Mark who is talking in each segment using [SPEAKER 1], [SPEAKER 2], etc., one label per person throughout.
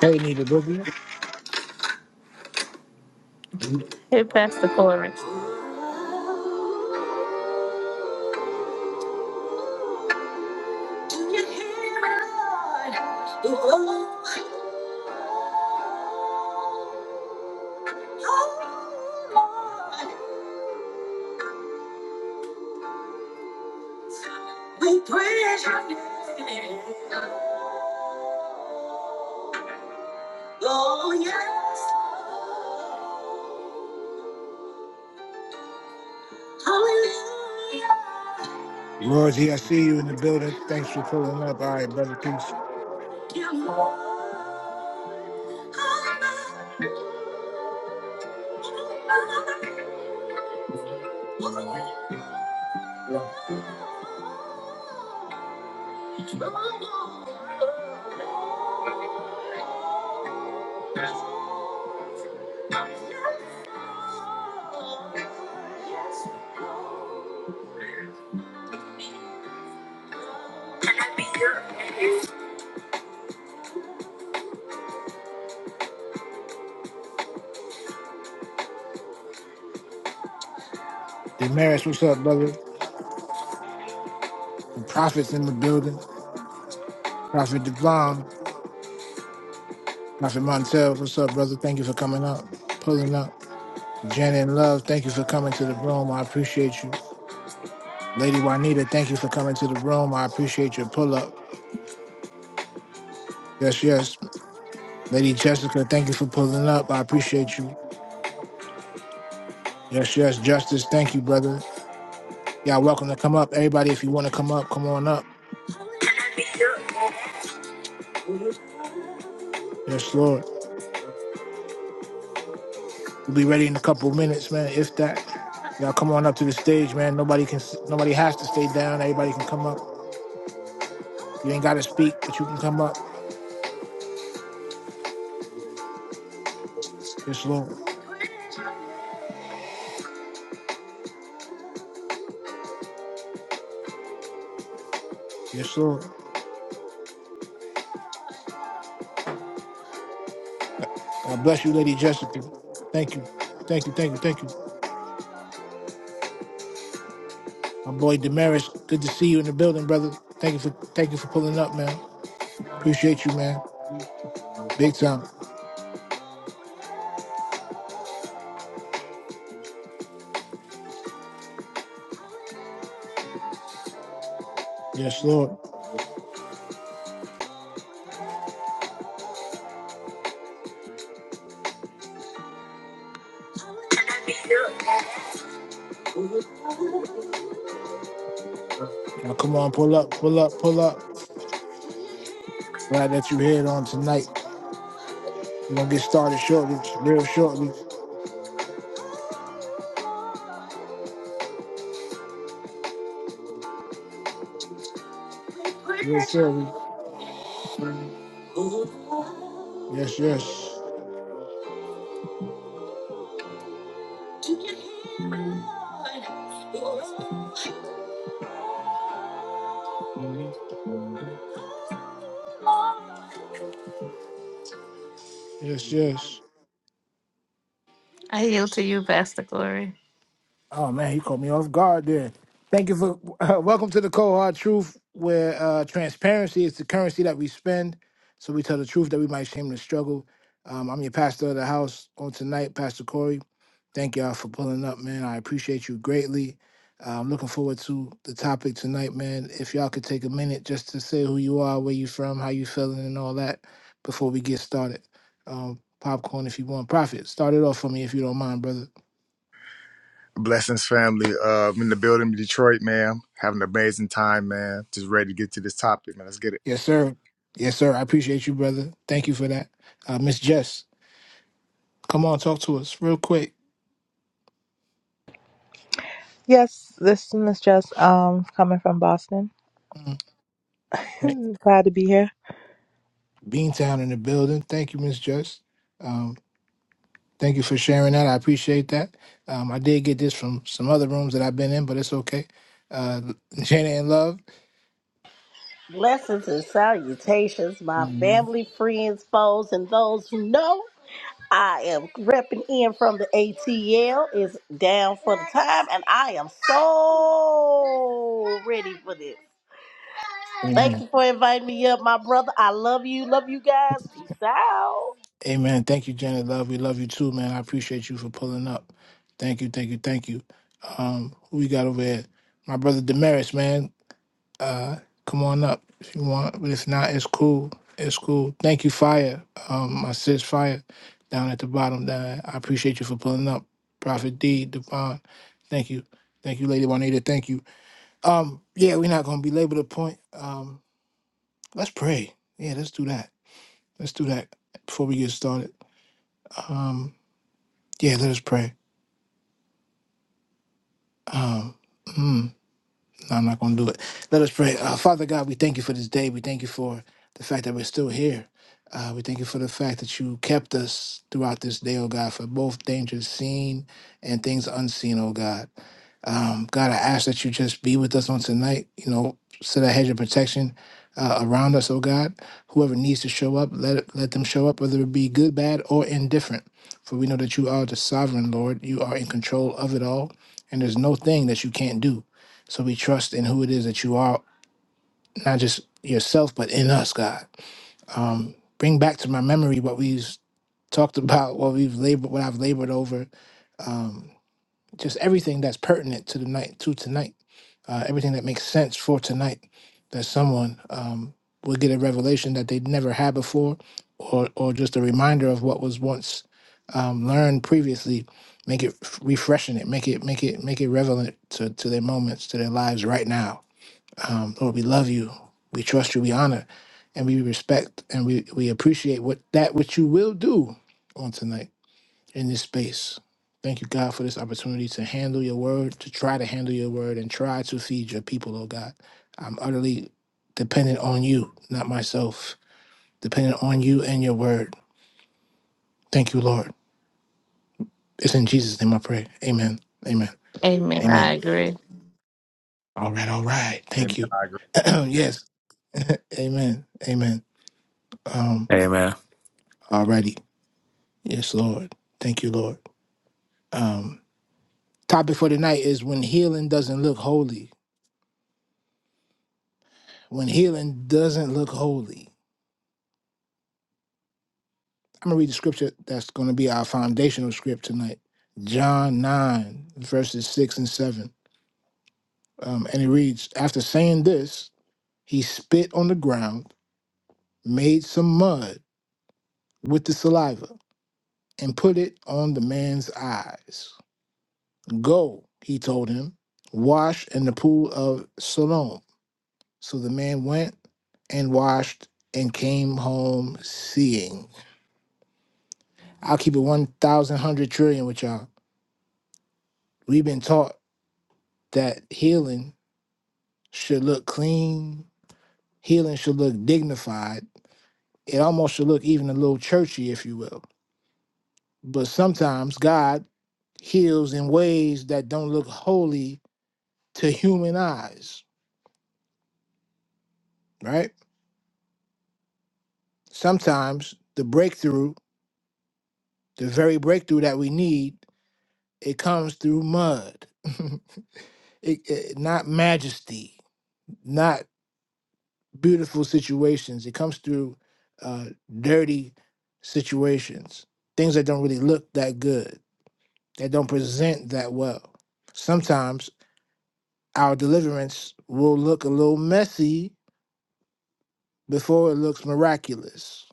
[SPEAKER 1] Hey, Nita Boogie.
[SPEAKER 2] Hit past the chorus.
[SPEAKER 1] Rosie, I see you in the building. Thanks for pulling up. All right, brother. Peace. Damaris, what's up, brother? The prophet's in the building. Prophet Devon. Prophet Montel, what's up, brother? Thank you for coming up, pulling up. Janet Love, thank you for coming to the room. I appreciate you. Lady Juanita, thank you for coming to the room. I appreciate your pull up. Yes, yes. Lady Jessica, thank you for pulling up. I appreciate you. Yes, yes. Justice, thank you, brother. Y'all welcome to come up. Everybody, if you want to come up, come on up. Yes, Lord. We'll be ready in a couple of minutes, man. If that, y'all come on up to the stage, man. Nobody can, nobody has to stay down. Everybody can come up. You ain't got to speak, but you can come up. Yes, Lord. Yes, Lord. God bless you, Lady Jessica. Thank you, thank you, thank you, thank you. My boy Damaris, good to see you in the building, brother. Thank you for, thank you for pulling up, man. Appreciate you, man. Big time. Yes, Lord. Y'all come on, pull up, pull up, pull up. Glad that you're here on tonight. We're gonna get started shortly, real shortly, real shortly. Yes, yes. Yes, yes.
[SPEAKER 2] I yield to you, Pastor Glory.
[SPEAKER 1] Oh man, you caught me off guard there. Thank you for welcome to the cold hard truth, where uh, transparency is the currency that we spend. So we tell the truth that we might shame the struggle. Um, I'm your pastor of the house on tonight, Pastor Corey. Thank y'all for pulling up, man. I appreciate you greatly. Uh, I'm looking forward to the topic tonight, man. If y'all could take a minute just to say who you are, where you from, how you feeling, and all that before we get started. Um, popcorn, if you want, profit. Start it off for me if you don't mind, brother.
[SPEAKER 3] Blessings, family. Uh, I'm in the building, Detroit, man. Having an amazing time, man. Just ready to get to this topic, man. Let's get it.
[SPEAKER 1] Yes, sir. Yes, sir. I appreciate you, brother. Thank you for that. Uh, Miss Jess, come on, talk to us real quick.
[SPEAKER 4] Yes, this is Miss Jess, um, coming from Boston.
[SPEAKER 1] Mm. Thank-
[SPEAKER 4] Glad to be here.
[SPEAKER 1] Beantown in the building. Thank you, Miss Jess. Um, thank you for sharing that. I appreciate that. Um, I did get this from some other rooms that I've been in, but it's okay. Uh, Jenna and Love.
[SPEAKER 5] Blessings and salutations, my
[SPEAKER 1] Mhm.
[SPEAKER 5] family, friends, foes, and those who know I am repping in from the ATL. Is down for the time, and I am so ready for this. Thank
[SPEAKER 1] Amen.
[SPEAKER 5] you for inviting me up, my brother. I love you. Love you guys. Peace out.
[SPEAKER 1] Amen. Thank you, Janet. Love. We love you too, man. I appreciate you for pulling up. Thank you, thank you, thank you. Um, who we got over here? My brother Damaris, man. uh, come on up if you want. But if not, it's cool. It's cool. Thank you, Fire. Um, my sis Fire down at the bottom. Down. I appreciate you for pulling up. Prophet D, Devon. Thank you. Thank you, Lady Juanita. Thank you. Um, yeah, we're not gonna belabor the point. Um, let's pray. Yeah, let's do that. Let's do that before we get started. Um, yeah, let us pray. Um, hmm. No, I'm not going to do it. Let us pray. Uh, Father God, we thank you for this day. We thank you for the fact that we're still here. Uh, we thank you for the fact that you kept us throughout this day, oh God, for both dangers seen and things unseen, oh God. Um, God, I ask that you just be with us on tonight. You know, set a hedge of protection uh, around us, oh God. Whoever needs to show up, let it, let them show up, whether it be good, bad, or indifferent. For we know that you are the sovereign Lord. You are in control of it all, and there's no thing that you can't do. So we trust in who it is that you are, not just yourself, but in us, God. Um, bring back to my memory what we've talked about, what we've labored, what I've labored over, um, just everything that's pertinent to the night, to tonight, uh, everything that makes sense for tonight, that someone um, will get a revelation that they'd never had before, or or just a reminder of what was once um, learned previously. Make it f- refreshing. It make it make it make it relevant to, to their moments, to their lives right now um, Lord, we love you. We trust you. We honor and we respect and we, we appreciate what that which you will do on tonight in this space. Thank you, God, for this opportunity to handle your word, to try to handle your word and try to feed your people, oh God. I'm utterly dependent on you, not myself, dependent on you and your word. Thank you, Lord. It's in Jesus' name I pray. Amen. Amen.
[SPEAKER 2] Amen.
[SPEAKER 1] Amen.
[SPEAKER 2] I agree.
[SPEAKER 1] All right. All right.
[SPEAKER 3] Amen.
[SPEAKER 1] Thank you.
[SPEAKER 3] I agree.
[SPEAKER 1] yes. amen. Amen. Um,
[SPEAKER 6] Amen.
[SPEAKER 1] Alrighty. Yes, Lord. Thank you, Lord. Um, topic for tonight is when healing doesn't look holy. When healing doesn't look holy. I'm going to read the scripture that's going to be our foundational script tonight John 9, verses 6 and 7. Um, and it reads After saying this, he spit on the ground, made some mud with the saliva, and put it on the man's eyes. Go, he told him, wash in the pool of Siloam So the man went and washed and came home seeing. I'll keep it 1,000 hundred trillion with y'all. We've been taught that healing should look clean, healing should look dignified. It almost should look even a little churchy, if you will. But sometimes God heals in ways that don't look holy to human eyes, right? Sometimes the breakthrough, the very breakthrough that we need, it comes through mud. it, it- not majesty, not beautiful situations. It comes through uh, dirty situations, things that don't really look that good, that don't present that well. Sometimes our deliverance will look a little messy before it looks miraculous.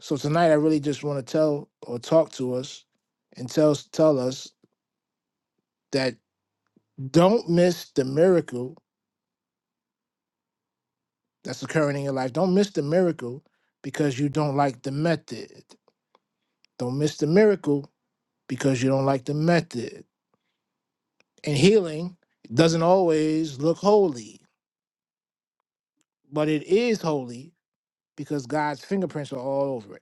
[SPEAKER 1] So tonight, I really just want to tell or talk to us and tell tell us that don't miss the miracle that's occurring in your life. Don't miss the miracle because you don't like the method. Don't miss the miracle because you don't like the method. And healing doesn't always look holy, but it is holy because God's fingerprints are all over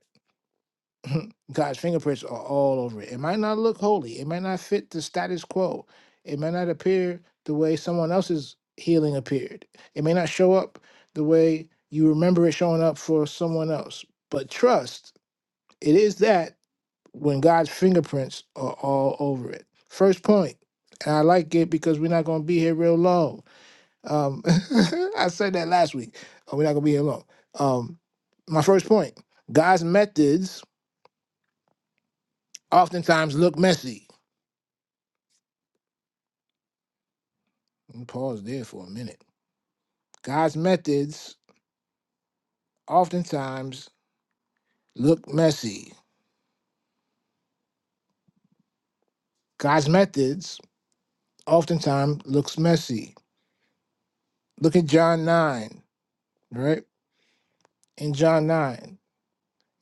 [SPEAKER 1] it. God's fingerprints are all over it. It might not look holy, it might not fit the status quo, it might not appear the way someone else's healing appeared, it may not show up the way you remember it showing up for someone else. But trust, it is that when God's fingerprints are all over it. First point, and I like it because we're not going to be here real long. Um, I said that last week. Oh, we're not going to be here long. Um, my first point God's methods oftentimes look messy. Let me Pause there for a minute. God's methods oftentimes look messy. God's methods oftentimes looks messy. Look at John 9, right? In John 9.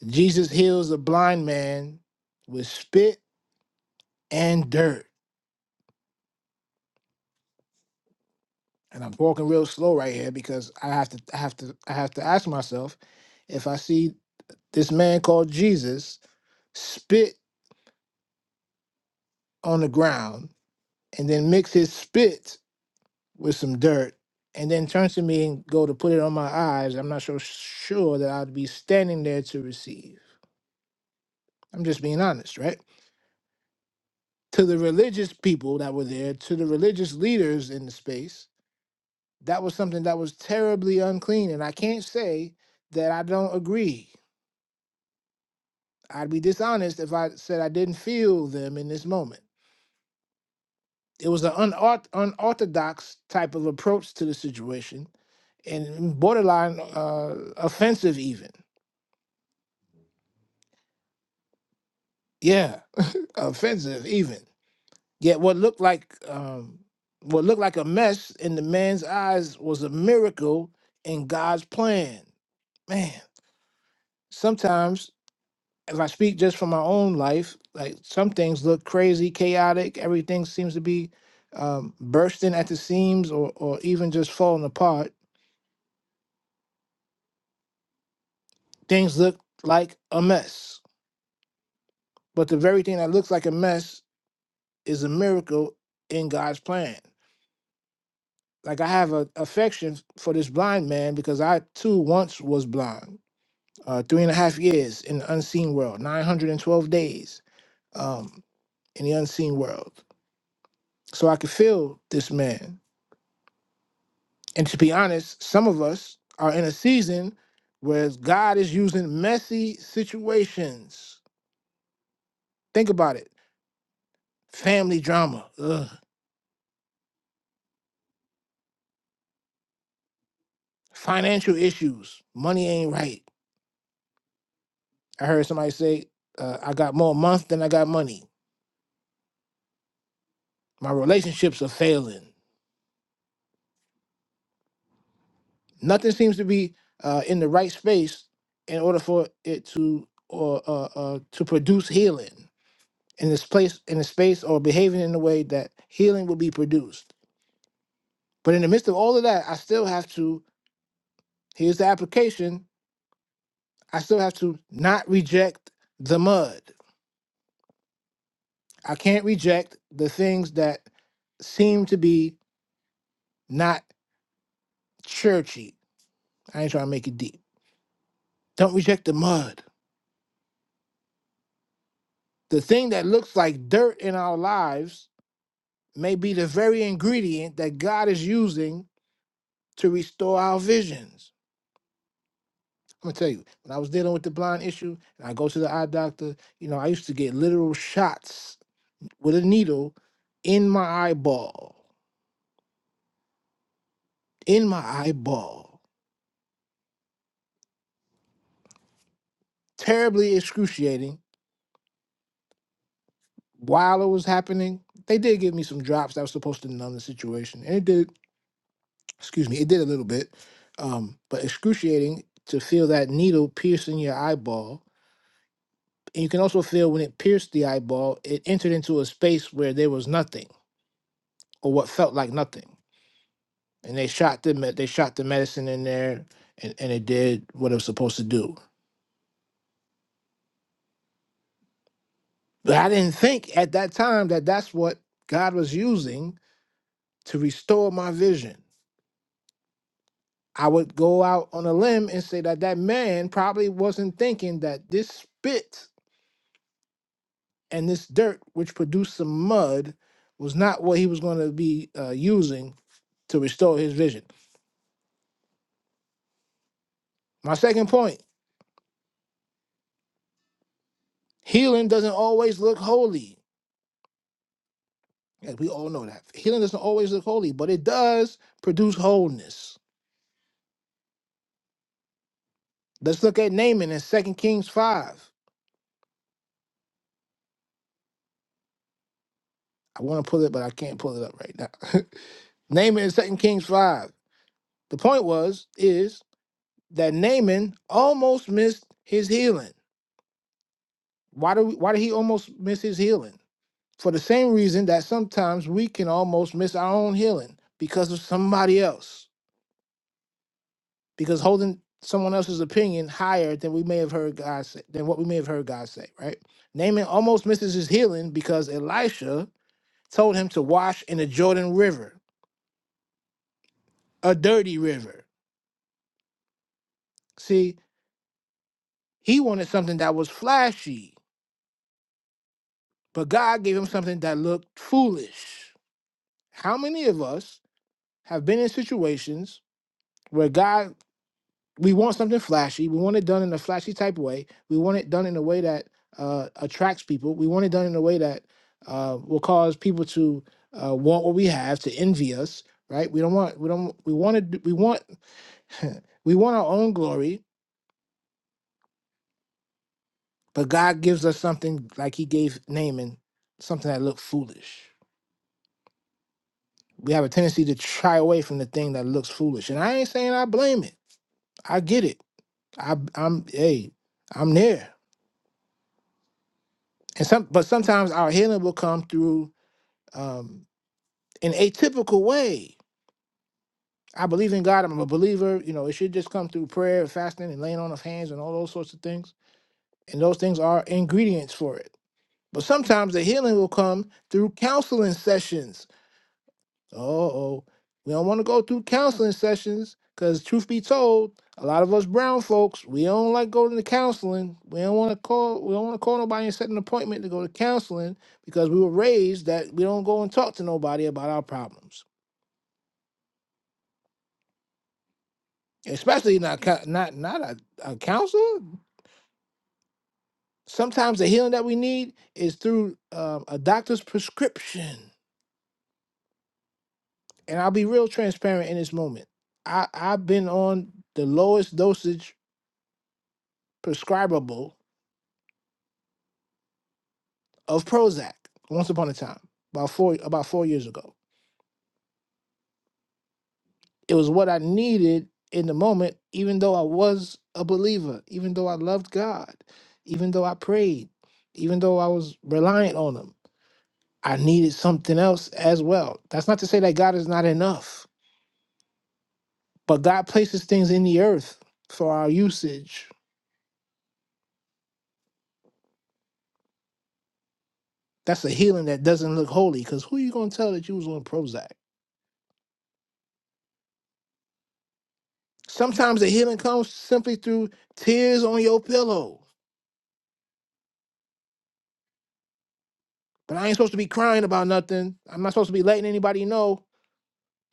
[SPEAKER 1] Jesus heals a blind man with spit and dirt. And I'm walking real slow right here because I have to I have to I have to ask myself if I see this man called Jesus spit on the ground and then mix his spit with some dirt and then turn to me and go to put it on my eyes, I'm not so sure that I'd be standing there to receive. I'm just being honest, right? To the religious people that were there, to the religious leaders in the space, that was something that was terribly unclean. And I can't say that I don't agree. I'd be dishonest if I said I didn't feel them in this moment. It was an unort- unorthodox type of approach to the situation and borderline uh, offensive, even. Yeah, offensive, even. Yet what looked like um, what looked like a mess in the man's eyes was a miracle in God's plan. Man, sometimes if I speak just from my own life, like some things look crazy, chaotic. Everything seems to be um, bursting at the seams, or or even just falling apart. Things look like a mess, but the very thing that looks like a mess is a miracle in God's plan. Like I have a affection for this blind man because I too once was blind. Uh, three and a half years in the unseen world, nine hundred and twelve days um, in the unseen world. So I could feel this man And to be honest, some of us are in a season where God is using messy situations. Think about it family drama, ugh, financial issues, money ain't right. I heard somebody say, uh, I got more months than I got money. My relationships are failing. Nothing seems to be uh, in the right space in order for it to or uh, uh, to produce healing in this place in a space or behaving in a way that healing will be produced But in the midst of all of that, I still have to, here's the application, I still have to not reject the mud. I can't reject the things that seem to be not churchy. I ain't trying to make it deep. Don't reject the mud. The thing that looks like dirt in our lives may be the very ingredient that God is using to restore our visions. I'm gonna tell you, when I was dealing with the blind issue and I go to the eye doctor, you know, I used to get literal shots with a needle in my eyeball, in my eyeball. Terribly excruciating. While it was happening, they did give me some drops that was supposed to numb the situation, and it did. Excuse me, it did a little bit, um, but excruciating to feel that needle piercing your eyeball. And you can also feel when it pierced the eyeball, it entered into a space where there was nothing, or what felt like nothing. And they shot the med- they shot the medicine in there, and, and it did what it was supposed to do But I didn't think at that time that that's what God was using to restore my vision. I would go out on a limb and say that that man probably wasn't thinking that this spit and this dirt, which produced some mud, was not what he was going to be uh, using to restore his vision. My second point healing doesn't always look holy. and we all know that. Healing doesn't always look holy, but it does produce wholeness. Let's look at Naaman in Second Kings 5. I want to pull it, but I can't pull it up right now. Naaman in 2 Kings 5. The point was, is that Naaman almost missed his healing. Why, do we, why did he almost miss his healing? For the same reason that sometimes we can almost miss our own healing because of somebody else, because holding someone else's opinion higher than we may have heard God say, than what we may have heard God say, right? Naaman almost misses his healing because Elisha told him to wash in the Jordan River, a dirty river. See, He wanted something that was flashy, but God gave him something that looked foolish. How many of us have been in situations where God, we want something flashy, we want it done in a flashy type way, we want it done in a way that uh, attracts people, we want it done in a way that uh, will cause people to uh, want what we have, to envy us, right? We don't want, we don't, we want to, we want, we want our own glory, but God gives us something like He gave Naaman, something that looked foolish. We have a tendency to shy away from the thing that looks foolish. And I ain't saying I blame it. I get it. I I'm hey, I'm there. And some but sometimes our healing will come through um an atypical way. I believe in God, I'm a believer, you know, it should just come through prayer, fasting, and laying on of hands and all those sorts of things. And those things are ingredients for it. But sometimes the healing will come through counseling sessions Uh-oh. We don't want to go through counseling sessions because truth be told, a lot of us brown folks, we don't like going to counseling. We don't want to call we don't want to call nobody and set an appointment to go to counseling because we were raised that we don't go and talk to nobody about our problems. Especially not cou- not not a, a counselor. Sometimes the healing that we need is through um, a doctor's prescription. And I'll be real transparent in this moment. I, I've been on the lowest dosage prescribable of Prozac once upon a time, about four about four years ago. It was what I needed in the moment, even though I was a believer, even though I loved God, even though I prayed, even though I was reliant on him. I needed something else as well. That's not to say that God is not enough, but God places things in the earth for our usage. That's a healing that doesn't look holy, because who you gonna tell that you was on Prozac? Sometimes the healing comes simply through tears on your pillow But I ain't supposed to be crying about nothing. I'm not supposed to be letting anybody know.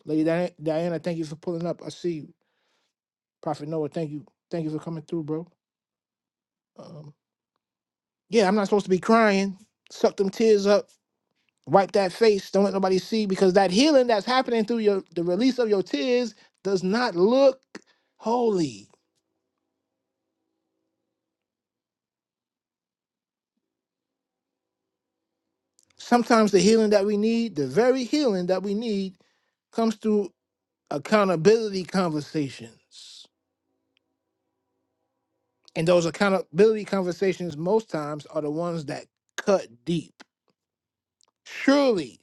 [SPEAKER 1] Lady Dia- Diana, thank you for pulling up. I see you. Prophet Noah, thank you. Thank you for coming through, bro. Um, yeah, I'm not supposed to be crying. Suck them tears up. Wipe that face. Don't let nobody see because that healing that's happening through your the release of your tears does not look holy. Sometimes the healing that we need, the very healing that we need, comes through accountability conversations. And those accountability conversations, most times, are the ones that cut deep. Surely,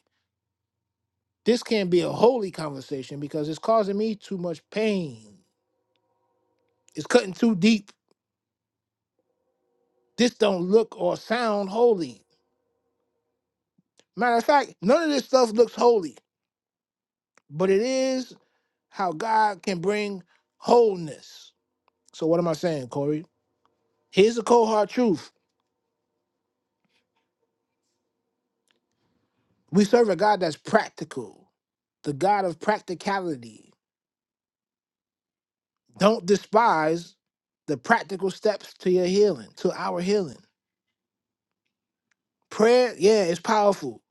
[SPEAKER 1] this can't be a holy conversation because it's causing me too much pain. It's cutting too deep. This don't look or sound holy. Matter of fact, none of this stuff looks holy, but it is how God can bring wholeness. So, what am I saying, Corey? Here's the cold hard truth we serve a God that's practical, the God of practicality. Don't despise the practical steps to your healing, to our healing. Prayer, yeah, it's powerful.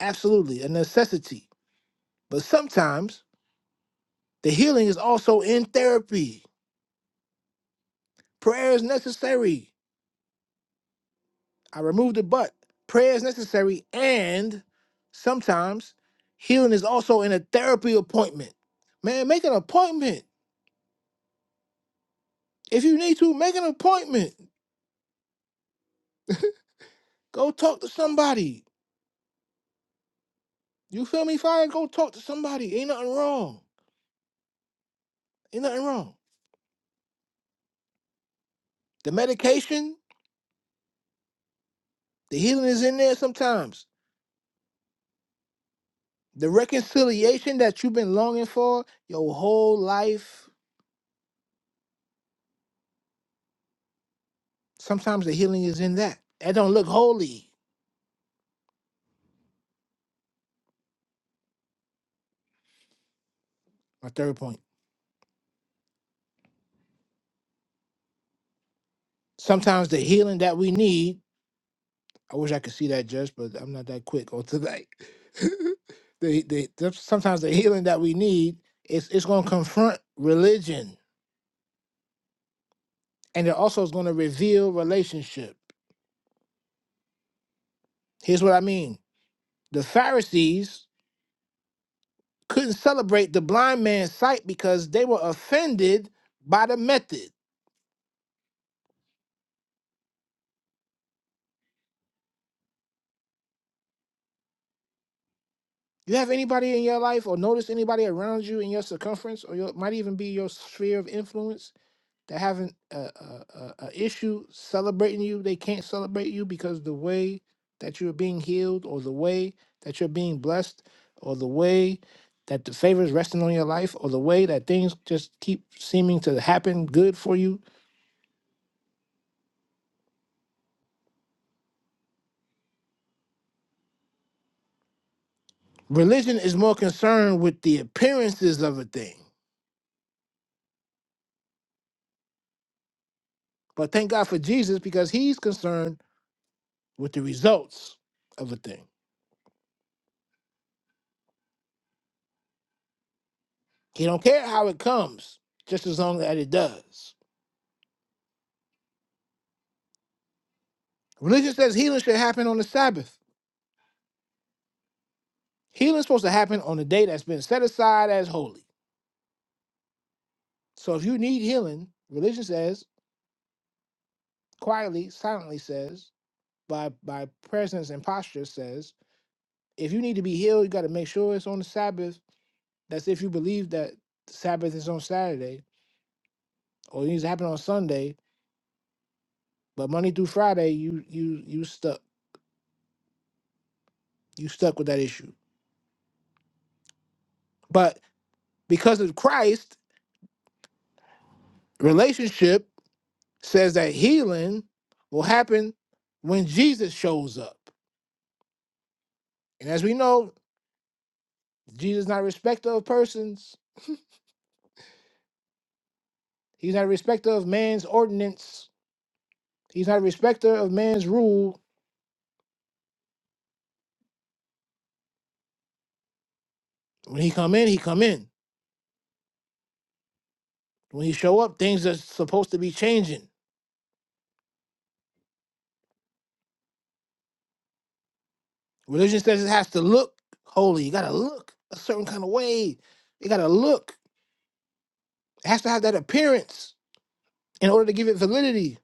[SPEAKER 1] Absolutely, a necessity. But sometimes the healing is also in therapy. Prayer is necessary. I removed the but. Prayer is necessary. And sometimes healing is also in a therapy appointment. Man, make an appointment. If you need to, make an appointment. Go talk to somebody. You feel me, fire? Go talk to somebody. Ain't nothing wrong. Ain't nothing wrong. The medication, the healing is in there sometimes. The reconciliation that you've been longing for your whole life, sometimes the healing is in that. That don't look holy. My third point. Sometimes the healing that we need, I wish I could see that just, but I'm not that quick on tonight. the, the, the- sometimes the healing that we need is it's going to confront religion and it also is going to reveal relationship. Here's what I mean. The Pharisees couldn't celebrate the blind man's sight because they were offended by the method. You have anybody in your life or notice anybody around you in your circumference or your might even be your sphere of influence that having a, a, a, a issue celebrating you. They can't celebrate you because the way that you're being healed or the way that you're being blessed or the way that the favor is resting on your life or the way that things just keep seeming to happen good for you Religion is more concerned with the appearances of a thing. But thank God for Jesus because he's concerned with the results of a thing. He don't care how it comes, just as long as it does. Religion says healing should happen on the Sabbath. Healing's supposed to happen on a day that's been set aside as holy. So if you need healing, religion says, quietly, silently says, by by presence and posture says, if you need to be healed, you got to make sure it's on the Sabbath. That's if you believe that Sabbath is on Saturday or it needs to happen on Sunday. But Monday through Friday, you you you stuck you stuck with that issue. But because of Christ, relationship says that healing will happen when Jesus shows up. And as we know, Jesus is not a respecter of persons. He's not a respecter of man's ordinance. He's not a respecter of man's rule. When he come in, he come in. When he show up, things are supposed to be changing. Religion says it has to look holy. You gotta look a certain kind of way. You gotta look. It has to have that appearance in order to give it validity.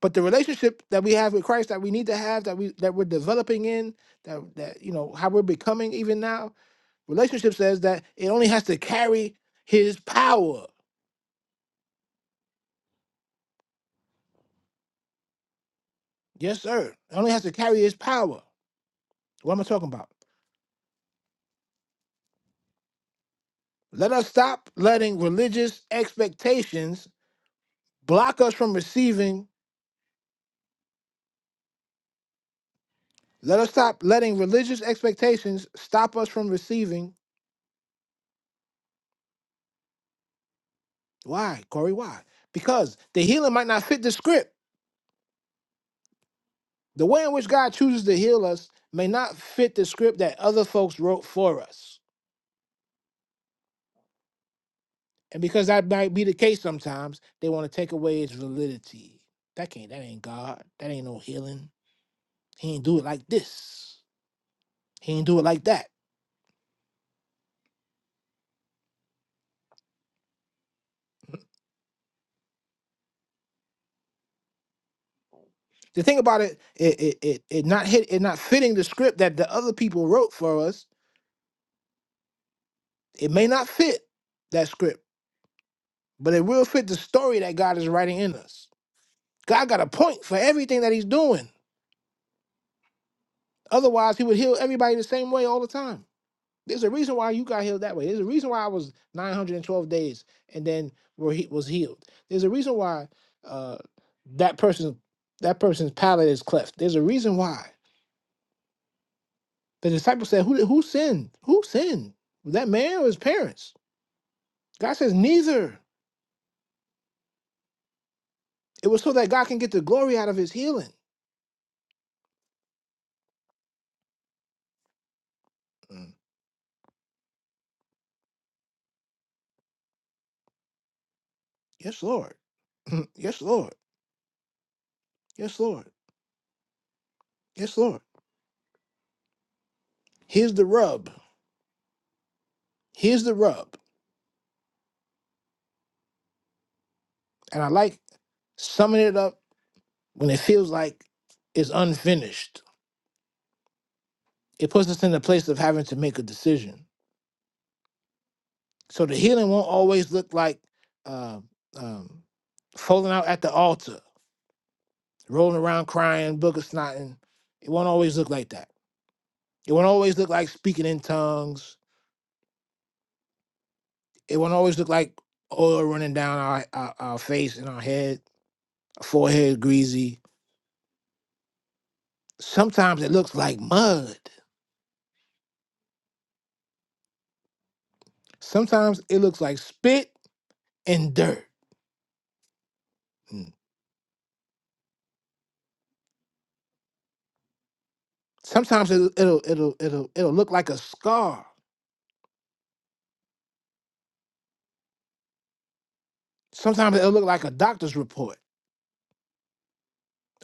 [SPEAKER 1] But the relationship that we have with Christ that we need to have, that we that we're developing in, that that you know, how we're becoming even now, relationship says that it only has to carry his power. Yes, sir. It only has to carry his power. What am I talking about? Let us stop letting religious expectations block us from receiving Let us stop letting religious expectations stop us from receiving. Why, Corey? Why? Because the healing might not fit the script. The way in which God chooses to heal us may not fit the script that other folks wrote for us. And because that might be the case sometimes, they want to take away its validity. That can't, that ain't God. That ain't no healing. He ain't do it like this. He ain't do it like that. The thing about it, it, it, it, it not hit, it not fitting the script that the other people wrote for us. It may not fit that script but it will fit the story that God is writing in us. God got a point for everything that He's doing. Otherwise, He would heal everybody the same way all the time. There's a reason why you got healed that way. There's a reason why I was 912 days and then were he was healed. There's a reason why uh, that person that person's palate is cleft. There's a reason why the disciples said, "Who who sinned? Who sinned? Was that man or his parents?" God says, "Neither." It was so that God can get the glory out of His healing. Mm. Yes, Lord. yes, Lord. Yes, Lord. Yes, Lord. Here's the rub. Here's the rub. And I like summing it up when it feels like it's unfinished. It puts us in the place of having to make a decision. So the healing won't always look like uh, um, falling out at the altar, rolling around crying, book of snotting. It won't always look like that. It won't always look like speaking in tongues. It won't always look like oil running down our, our, our face and our head, forehead greasy Sometimes it looks like mud. Sometimes it looks like spit and dirt. Mm. Sometimes it'll it'll it'll it'll, it'll look like a scar. Sometimes it'll look like a doctor's report.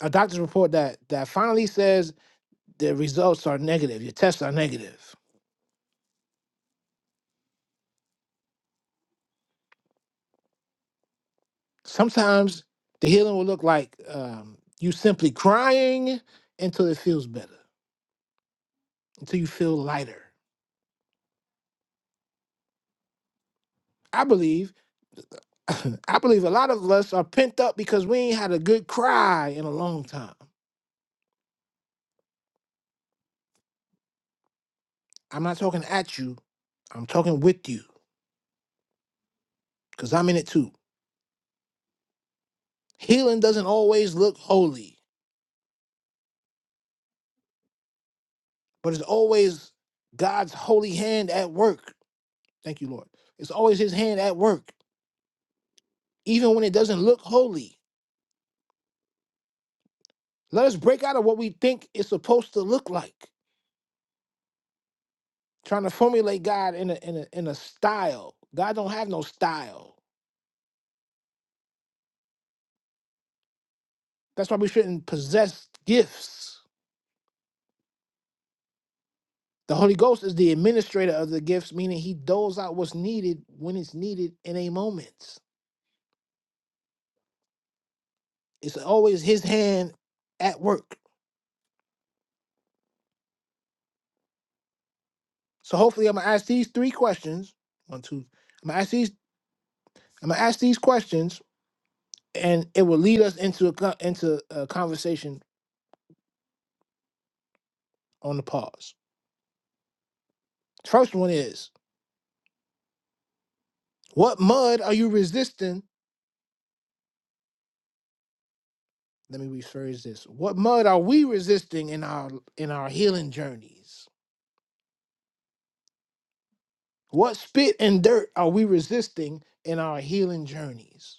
[SPEAKER 1] A doctor's report that that finally says the results are negative. Your tests are negative. Sometimes the healing will look like um, you simply crying until it feels better, until you feel lighter. I believe I believe a lot of us are pent up because we ain't had a good cry in a long time. I'm not talking at you. I'm talking with you because I'm in it too. Healing doesn't always look holy, but it's always God's holy hand at work. Thank you, Lord. It's always His hand at work, even when it doesn't look holy. Let us break out of what we think it's supposed to look like, trying to formulate God in a in a in a style. God don't have no style. That's why we shouldn't possess gifts. The Holy Ghost is the administrator of the gifts, meaning He doles out what's needed when it's needed in a moment. It's always his hand at work. So hopefully I'm gonna ask these three questions. One, two. I'm gonna ask these. I'm gonna ask these questions, and it will lead us into a co- into a conversation on the pause. First one is: What mud are you resisting? Let me rephrase this. What mud are we resisting in our in our healing journeys? What spit and dirt are we resisting in our healing journeys?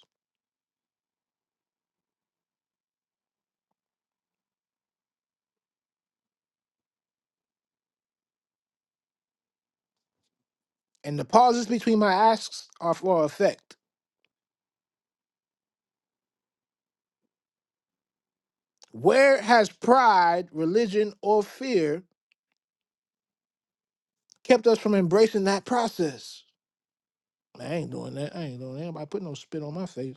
[SPEAKER 1] And the pauses between my asks are for effect. Where has pride, religion, or fear kept us from embracing that process? Man, I ain't doing that. I ain't doing that. Anybody put no spit on my face.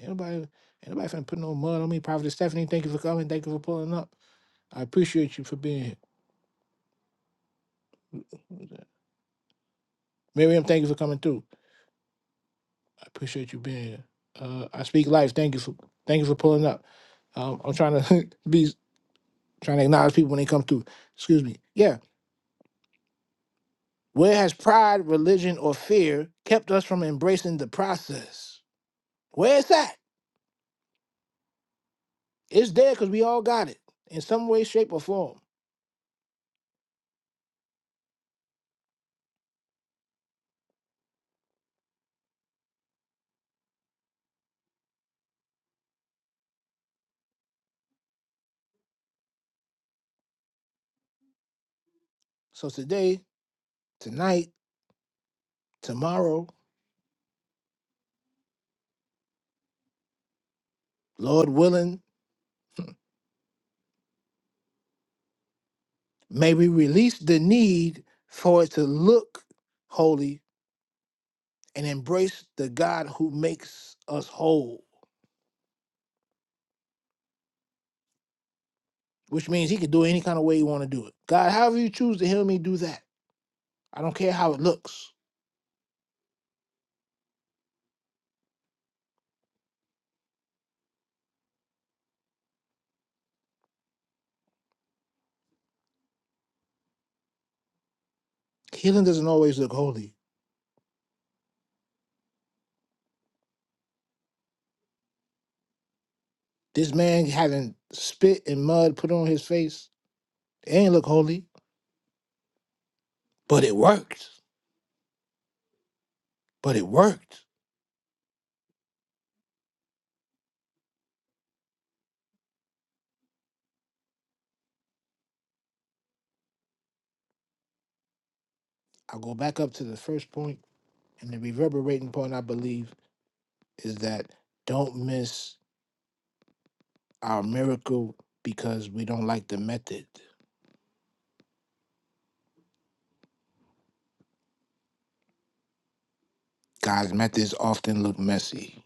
[SPEAKER 1] Anybody, anybody finna put no mud on me. Prophet Stephanie, thank you for coming. Thank you for pulling up. I appreciate you for being here. Miriam, thank you for coming through. I appreciate you being here. Uh, I speak life. Thank you for thank you for pulling up. Um, I'm trying to be trying to acknowledge people when they come through. Excuse me. Yeah. Where has pride, religion, or fear kept us from embracing the process? Where it's at, it's there because we all got it in some way, shape, or form. So today, tonight, tomorrow, Lord willing, may we release the need for it to look holy and embrace the God who makes us whole, which means He can do it any kind of way you want to do it. God, however you choose to heal me, do that. I don't care how it looks. Healing doesn't always look holy. This man having spit and mud put on his face, it ain't look holy, but it worked. But it worked I will go back up to the first point, and the reverberating point I believe is that don't miss our miracle because we don't like the method. God's methods often look messy.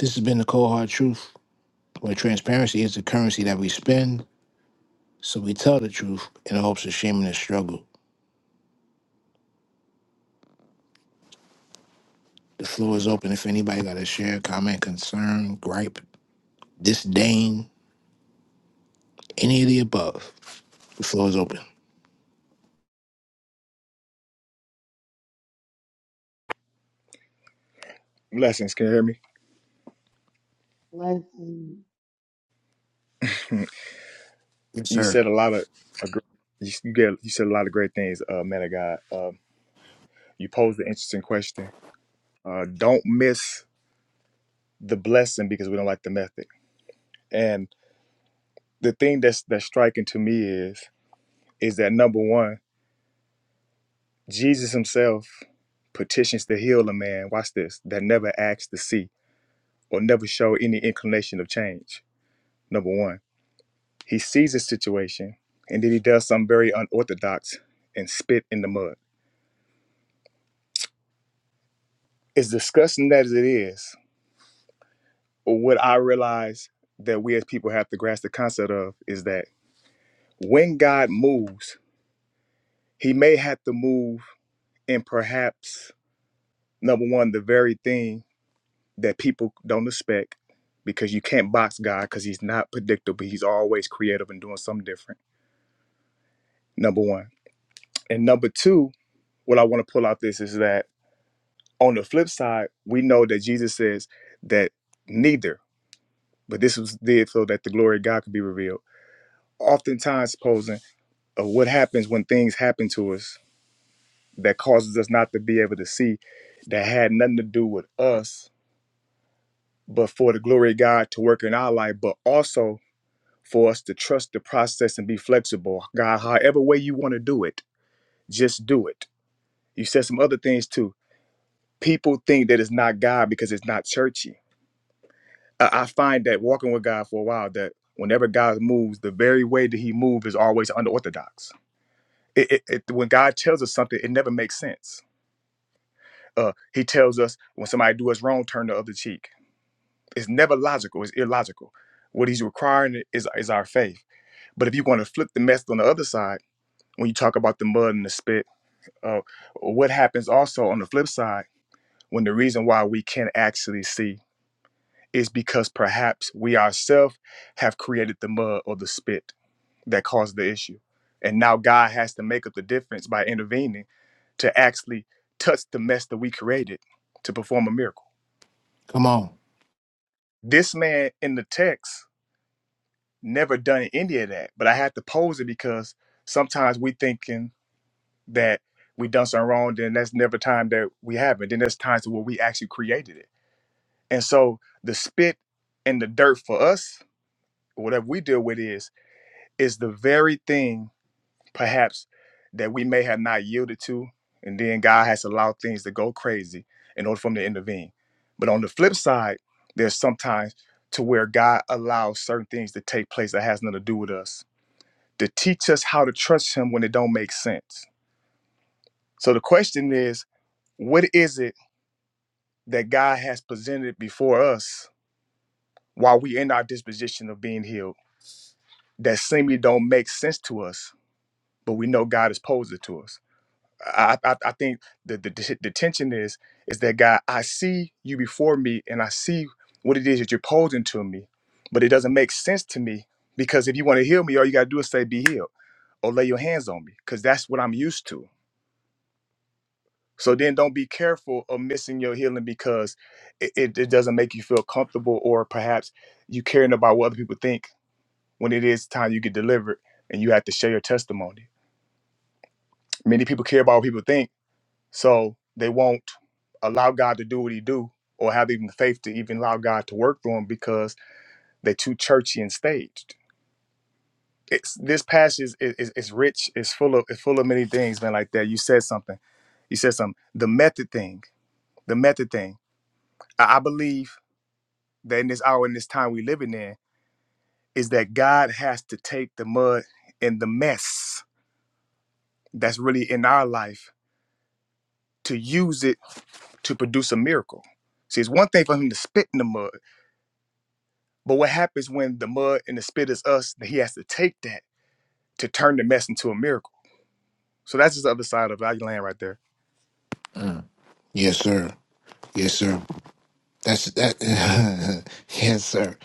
[SPEAKER 1] This has been the cold hard truth, where transparency is the currency that we spend, so we tell the truth in the hopes of shaming the struggle. The floor is open if anybody got a share, comment, concern, gripe, disdain, any of the above. The floor is open.
[SPEAKER 3] Blessings. Can you hear me?
[SPEAKER 7] Blessings.
[SPEAKER 1] Yes,
[SPEAKER 3] You
[SPEAKER 1] sir.
[SPEAKER 3] said a lot of, a gr- you s- you get, you said a lot of great things, uh, man of God. Um, you posed an interesting question. Uh, don't miss the blessing because we don't like the method. And the thing that's that's striking to me is, is that number one, Jesus Himself petitions to heal a man. Watch this. That never acts to see or never show any inclination of change Number one, he sees his situation and then he does something very unorthodox and spit in the mud. As disgusting as it is, what I realize that we as people have to grasp the concept of is that when God moves, he may have to move in perhaps, number one, the very thing that people don't expect because you can't box God because he's not predictable. He's always creative and doing something different, number one. And number two, what I want to pull out this is that On the flip side, we know that Jesus says that neither, but this was did so that the glory of God could be revealed. Oftentimes, posing of what happens when things happen to us that causes us not to be able to see that had nothing to do with us, but for the glory of God to work in our life, but also for us to trust the process and be flexible. God, however way you want to do it, just do it. You said some other things too. People think that it's not God because it's not churchy I, I find that walking with God for a while, that whenever God moves, the very way that He moves is always unorthodox. It, it, it, when God tells us something, it never makes sense. Uh, he tells us when somebody do us wrong, turn the other cheek. It's never logical. It's illogical. What He's requiring is is our faith. But if you want to flip the mess on the other side, when you talk about the mud and the spit, uh, what happens also on the flip side when the reason why we can't actually see is because perhaps we ourselves have created the mud or the spit that caused the issue. And now God has to make up the difference by intervening to actually touch the mess that we created to perform a miracle.
[SPEAKER 1] Come on.
[SPEAKER 3] This man in the text never done any of that, but I had to pose it because sometimes we thinking that we done something wrong, then that's never time that we haven't. Then there's times where we actually created it. And so the spit and the dirt for us, whatever we deal with is, is the very thing perhaps that we may have not yielded to, and then God has allowed things to go crazy in order for him to intervene. But on the flip side, there's sometimes to where God allows certain things to take place that has nothing to do with us to teach us how to trust him when it don't make sense. So the question is, what is it that God has presented before us while we in our disposition of being healed that seemingly don't make sense to us, but we know God has posed it to us? I, I, I think the, the the the tension is is that God, I see you before me, and I see what it is that you're posing to me, but it doesn't make sense to me because if you want to heal me, all you gotta do is say, "Be healed," or lay your hands on me, because that's what I'm used to. So then, don't be careful of missing your healing because it, it, it doesn't make you feel comfortable, or perhaps you caring about what other people think when it is time you get delivered and you have to share your testimony. Many people care about what people think So they won't allow God to do what He do, or have even the faith to even allow God to work through them because they're too churchy and staged. It's this passage is, is, is rich. It's full of it's full of many things, man. Like that, you said something. You said something. The method thing. The method thing. I, I believe that in this hour, in this time we living in, is that God has to take the mud and the mess that's really in our life to use it to produce a miracle. See, it's one thing for him to spit in the mud. But what happens when the mud and the spit is us? That He has to take that to turn the mess into a miracle. So that's just the other side of value land right there.
[SPEAKER 1] Yes, sir. Yes, sir. That's that. yes, sir.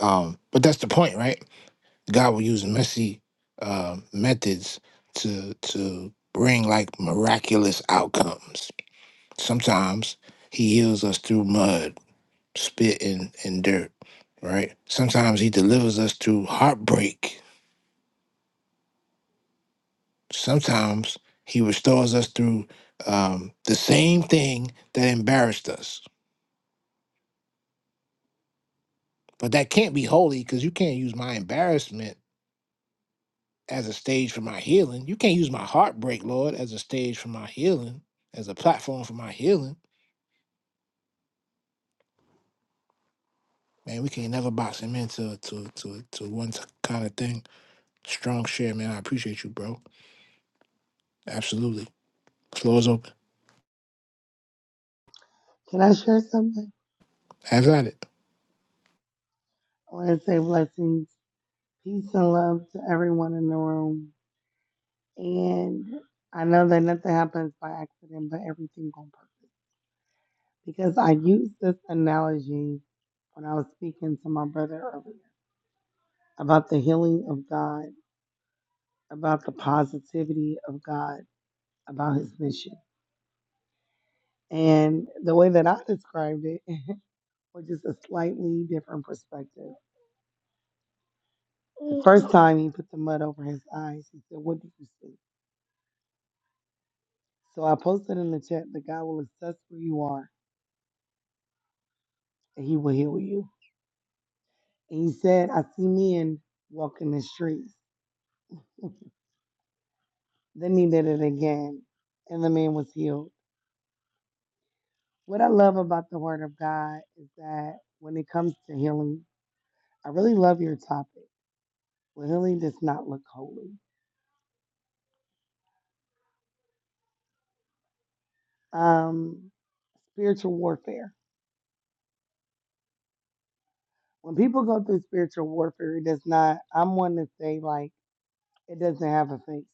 [SPEAKER 1] Um, but that's the point, right? God will use messy uh, methods to to bring like miraculous outcomes. Sometimes He heals us through mud, spit, and and dirt, right? Sometimes He delivers us through heartbreak. Sometimes He restores us through um, the same thing that embarrassed us. But that can't be holy because you can't use my embarrassment as a stage for my healing. You can't use my heartbreak, Lord, as a stage for my healing, as a platform for my healing. Man, we can not never box him into to to to one kind of thing. Strong share, man. I appreciate you, bro. Absolutely. Floor is open.
[SPEAKER 7] Can I share something?
[SPEAKER 1] Have at it.
[SPEAKER 7] I want to say blessings, peace, and love to everyone in the room. And I know that nothing happens by accident, but everything on purpose. Because I used this analogy when I was speaking to my brother earlier about the healing of God, about the positivity of God, about His mission. And the way that I described it was just a slightly different perspective. The first time he put the mud over his eyes, he said, What do you see? So I posted in the chat that God will assess where you are and he will heal you. And he said, I see men walking the streets. Then he did it again, and the man was healed. What I love about the word of God is that when it comes to healing, I really love your topic. Well, healing does not look holy. Um, spiritual warfare. When people go through spiritual warfare, it does not, I'm one to say, like, it doesn't have a face.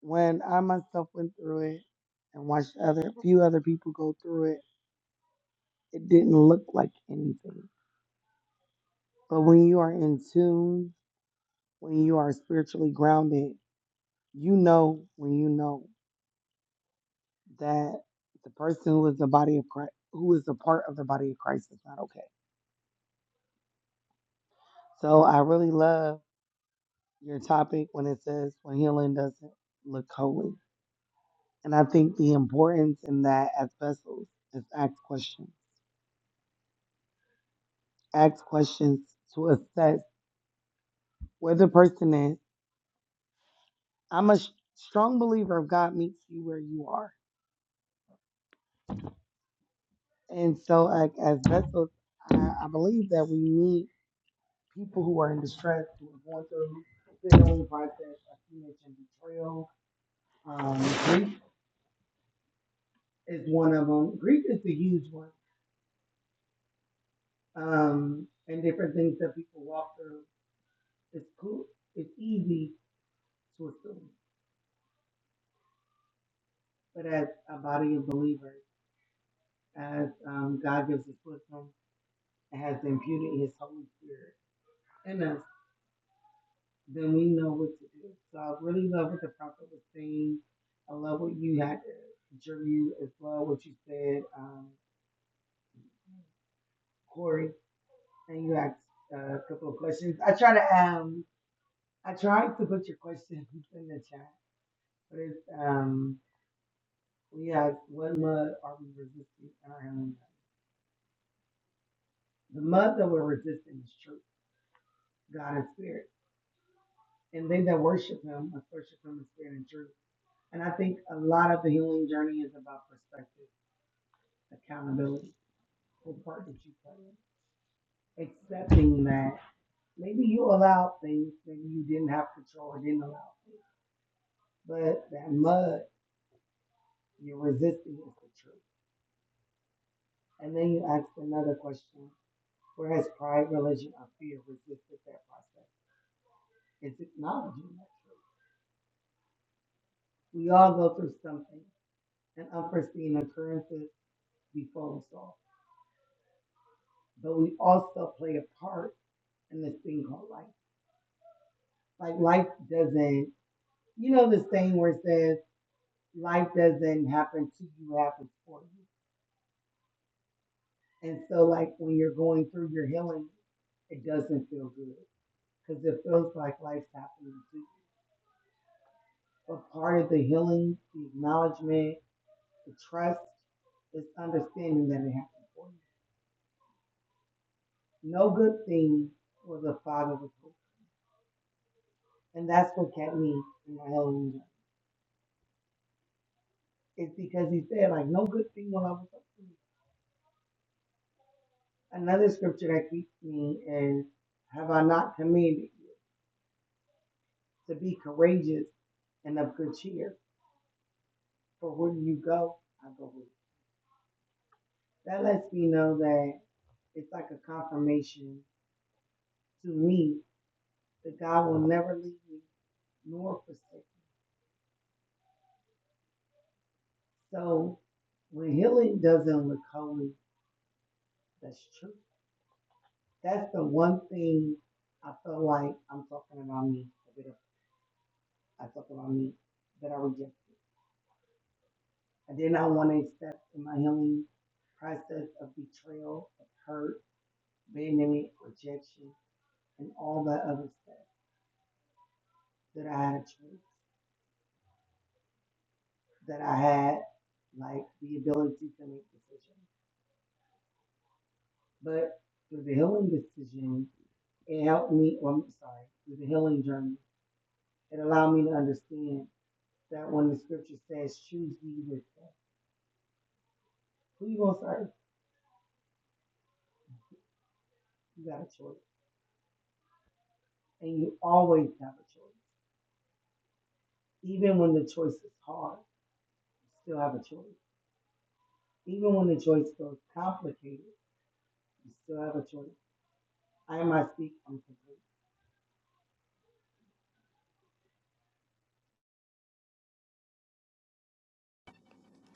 [SPEAKER 7] when I myself went through it and watched other few other people go through it, it didn't look like anything. But when you are in tune, when you are spiritually grounded, you know when you know that the person who is the body of Christ, who is a part of the body of Christ, is not okay. So I really love your topic when it says when healing doesn't look holy, and I think the importance in that as vessels is ask questions, ask questions to assess where the person is. I'm a s- strong believer of God meets you where you are. And so, like, as vessels, I, I believe that we need people who are in distress, who are going through their own process. I see mentioned betrayal. Um, grief is one of them. Grief is the huge one. Um, and different things that people walk through. It's cool. It's easy to assume. But as a body of believers, as um, God gives us wisdom and has imputed His Holy Spirit, in us. then we know what to do. So I really love what the prophet was saying. I love what you had, Drew, as well, what you said, um, Corey, and you asked uh, a couple of questions. I try to um, I tried to put your questions in the chat, but it's um, we asked what mud are we resisting in our heavenly God? The mud that we're resisting is truth, God and spirit, and they that worship Him must worship Him in spirit and truth. And I think a lot of the healing journey is about perspective, accountability the part that you play, accepting that maybe you allowed things that you didn't have control or didn't allow, but that mud you're resisting is the truth. And then you ask another question: Where has pride, religion, or fear resisted that process? It's acknowledging that truth. We all go through something, and unforeseen occurrences befall us all, but we also play a part in this thing called life. Like life doesn't, you know, this thing where it says life doesn't happen to you, it happens for you. And so, like, when you're going through your healing, it doesn't feel good because it feels like life's happening to you. But part of the healing, the acknowledgement, the trust, is understanding that it happened for you. No good thing was a father was good. And that's what kept me in my healing journey. It's because he said, like, no good thing will ever come to me. Another scripture that keeps me is, have I not commanded you to be courageous and of good cheer. For where you go, I go with you. That lets me know that it's like a confirmation to me that God will never leave me nor forsake me. So when healing doesn't look holy, that's true. That's the one thing I feel like I'm talking about me. A bit of I talk about me that I reject. I did not want to accept in my healing process of betrayal, of hurt, abandonment, rejection, and all that other stuff. that I had a choice, that I had like the ability to make decisions. But through the healing decision, it helped me, or I'm sorry, through the healing journey, it allowed me to understand that when the scripture says, choose ye this day, who you going to serve? You got a choice. And you always have a choice. Even when the choice is hard, you still have a choice. Even when the choice feels complicated, you still have a choice. I am I speak, I'm complete.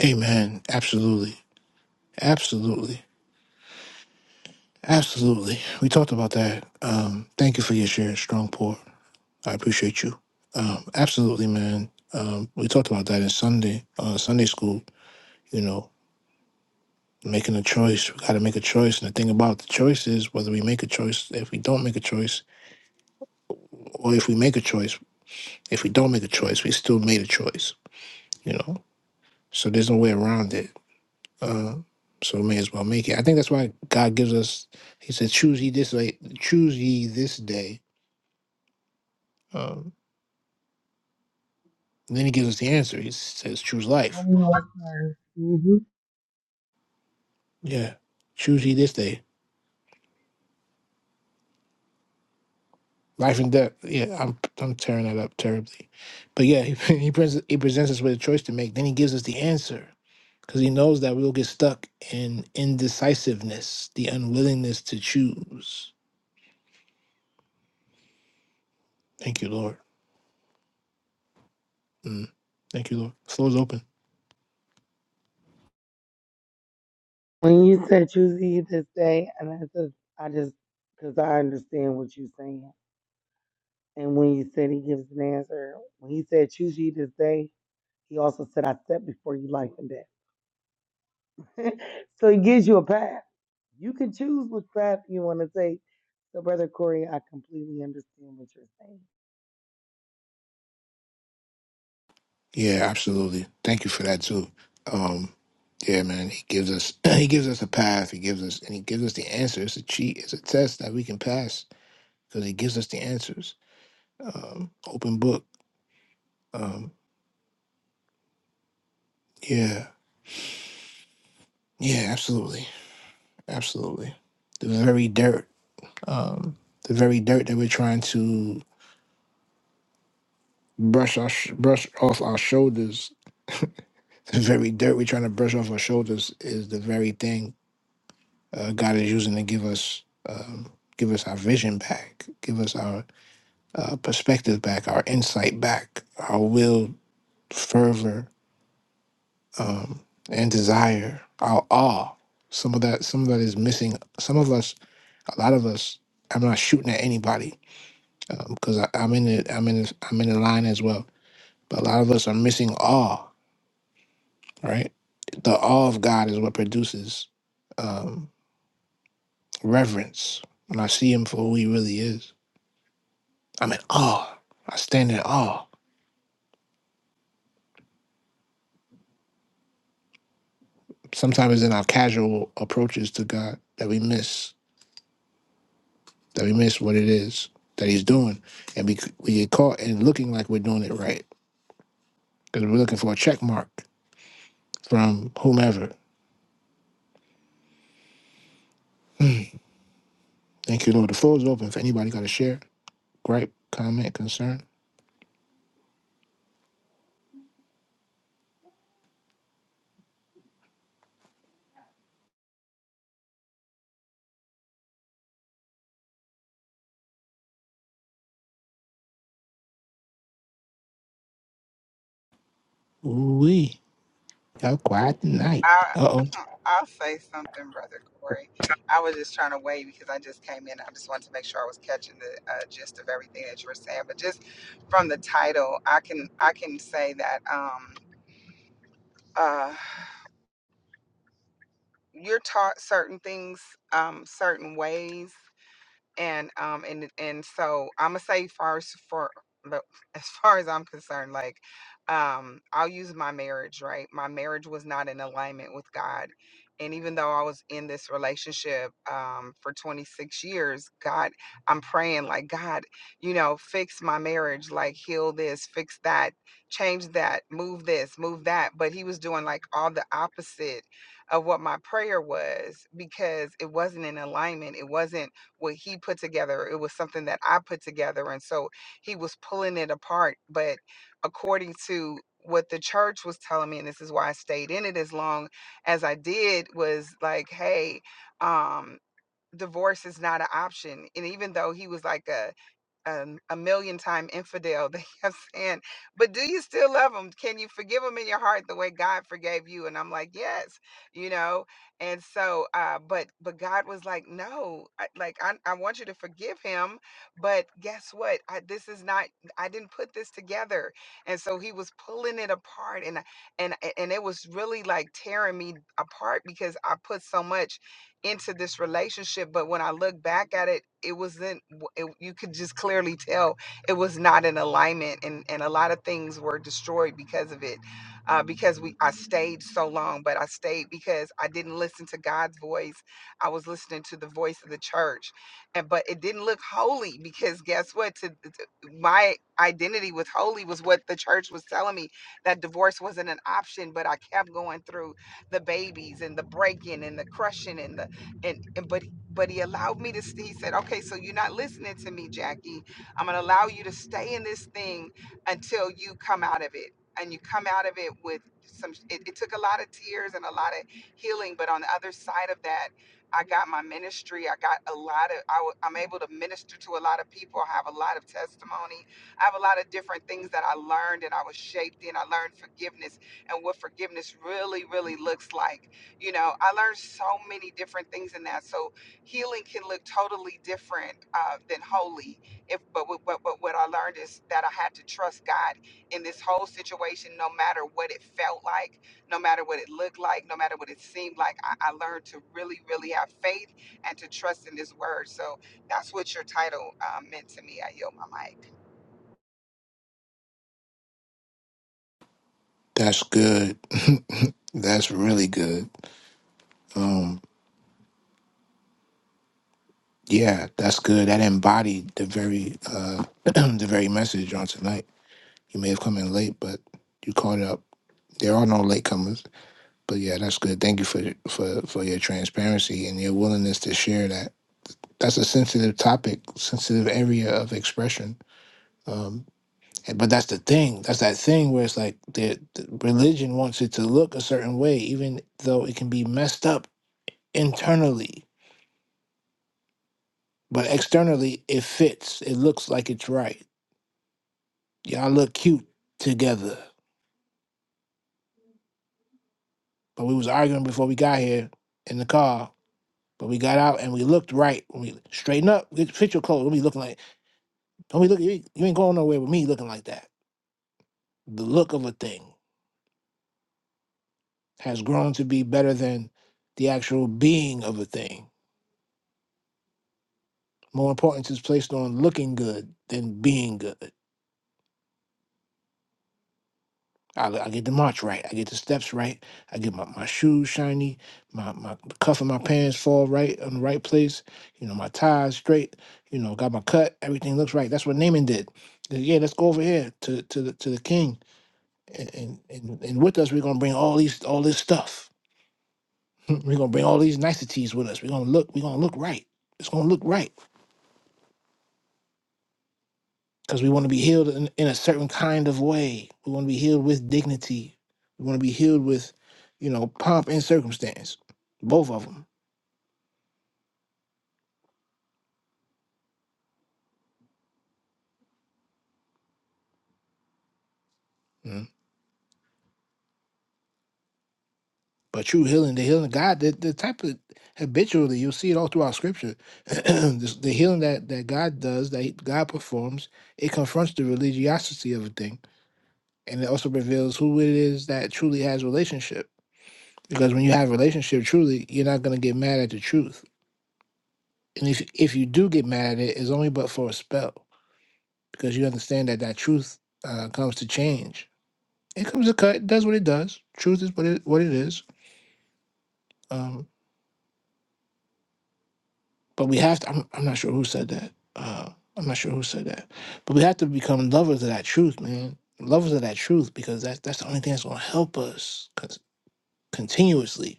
[SPEAKER 1] Amen. Absolutely. Absolutely. Absolutely. We talked about that. Um, thank you for your share, strong pour. I appreciate you. Um, absolutely, man. Um, we talked about that in Sunday, uh, Sunday school. You know, making a choice. We got to make a choice. And the thing about the choice is whether we make a choice, if we don't make a choice, or if we make a choice, if we don't make a choice, we still made a choice, you know? So there's no way around it. Uh, so we may as well make it. I think that's why God gives us, He said, choose ye this day, choose ye this day. Um, and then He gives us the answer. He says, choose
[SPEAKER 7] I
[SPEAKER 1] life.
[SPEAKER 7] know, sir.
[SPEAKER 1] Yeah. Choose ye this day. Life and death. Yeah, I'm I'm tearing that up terribly, but yeah, he he, presents, he presents us with a choice to make. Then he gives us the answer because he knows that we'll get stuck in indecisiveness, the unwillingness to choose. Thank you, Lord. Mm. Thank you, Lord. Floor's open.
[SPEAKER 7] When you said choose ye this day, and I just, I just, because I understand what you're saying. And when you said he gives an answer, when he said choose ye this day, he also said, I set before you life and death. so he gives you a path. You can choose which path you want to take. So, Brother Corey, I completely understand what you're saying.
[SPEAKER 1] Yeah, absolutely. Thank you for that too. Um, yeah, man, he gives us he gives us a path. He gives us and he gives us the answer. It's a cheat. It's a test that we can pass because he gives us the answers. Um, open book. Um, yeah, yeah, absolutely, absolutely. The very dirt. Um, the very dirt that we're trying to brush our sh- brush off our shoulders. The very dirt we're trying to brush off our shoulders is the very thing uh, God is using to give us um, give us our vision back, give us our uh, perspective back, our insight back, our will, fervor, um, and desire, our awe. Some of that, some of that is missing. Some of us, a lot of us. I'm not shooting at anybody because I I'm in it. I'm in. The, I'm in the line as well. But a lot of us are missing awe right? The awe of God is what produces um, reverence. When I see Him for who He really is, I'm in awe. I stand in awe. Sometimes in our casual approaches to God, that we miss, that we miss what it is that He's doing, and we we get caught in looking like we're doing it right because we're looking for a check mark from whomever. Thank you, Lord. The floor is open. If anybody got a share, gripe, comment, concern, ooh wee, y'all quiet tonight.
[SPEAKER 8] I
[SPEAKER 1] Uh oh.
[SPEAKER 8] I'll say something, brother Corey. I was just trying to wait because I just came in. I just wanted to make sure I was catching the uh, gist of everything that you were saying. But just from the title, I can I can say that um, uh, you're taught certain things um, certain ways and um and and so i'm gonna say far as for but as far as i'm concerned like um i'll use my marriage right my marriage was not in alignment with god and even though i was in this relationship um for 26 years god i'm praying like god you know fix my marriage like heal this fix that change that move this move that but he was doing like all the opposite of what my prayer was because it wasn't in alignment it wasn't what he put together. It was something that I put together. And so he was pulling it apart. But according to what the church was telling me, and this is why I stayed in it as long as I did, was like, hey, um, divorce is not an option. And even though he was like a um, a million time infidel they kept saying but do you still love him can you forgive him in your heart the way god forgave you and i'm like yes you know and so uh but but god was like no I, like I, I want you to forgive him but guess what I, this is not i didn't put this together and so he was pulling it apart and I- and and it was really like tearing me apart because i put so much into this relationship but when i look back at it it wasn't it, you could just clearly tell it was not in alignment and and a lot of things were destroyed because of it uh, because we i stayed so long but i stayed because i didn't listen to god's voice i was listening to the voice of the church and but it didn't look holy because guess what to, to- my identity with holy was what the church was telling me that divorce wasn't an option but i kept going through the babies and the breaking and the crushing and the and, and but but he allowed me to st- he said okay so you're not listening to me jackie i'm going to allow you to stay in this thing until you come out of it and you come out of it with some it, it took a lot of tears and a lot of healing but on the other side of that i got my ministry i got a lot of I, w- i'm able to minister to a lot of people i have a lot of testimony i have a lot of different things that i learned and i was shaped in i learned forgiveness and what forgiveness really really looks like you know, I learned so many different things in that. So healing can look totally different uh, than holy. If but, what- but but what I learned is that I had to trust God in this whole situation, no matter what it felt like, no matter what it looked like, no matter what it seemed like. I, I learned to really, really have faith and to trust in His word. So that's what your title um, meant to me. I yield my mic.
[SPEAKER 1] That's good. that's really good. Um, yeah, that's good. That embodied the very uh, the very message on tonight. You may have come in late, but you caught up. There are no latecomers. But yeah, that's good. Thank you for for for your transparency and your willingness to share that. That's a sensitive topic, sensitive area of expression. Um, and- but that's the thing. That's that thing where it's like the, the religion wants it to look a certain way, even though it can be messed up internally But externally, it fits. It looks like it's right. Y'all look cute together. But we was arguing before we got here in the car. But we got out and we looked right. When we straighten up, get fit your clothes. Don't be looking like don't be looking. You ain't you ain't going nowhere with me looking like that. The look of a thing has grown to be better than the actual being of a thing. More importance is placed on looking good than being good. I, I get the march right. I get the steps right. I get my, my shoes shiny. My my the cuff of my pants fall right on the right place. You know, my tie's straight. You know, got my cut. Everything looks right. That's what Naaman did. He said, Yeah, let's go over here to to the to the king, and and and, and with us we're gonna bring all these all this stuff. we're gonna bring all these niceties with us. We're gonna look. We're gonna look right. It's gonna look right. because we want to be healed in, in a certain kind of way. We want to be healed with dignity. We want to be healed with, you know, pomp and circumstance, both of them. But true healing, the healing of God, the, the type of habitually you'll see it all throughout Scripture. This- the healing that that God does, that he- God performs, it confronts the religiosity of a thing, and it also reveals who it is that truly has relationship. Because when you have relationship, truly, you're not gonna get mad at the truth. And if if you do get mad at it, it's only but for a spell because you understand that that truth uh, comes to change. It comes to cut. It does what it does. Truth is what it what it is. Um, but we have to. I'm, I'm not sure who said that. Uh, I'm not sure who said that. But we have to become lovers of that truth, man. Lovers of that truth because that's that's the only thing that's gonna help us con- continuously.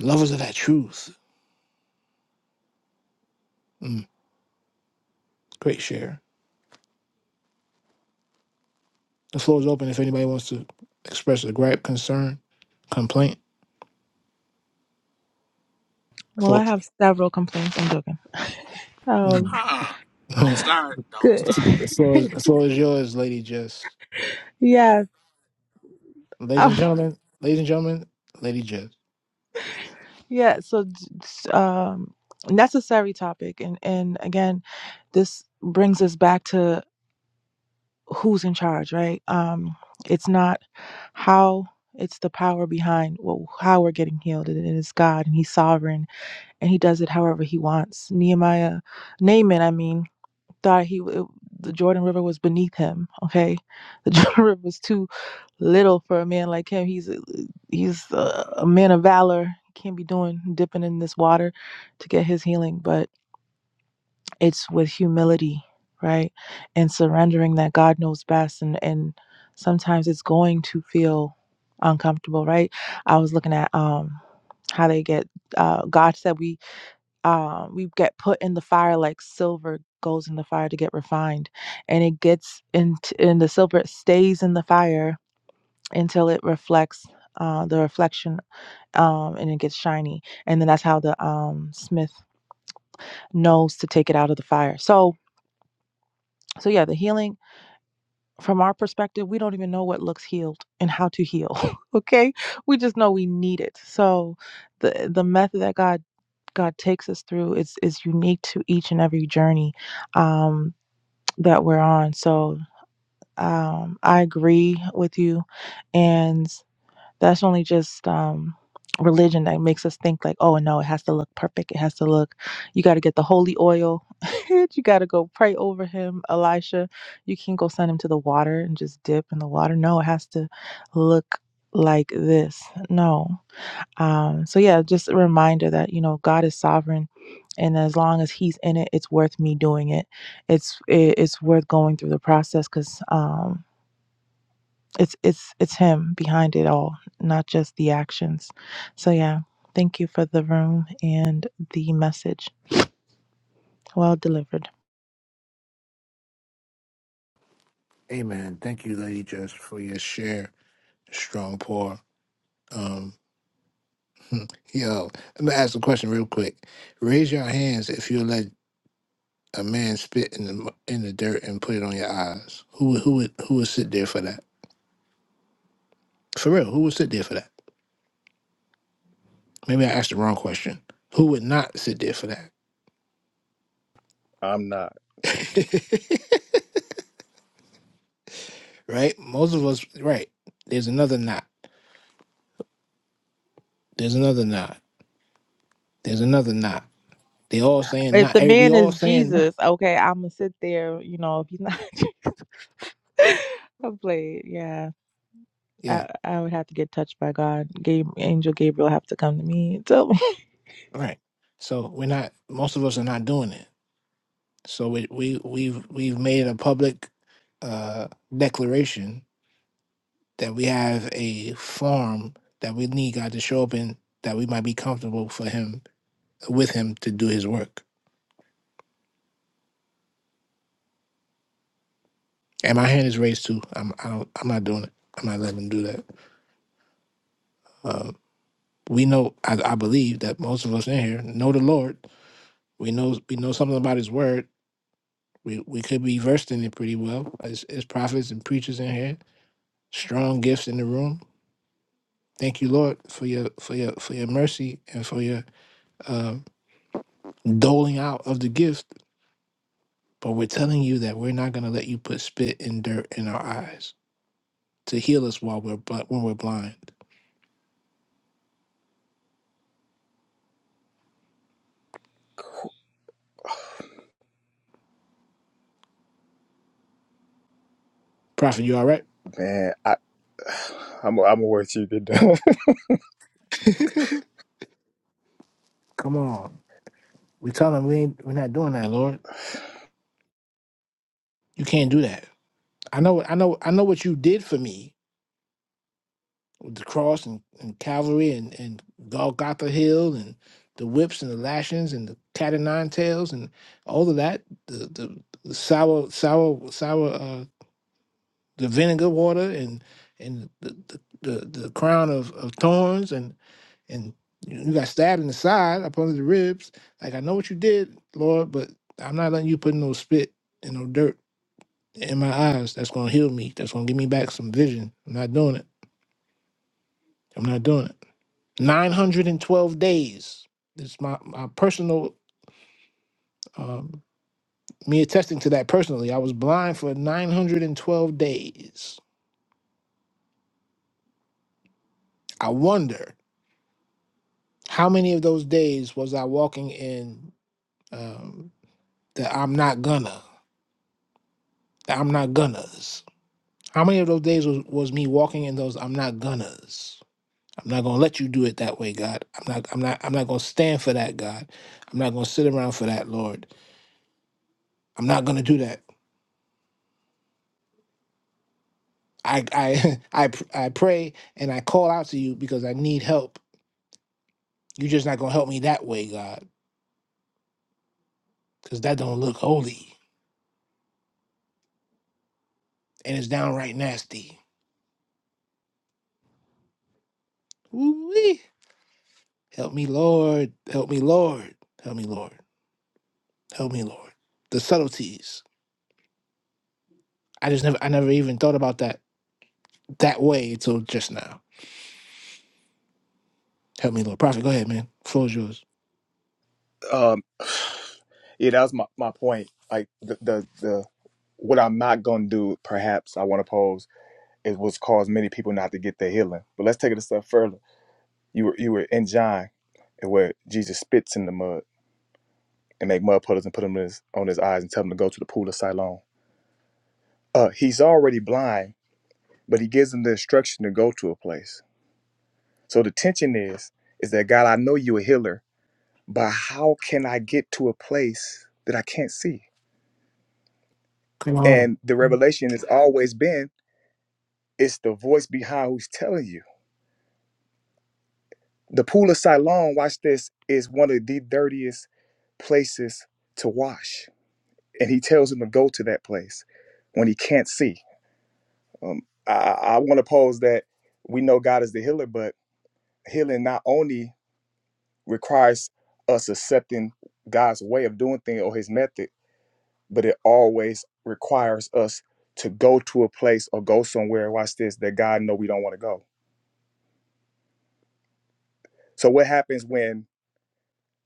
[SPEAKER 1] Lovers of that truth. Mm, great share. The floor is open if anybody wants to express a gripe, concern, complaint.
[SPEAKER 4] Well, I
[SPEAKER 1] Floor.
[SPEAKER 4] have several complaints. I'm joking. Um,
[SPEAKER 1] the
[SPEAKER 9] Huh. Don't start. Don't
[SPEAKER 4] good.
[SPEAKER 9] start.
[SPEAKER 1] floor is the floor is yours, Lady Jess.
[SPEAKER 4] yes.
[SPEAKER 1] Ladies and
[SPEAKER 4] Um,
[SPEAKER 1] gentlemen, ladies and gentlemen, Lady Jess.
[SPEAKER 4] yeah. So, d- s- um, necessary topic, and and again, this brings us back to who's in charge, right? Um, it's not how. It's the power behind what, how we're getting healed. and It is God, and He's sovereign, and He does it however He wants. Nehemiah, Naaman, I mean, thought he it- the Jordan River was beneath him. Okay, the Jordan River was too little for a man like him. He's a- he's a, a man of valor. He can't be doing dipping in this water to get his healing, but it's with humility, right, and surrendering that God knows best. And and sometimes it's going to feel uncomfortable, right? I was looking at um how they get uh, God said we um, we get put in the fire like silver goes in the fire to get refined and it gets into and the silver it stays in the fire until it reflects uh, the reflection um, and it gets shiny and then that's how the um, smith knows to take it out of the fire so so yeah the healing from our perspective we don't even know what looks healed and how to heal okay we just know we need it so the the method that god god takes us through is is unique to each and every journey um that we're on. So um, I agree with you, and that's only just um, religion that makes us think like, oh no, it has to look perfect. It has to look. You got to get the holy oil. you got to go pray over him, Elisha. You can't go send him to the water and just dip in the water. No, it has to look like this. No, um, so yeah, just a reminder that you know God is sovereign, and as long as He's in it, it's worth me doing it. It's it, it's worth going through the process because um, it's it's it's Him behind it all, not just the actions. So yeah, thank you for the room and the message. Well delivered.
[SPEAKER 1] Amen. Thank you, Lady Jess, for your share. Strong pour. Um, yo, I'm gonna ask a question real quick. Raise your hands if you let a man spit in the mu- in the dirt and put it on your eyes. Who would who would who would sit there for that? For real, who would sit there for that? Maybe I asked the wrong question. Who would not sit there for that?
[SPEAKER 3] I'm not,
[SPEAKER 1] right? Most of us. Right. There's another not. There's another not. There's another not. They all saying
[SPEAKER 4] If
[SPEAKER 1] not.
[SPEAKER 4] the
[SPEAKER 1] eh, We
[SPEAKER 4] man
[SPEAKER 1] all
[SPEAKER 4] is
[SPEAKER 1] saying not.
[SPEAKER 4] Jesus, okay, I'm gonna sit there. You know, if he's not, Jesus, I'm played. Yeah,
[SPEAKER 1] Yeah,
[SPEAKER 4] I, I would have to get touched by God. Gabe, Angel Gabriel have to come to me. So.
[SPEAKER 1] right. So we're not. Most of us are not doing it. So we we we've we've made a public uh, declaration that we have a farm that we need God to show up in that we might be comfortable for Him with Him to do His work. And my hand is raised too. I'm I don't, I'm not doing it. I'm not letting Him do that. Um, we know. I, I believe that most of us in here know the Lord. We know we know something about His Word We we could be versed in it pretty well as as prophets and preachers in here. Strong gifts in the room. Thank you, Lord, for your for your for your mercy and for your uh, doling out of the gift. But we're telling you that we're not going to let you put spit and dirt in our eyes to heal us while we're bl- when we're blind. Prophet, you all right?
[SPEAKER 3] man. I, I'm, I'm gonna wait till you get done.
[SPEAKER 1] Come on. We're telling we ain't, we're not doing that, Lord. You can't do that. I know I know I know what you did for me with the cross and, and Calvary and, and Golgotha Hill and the whips and the lashings and the cat and nine tails and all of that, the, the, the sour, sour, sour, uh, the vinegar water and and the the, the, the crown of, of thorns and and you got stabbed in the side up under the ribs. Like I know what you did, Lord, but I'm not letting you put no spit and no dirt in my eyes. That's gonna heal me. That's gonna give me back some vision. I'm not doing it. I'm not doing it. 912 days. It's my, my personal, um, me attesting to that personally. I was blind for 912 days. I wonder how many of those days was I walking in um, that I'm not gonna, the I'm not gonna's. How many of those days was, was me walking in those I'm not gonna's? I'm not gonna let you do it that way, God. I'm not, I'm not, I'm not gonna stand for that, God. I'm not gonna sit around for that, Lord. I'm not gonna do that. I I I pr- I pray and I call out to you because I need help. You're just not gonna help me that way, God, because that don't look holy and it's downright nasty. Ooh-wee. Help me, Lord. Help me, Lord. Help me, Lord. Help me, Lord. The subtleties. I just never I never even thought about that that way until just now. Help me, Lord. Prophet, go ahead, man. Floor is yours.
[SPEAKER 3] um, yeah, that was my, my point. Like the, the the what I'm not gonna do, perhaps I want to pose is what's caused many people not to get their healing. But let's take it a step further. You were you were in John where Jesus spits in the mud and make mud puddles and put them in his, on his eyes and tell him to go to the pool of Siloam. Uh, he's already blind but he gives them the instruction to go to a place. So the tension is, is that God, I know you're a healer, but how can I get to a place that I can't see?
[SPEAKER 1] Come on.
[SPEAKER 3] And the revelation has always been, it's the voice behind who's telling you. The pool of Siloam, watch this, is one of the dirtiest places to wash. And he tells him to go to that place when he can't see. Um, I, I want to pose that we know God is the healer, but healing not only requires us accepting God's way of doing things or his method, but it always requires us to go to a place or go somewhere, watch this, that God know we don't want to go. So what happens when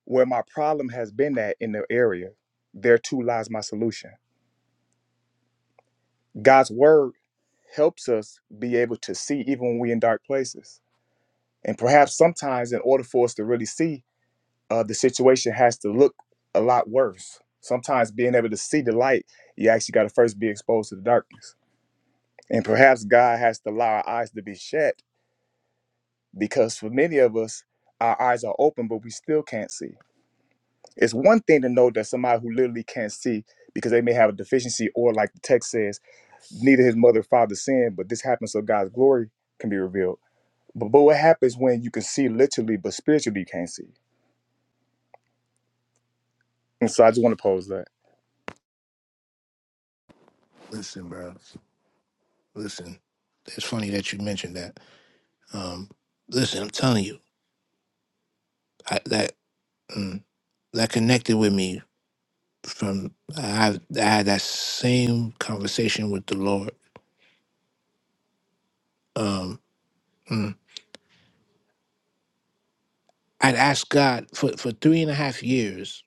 [SPEAKER 3] where my problem has been at in the area, there too lies my solution. God's word helps us be able to see even when we're in dark places. And perhaps sometimes in order for us to really see, uh, the situation has to look a lot worse. Sometimes being able to see the light, you actually got to first be exposed to the darkness. And perhaps God has to allow our eyes to be shut because for many of us, our eyes are open, but we still can't see. It's one thing to know that somebody who literally can't see because they may have a deficiency, or like the text says, neither his mother or father sinned, but this happens so God's glory can be revealed. But, but what happens when you can see literally, but spiritually you can't see? And so I just want to pose that.
[SPEAKER 1] Listen, bro. Listen. It's funny that you mentioned that. Um, listen, I'm telling you, I, that Mm. That connected with me from I, I had that same conversation with the Lord. Um, mm. I'd asked God for, for three and a half years,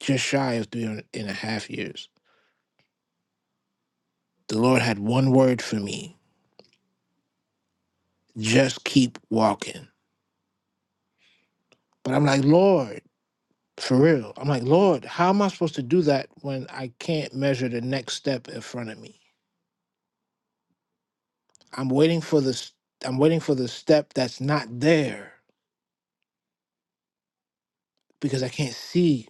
[SPEAKER 1] just shy of three and a half years. The Lord had one word for me just keep walking. But I'm like, Lord, for real. I'm like, Lord, how am I supposed to do that when I can't measure the next step in front of me? I'm waiting for this. I'm waiting for the step that's not there because I can't see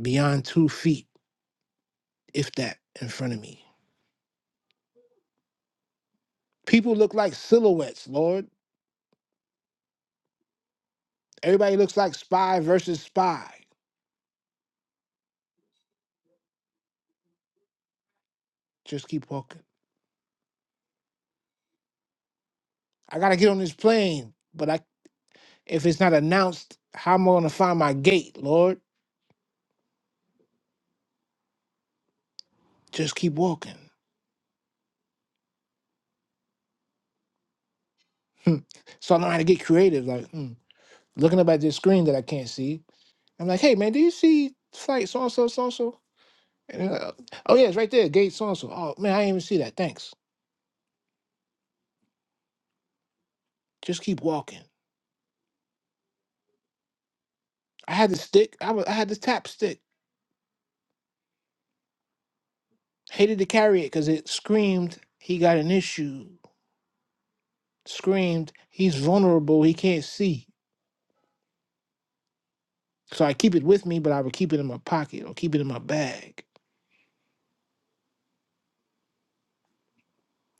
[SPEAKER 1] beyond two feet, if that, in front of me. People look like silhouettes, Lord. Everybody looks like spy versus spy. Just keep walking. I gotta get on this plane, but I if it's not announced, how am I gonna find my gate, Lord? Just keep walking. Hmm. so I know how to get creative, like hmm, looking up at this screen that I can't see. I'm like, hey man, do you see flight so and so, so and so? And they're like, oh yeah, it's right there, gate so and so. Oh man, I didn't even see that. Thanks. Just keep walking. I had the stick. I was, I had the tap stick. Hated to carry it because it screamed he got an issue. Screamed he's vulnerable. He can't see. So I keep it with me, but I would keep it in my pocket or keep it in my bag.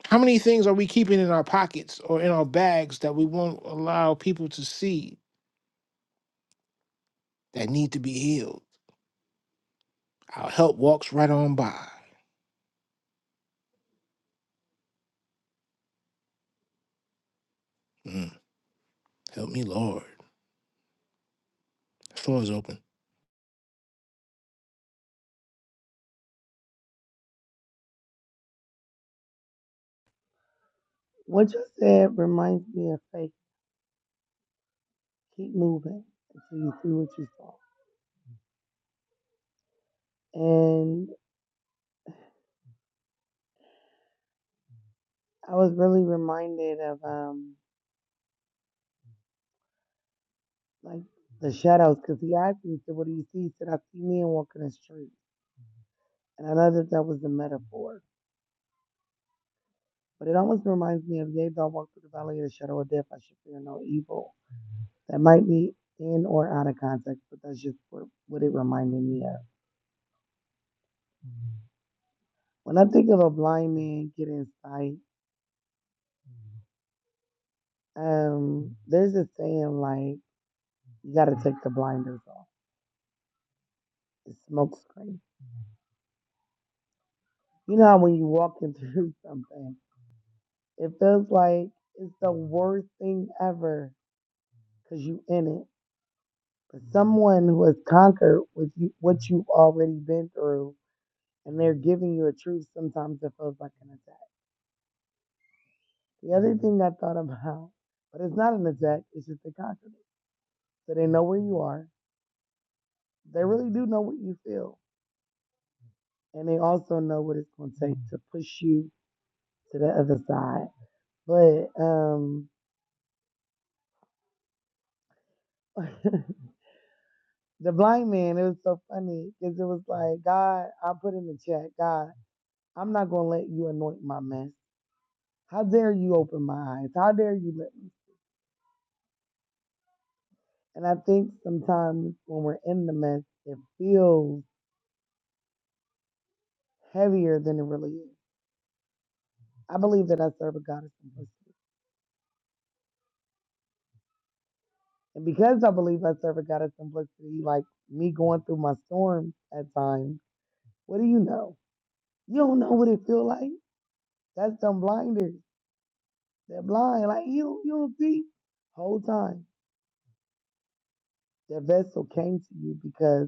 [SPEAKER 1] How many things are we keeping in our pockets or in our bags that we won't allow people to see that need to be healed? Our help walks right on by. Mm, help me, Lord. Floor is open.
[SPEAKER 7] What you said reminds me of faith. Keep moving until you see what you saw. And I was really reminded of, um, like the shadows, because he asked me, said, "What do you see?" He said, "I see men walking the street," and I know that that was the metaphor, but it almost reminds me of, "Yea, though I walk through the valley of the shadow of death, I should fear no evil." That might be in or out of context, but that's just what, what it reminded me of. When I think of a blind man getting sight, um, there's a saying like, "You got to take the blinders off." It's smoke screen. You know how when you walking through something, it feels like it's the worst thing ever because you in it. But someone who has conquered with you, what you've already been through, and they're giving you a truth, sometimes it feels like an attack. The other thing I thought about, but it's not an attack, it's just they conquered it. So they know where you are. They really do know what you feel. And they also know what it's going to take to push you to the other side. But um, the blind man, it was so funny because it was like, God, I put in the chat, God, I'm not going to let you anoint my mess. How dare you open my eyes? How dare you let me? And I think sometimes when we're in the mess, it feels heavier than it really is. I believe that I serve a God of simplicity. And because I believe I serve a God of simplicity, like me going through my storm at times, what do you know? You don't know what it feels like. That's them blinders. They're blind. Like you, you don't see. Whole time, that vessel came to you because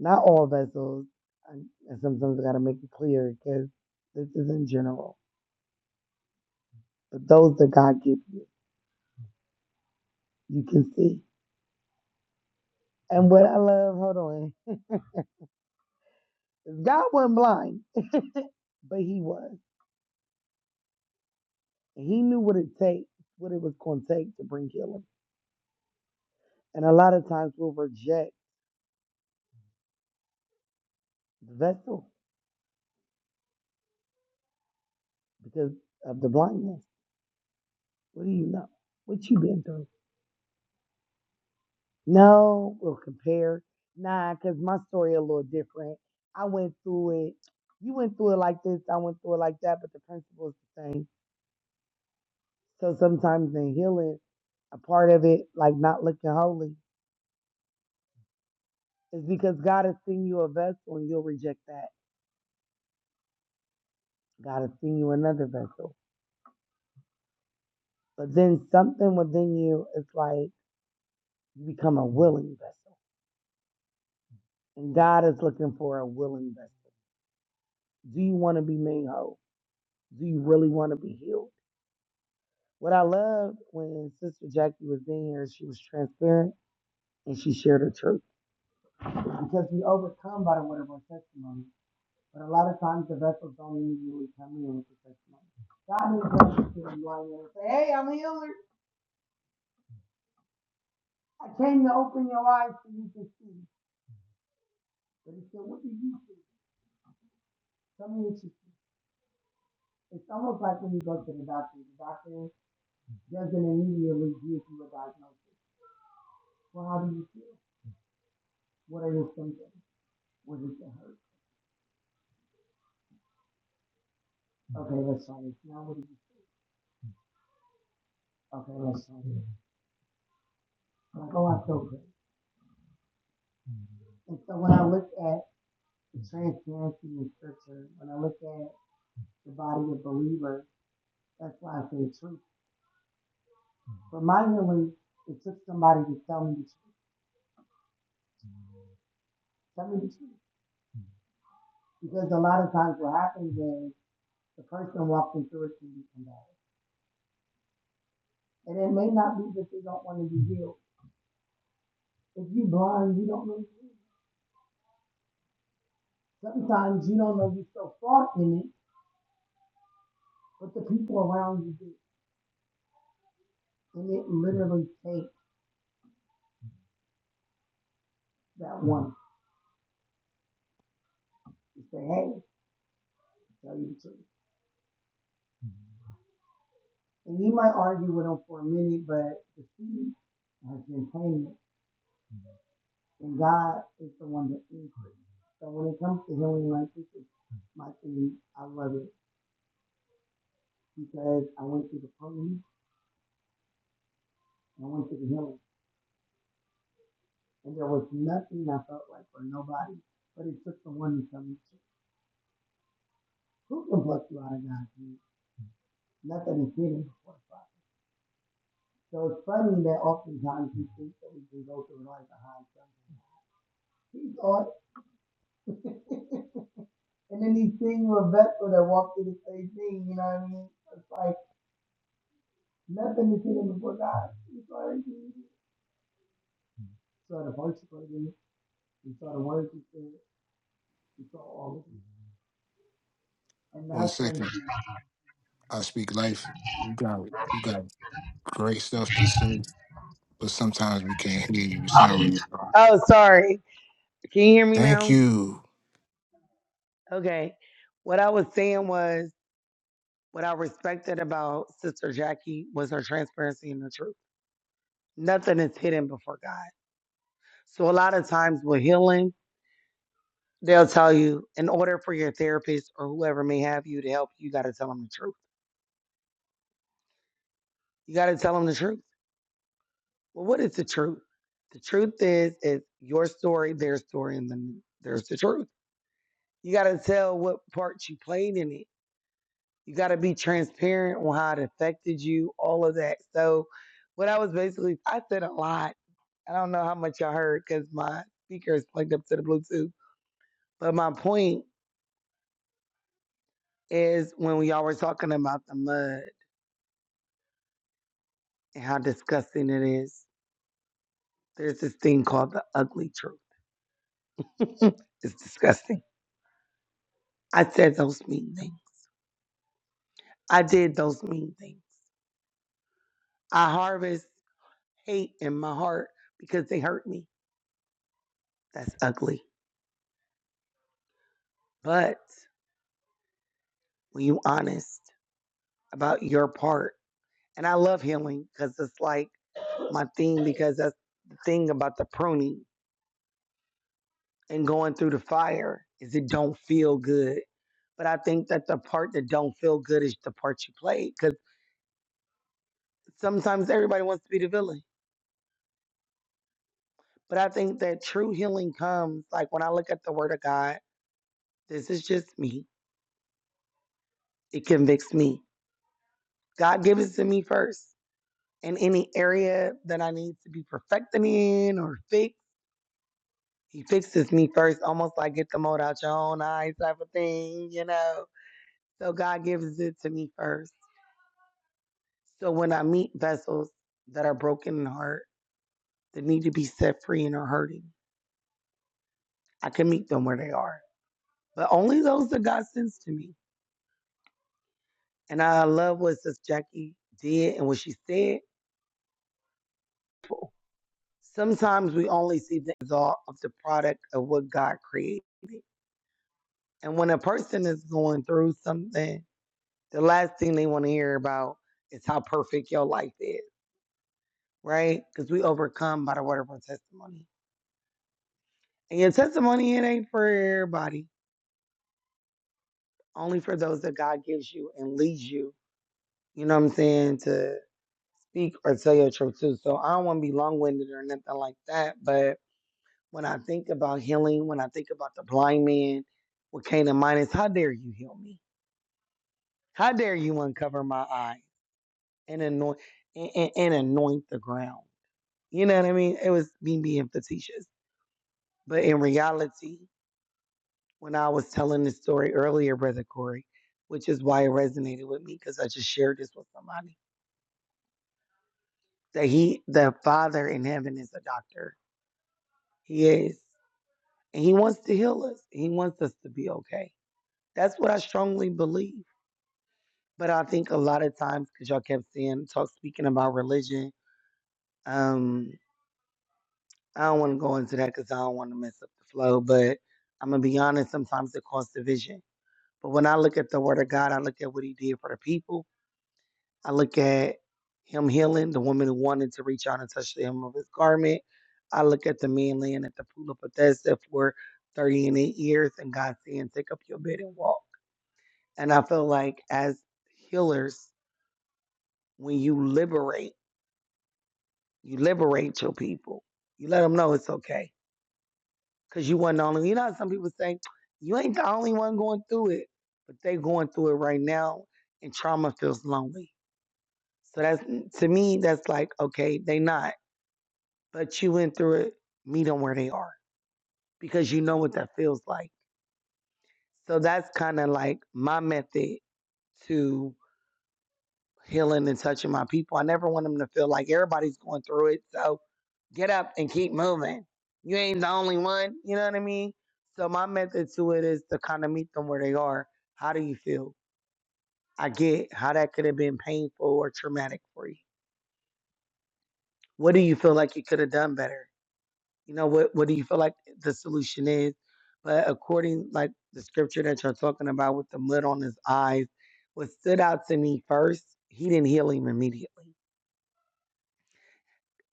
[SPEAKER 7] not all vessels, and and sometimes I got to make it clear because this is in general Those that God gives you, you can see. And what I love, hold on, God wasn't blind, but He was. He knew what it takes, what it was going to take to bring healing. And a lot of times we'll reject the vessel because of the blindness. What do you know? What you been through? No, we'll compare. Nah, because my story a little different. I went through it. You went through it like this. I went through it like that, but the principle is the same So sometimes in healing, a part of it, like not looking holy, is because God has seen you a vessel and you'll reject that. God has seen you another vessel. But then something within you is like you become a willing vessel. And God is looking for a willing vessel. Do you want to be made whole? Do you really want to be healed? What I loved when Sister Jackie was in here, she was transparent and she shared her truth. Because we overcome by the word of our testimony. But a lot of times the vessels don't immediately come in for six months. God is gracious to them lying and say, Hey, I'm a healer. I came to open your eyes so you can see. But he said, What do you see? Some of it's, it's almost like when you go to the doctor. The doctor doesn't immediately give you a diagnosis. Well, how do you feel? What are your symptoms? What does it hurt? Okay, let's try this. Now what do you feel? Okay, let's try this. Like, oh, I feel good. And so when I look at the transparency in scripture, when I look at the body of believers, That's why I say truth. But my healing, it took somebody to tell me the truth. Tell me the truth. Because a lot of times what happens is the person walking through it can be combative. And it may not be that they don't want to be healed. If you are blind, you don't know. Sometimes you don't know you're so far in it, but the people around you do. And it literally takes that one to say, hey, tell you the truth. And you might argue with them for a minute, but the seed has been planted. And God is the one that increase. So when it comes to healing like this is my thing, I love it because I went through the pain and I went through the healing. And there was nothing I felt like for nobody. But it took the one to come who can pluck you out of God? Nothing is hidden before the Father. So it's funny that oftentimes we think that we can go through life behind hide something. He saw and then he's seeing Rebecca that walked through the same thing, you know what I mean? It's like nothing is hidden before God. He's already saw the horse burden, we saw the words he we saw all of it. And
[SPEAKER 1] One
[SPEAKER 7] that's when
[SPEAKER 1] second. I speak life. You got it. You got great stuff to say, but sometimes we can't hear you. You sound really.
[SPEAKER 7] Oh, sorry. Can you hear me
[SPEAKER 1] Thank
[SPEAKER 7] now?
[SPEAKER 1] you.
[SPEAKER 7] Okay. What I was saying was what I respected about Sister Jackie was her transparency and the truth. Nothing is hidden before God. So a lot of times with healing, they'll tell you in order for your therapist or whoever may have you to help you, you got to tell them the truth. You got to tell them the truth. Well, what is the truth? The truth is, is your story, their story, and then there's the truth. You got to tell what part you played in it. You got to be transparent on how it affected you, all of that. So, what I was basically, I said a lot. I don't know how much I heard because my speaker is plugged up to the Bluetooth. But my point is when we all were talking about the mud and how disgusting it is, there's this thing called the ugly truth. it's disgusting. I said those mean things. I did those mean things. I harvest hate in my heart because they hurt me. That's ugly. But when you honest about your part, and I love healing because it's like my thing because that's the thing about the pruning and going through the fire is it don't feel good. But I think that the part that don't feel good is the part you play because sometimes everybody wants to be the villain. But I think that true healing comes like when I look at the word of God, this is just me. It convicts me. God gives it to me first. And any area that I need to be perfecting in or fix He fixes me first, almost like get the mold out your own eyes type of thing, you know. So God gives it to me first. So when I meet vessels that are broken in heart, that need to be set free and are hurting, I can meet them where they are. But only those that God sends to me. And I love what Sister Jackie did and what she said. Sometimes we only see the result of the product of what God created. And when a person is going through something, The last thing they want to hear about is how perfect your life is, right? Because we overcome by the word of our testimony. And your testimony, it ain't for everybody, only for those that God gives you and leads you, you know what I'm saying, to speak or tell your truth too. So I don't want to be long winded or nothing like that. But when I think about healing, when I think about the blind man with Cain in mind is, how dare you heal me? How dare you uncover my eye and anoint and, and, and anoint the ground? You know what I mean? It was me being facetious. But in reality, when I was telling this story earlier, Brother Corey, which is why it resonated with me because I just shared this with somebody, that he, the Father in heaven, is a doctor. He is. And he wants to heal us, he wants us to be okay. That's what I strongly believe. But I think a lot of times, because y'all kept saying, talk, speaking about religion, um, I don't want to go into that because I don't want to mess up the flow. But I'm going to be honest, sometimes it causes division But when I look at the word of God, I look at what he did for the people. I look at him healing the woman who wanted to reach out and touch the hem of his garment. I look at the man laying at the pool of Bethesda for 30 and 8 years and God saying, Take up your bed and walk. And I feel like as healers, when you liberate, you liberate your people. You let them know it's okay. Because you weren't the only one. You know how some people say, You ain't the only one going through it. But they going through it right now and trauma feels lonely So that's to me, that's like, okay, they not. But you went through it, meet them where they are because you know what that feels like. So that's kind of like my method to healing and touching my people. I never want them to feel like everybody's going through it. So get up and keep moving. You ain't the only one. You know what I mean? So my method to it is to kind of meet them where they are. How do you feel? I get how that could have been painful or traumatic for you. What do you feel like you could have done better? you know what what do you feel like the solution is but according like the scripture that you're talking about with the mud on his eyes what stood out to me first he didn't heal him immediately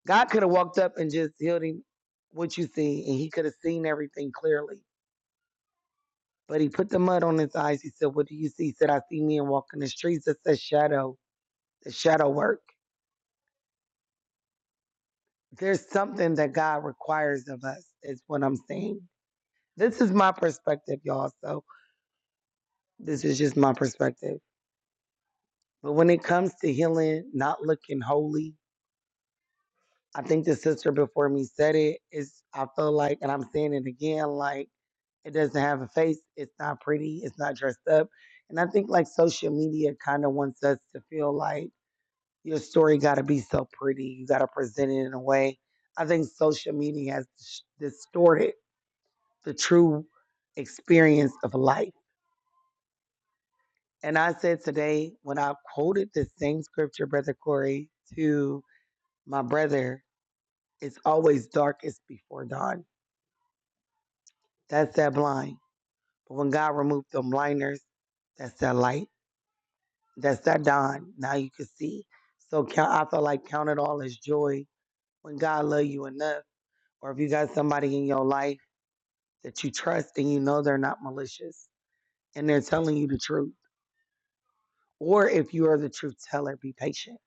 [SPEAKER 7] god could have walked up and just healed him what you see and he could have seen everything clearly but he put the mud on his eyes he said what do you see he said i see men walking the streets that's a shadow the shadow work there's something that god requires of us is what i'm saying this is my perspective y'all so this is just my perspective But when it comes to healing, not looking holy, I think the sister before me said it is I feel like, and I'm saying it again, like it doesn't have a face, it's not pretty, it's not dressed up. And I think like social media kind of wants us to feel like your story got to be so pretty, you got to present it in a way. I think social media has dis- distorted the true experience of life. And I said today when I quoted this same scripture, Brother Corey, to my brother It's always darkest before dawn. That's that blind. But when God removed them blinders, that's that light. That's that dawn. Now you can see. So count, I feel like count it all as joy when God love you enough, or if you got somebody in your life that you trust and you know they're not malicious and they're telling you the truth, or if you are the truth teller, be patient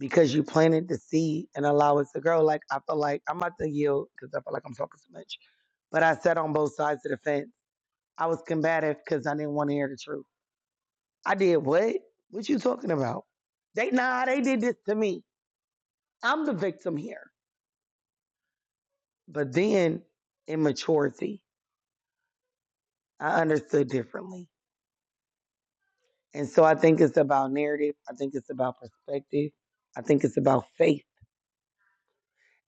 [SPEAKER 7] because you planted the seed and allow it to grow. Like I feel like I'm about to yield because I feel like I'm talking too much, but I sat on both sides of the fence I was combative because I didn't want to hear the truth. I did what? What you talking about? They nah, they did this to me. I'm the victim here. But then in maturity, I understood differently. And so I think it's about narrative. I think it's about perspective. I think it's about faith.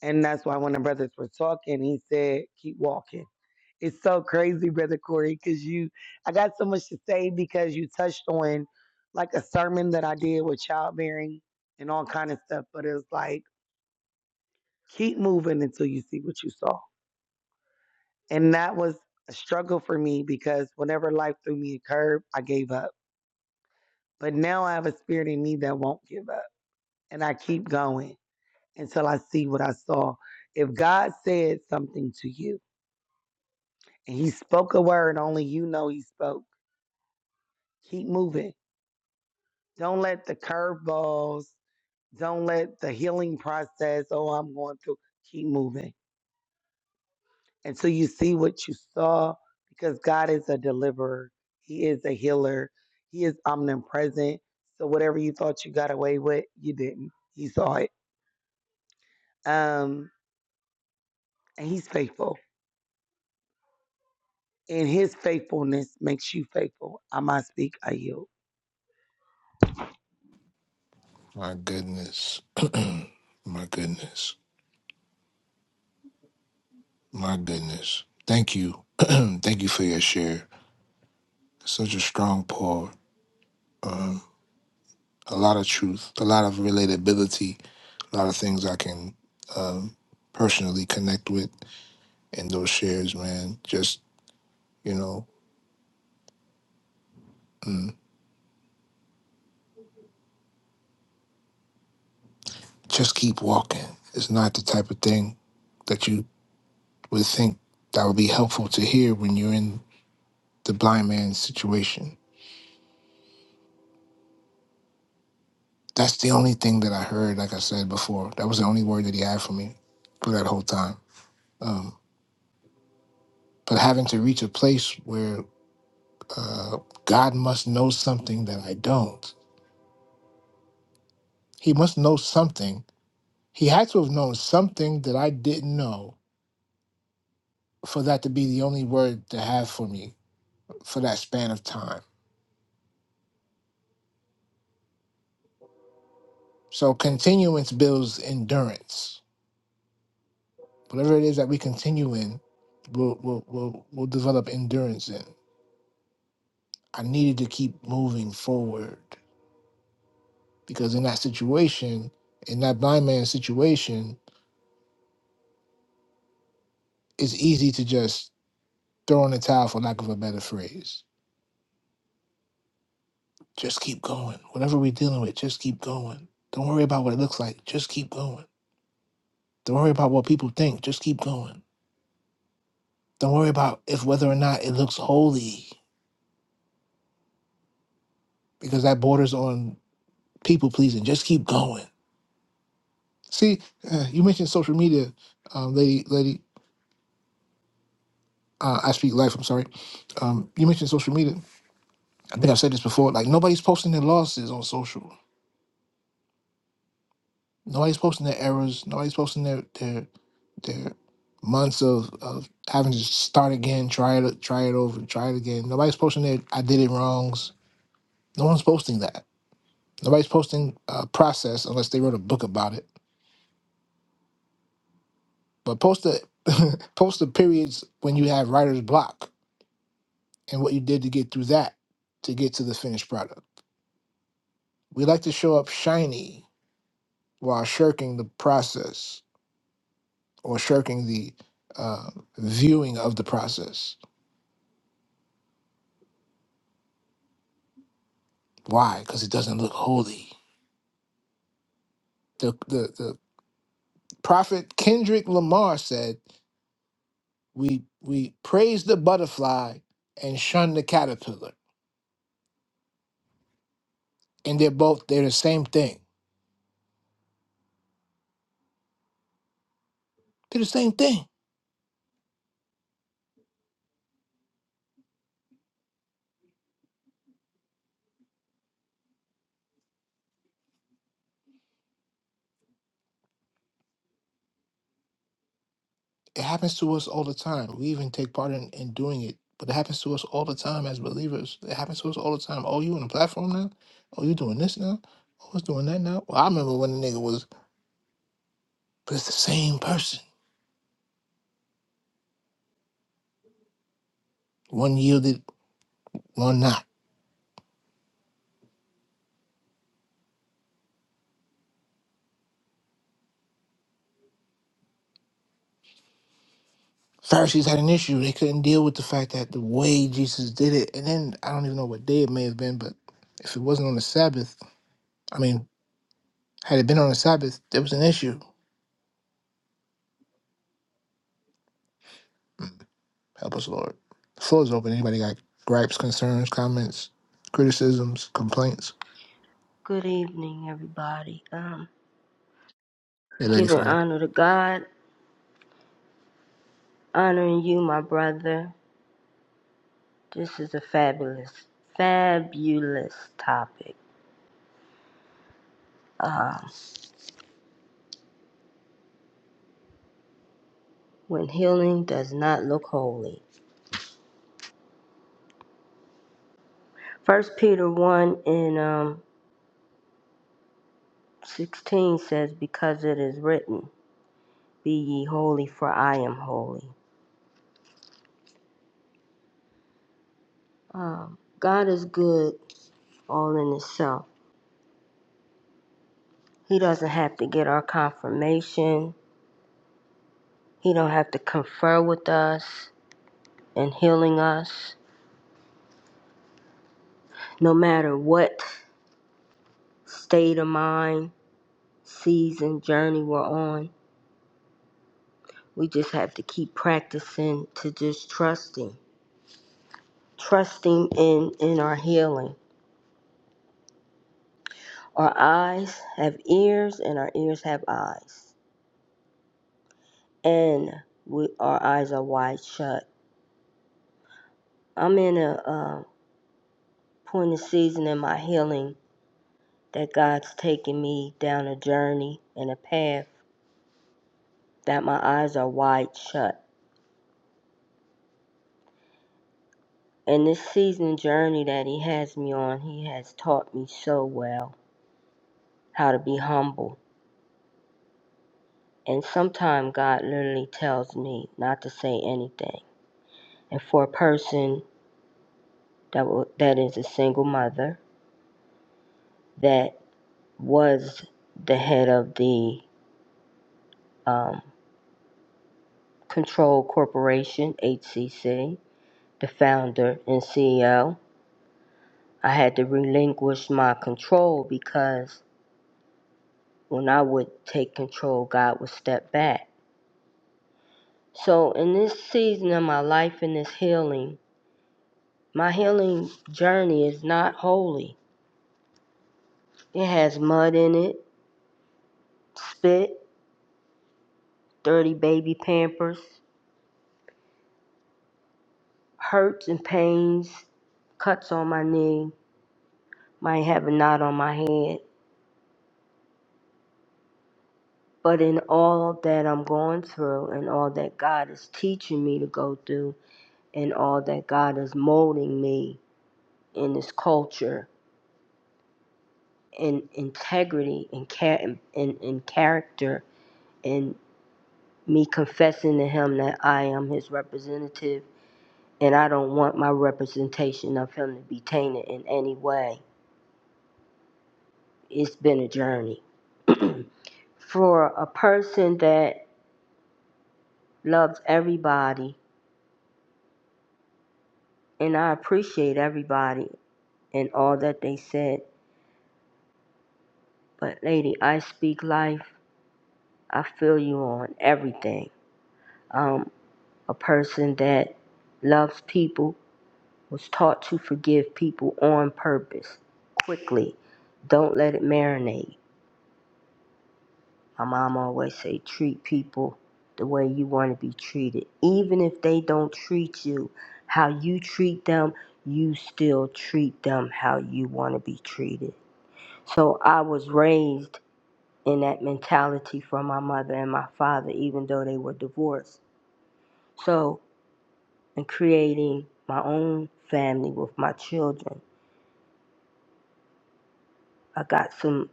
[SPEAKER 7] And that's why when the brothers were talking, he said, keep walking. It's so crazy, Brother Corey, because you, I got so much to say because you touched on like a sermon that I did with childbearing and all kind of stuff. But it was like, keep moving until you see what you saw. And that was a struggle for me because whenever life threw me a curve, I gave up. But now I have a spirit in me that won't give up. And I keep going until I see what I saw. If God said something to you and he spoke a word, only you know he spoke, keep moving Don't let the curveballs, don't let the healing process, oh, I'm going through, keep moving until you see what you saw because God is a deliverer, He is a healer, He is omnipresent. So whatever you thought you got away with, you didn't. He saw it. Um, and He's faithful. And his faithfulness makes you faithful. I might speak, I yield.
[SPEAKER 1] My goodness. My goodness. My goodness. Thank you. Thank you for your share. Such a strong pour. Um, a lot of truth, a lot of relatability, a lot of things I can um, personally connect with in those shares, man. Just, you know, mm, just keep walking. It's not the type of thing that you would think that would be helpful to hear when you're in the blind man's situation That's the only thing that I heard, like I said before. That was the only word that he had for me for that whole time. Um, but having to reach a place where uh, God must know something that I don't, He must know something. He had to have known something that I didn't know for that to be the only word to have for me for that span of time. So continuance builds endurance. Whatever it is that we continue in, we'll, we'll, we'll, we'll develop endurance in. I needed to keep moving forward. because in that situation, in that blind man's situation, it's easy to just throw in the towel for lack of a better phrase. Just keep going. Whatever we're dealing with, just keep going. Don't worry about what it looks like. Just keep going. Don't worry about what people think. Just keep going. Don't worry about if whether or not it looks holy, because that borders on people pleasing. Just keep going. See, uh, you mentioned social media, um, lady, lady. Uh, I speak life. I'm sorry. Um, you mentioned social media I think I've said this before. Like nobody's posting their losses on social. Nobody's posting their errors. Nobody's posting their their their months of, of having to start again, try it, try it over, try it again. Nobody's posting their I did it wrongs. No one's posting that. Nobody's posting a process unless they wrote a book about it. But post the post the periods when you have writer's block and what you did to get through that to get to the finished product. We like to show up shiny while shirking the process or shirking the uh, viewing of the process. Why? Because it doesn't look holy. The, the the prophet Kendrick Lamar said, "We we praise the butterfly and shun the caterpillar, and they're both they're the same thing. They're the same thing. It happens to us all the time. We even take part in, in doing it, but it happens to us all the time as believers. It happens to us all the time. Oh, you on the platform now? Oh, you doing this now? Oh, it's doing that now? Well, I remember when the nigga was But it's the same person. One yielded, one not. Pharisees had an issue. They couldn't deal with the fact that the way Jesus did it, and then I don't even know what day it may have been, but if it wasn't on the Sabbath, I mean, had it been on the Sabbath, there was an issue. Help us, Lord. The floor is open. Anybody got gripes, concerns, comments, criticisms, complaints?
[SPEAKER 10] Good evening, everybody. Um,
[SPEAKER 1] Hey, Lady
[SPEAKER 10] giving
[SPEAKER 1] Fire.
[SPEAKER 10] honor to God, honoring you, my brother. This is a fabulous, fabulous topic. Um, when healing does not look holy. First Peter one and um sixteen says, "Because it is written, Be ye holy, for I am holy." Um, God is good all in itself. He doesn't have to get our confirmation. He don't have to confer with us. and healing us no matter what state of mind, season, journey we're on. We just have to keep practicing to just trusting, trusting in, in our healing. Our eyes have ears and our ears have eyes, and we, our eyes are wide shut. I'm in a uh, point of season in my healing that God's taking me down a journey and a path that my eyes are wide shut And this season journey that he has me on, he has taught me so well how to be humble. And sometimes God literally tells me not to say anything. And for a person that w- that is a single mother that was the head of the um, Control Corporation (HCC), the founder and CEO, I had to relinquish my control because when I would take control, God would step back So, in this season of my life and this healing, my healing journey is not holy. It has mud in it, spit, dirty baby pampers, hurts and pains, cuts on my knee, might have a knot on my head. But in all that I'm going through and all that God is teaching me to go through and all that God is molding me in this culture in integrity and, cha- in in character and me confessing to him that I am his representative and I don't want my representation of him to be tainted in any way. It's been a journey. For a person that loves everybody, and I appreciate everybody and all that they said, but lady, I speak life. I feel you on everything. Um, a person that loves people was taught to forgive people on purpose quickly. Don't let it marinate. My mom always say treat people the way you want to be treated. Even if they don't treat you how you treat them, you still treat them how you want to be treated. So I was raised in that mentality from my mother and my father even though they were divorced. So in creating my own family with my children, I got some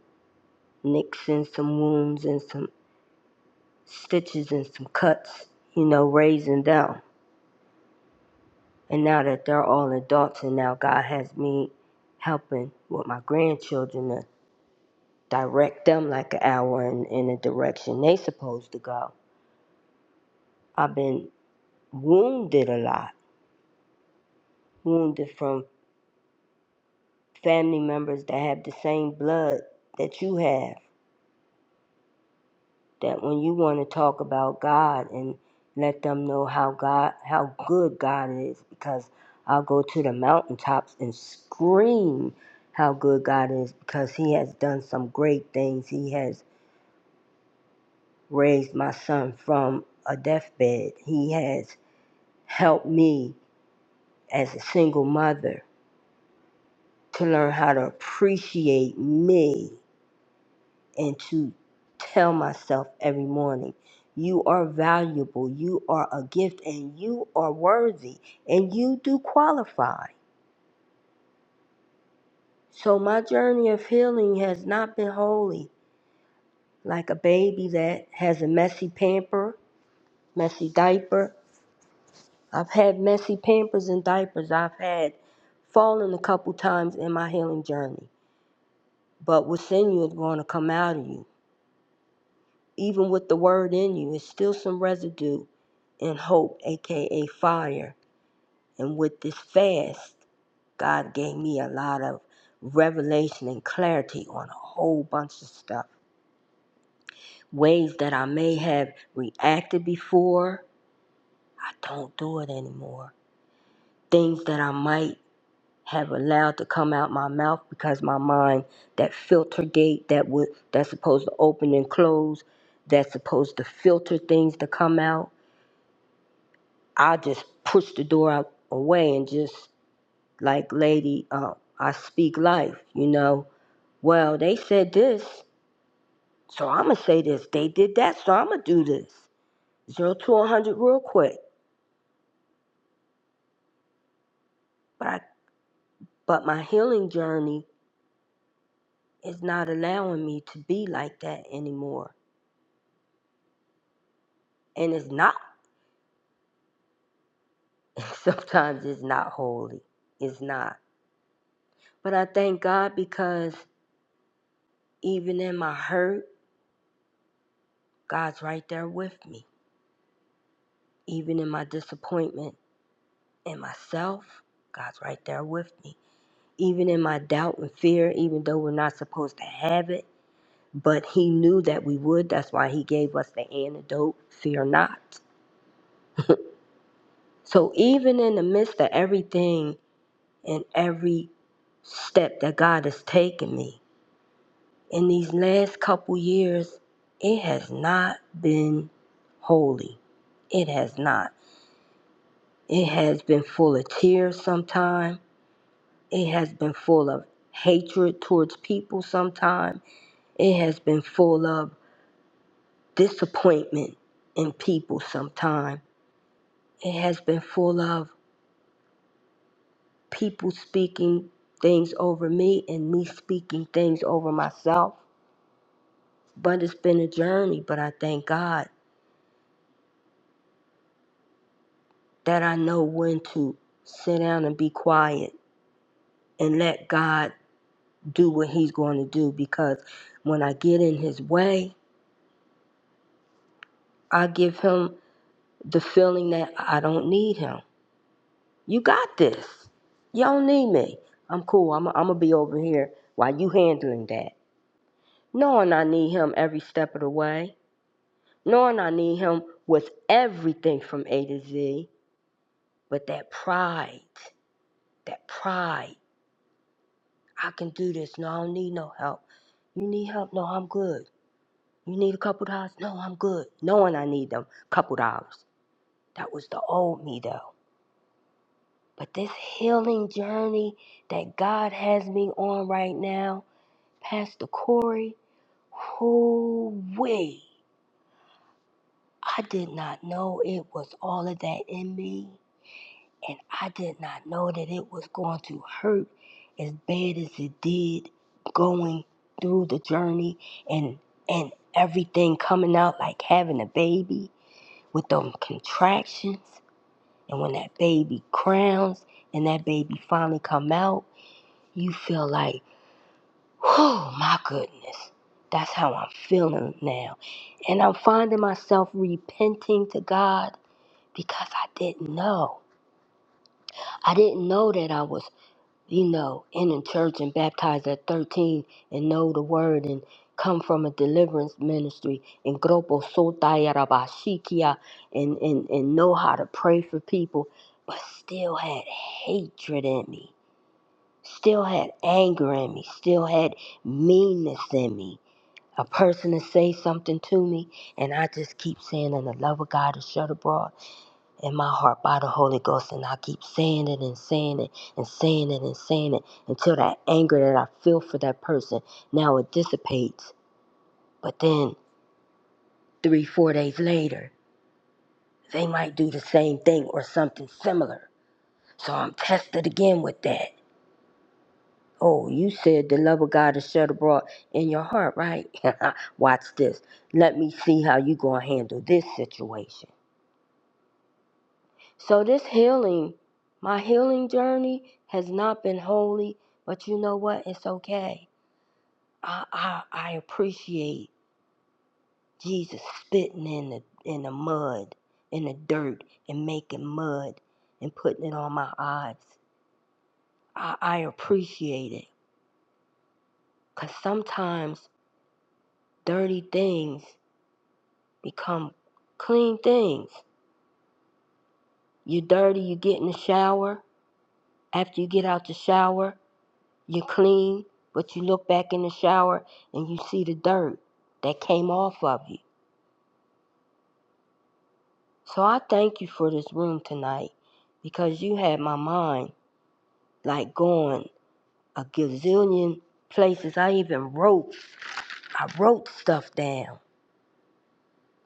[SPEAKER 10] nicks and some wounds and some stitches and some cuts, you know, raising them. And now that they're all adults, and now God has me helping with my grandchildren to direct them like an hour in, in the direction they supposed to go. I've been wounded a lot, wounded from family members that have the same blood that you have that when you want to talk about God and let them know how God how good God is because I'll go to the mountaintops and scream how good God is because he has done some great things. He has raised my son from a deathbed. He has helped me as a single mother to learn how to appreciate me and to tell myself every morning you are valuable, you are a gift, and you are worthy, and you do qualify. So, my journey of healing has not been holy. Like a baby that has a messy pamper, messy diaper. I've had messy pampers and diapers. I've had fallen a couple times in my healing journey. But what's in you is going to come out of you. Even with the word in you, it's still some residue in hope, aka fire. And with this fast, God gave me a lot of revelation and clarity on a whole bunch of stuff. Ways that I may have reacted before, I don't do it anymore. Things that I might have allowed to come out my mouth because my mind, that filter gate that would that's supposed to open and close, that's supposed to filter things to come out I just pushed the door out away and just like, lady, uh, I speak life, you know. Well, they said this, so I'ma say this. They did that, so I'ma do this. Zero to a hundred real quick. But I, but my healing journey is not allowing me to be like that anymore. And it's not. Sometimes it's not holy. It's not. But I thank God because even in my hurt, God's right there with me. Even in my disappointment. and myself, God's right there with me. Even in my doubt and fear, even though we're not supposed to have it, but He knew that we would. That's why He gave us the antidote fear not. So, even in the midst of everything and every step that God has taken me in these last couple years, it has not been holy. It has not. It has been full of tears sometimes It has been full of hatred towards people sometime. It has been full of disappointment in people sometime. It has been full of people speaking things over me and me speaking things over myself. But it's been a journey, but I thank God that I know when to sit down and be quiet and let God do what he's going to do because when I get in his way, I give him the feeling that I don't need him. You got this. You don't need me. I'm cool. I'm going to be over here while you handling that. Knowing I need him every step of the way. Knowing I need him with everything from A to Z. But that pride, that pride. I can do this. No, I don't need no help. You need help? No, I'm good. You need a couple dollars? No, I'm good. Knowing I need them couple dollars. That was the old me, though. But this healing journey that God has me on right now, Pastor Corey, who way I did not know it was all of that in me, and I did not know that it was going to hurt as bad as it did going through the journey and and everything coming out like having a baby with them contractions and when that baby crowns and that baby finally come out you feel like Oh my goodness. That's how I'm feeling now. And I'm finding myself repenting to God because I didn't know. I didn't know that I was, you know, in the church and baptized at 13 and know the word and come from a deliverance ministry and Gropo Sotaya Rabashikia and, and, and know how to pray for people, but still had hatred in me, still had anger in me, still had meanness in me a person to say something to me, and I just keep saying, and the love of God is shed abroad in my heart by the Holy Ghost, and I keep saying it and saying it and saying it and saying it until that anger that I feel for that person now it dissipates. But then three, four days later, they might do the same thing or something similar. So I'm tested again with that. Oh, you said the love of God is shed abroad in your heart, right? Watch this. Let me see how you gonna handle this situation. So this healing, my healing journey has not been holy, but you know what? It's okay. I I, I appreciate Jesus spitting in the in the mud, in the dirt, and making mud and putting it on my eyes. I, I appreciate it. Cause sometimes dirty things become clean things. You dirty, you get in the shower. After you get out the shower, You clean, but you look back in the shower and you see the dirt that came off of you. So I thank you for this room tonight because you had my mind like going a gazillion places. I even wrote, I wrote stuff down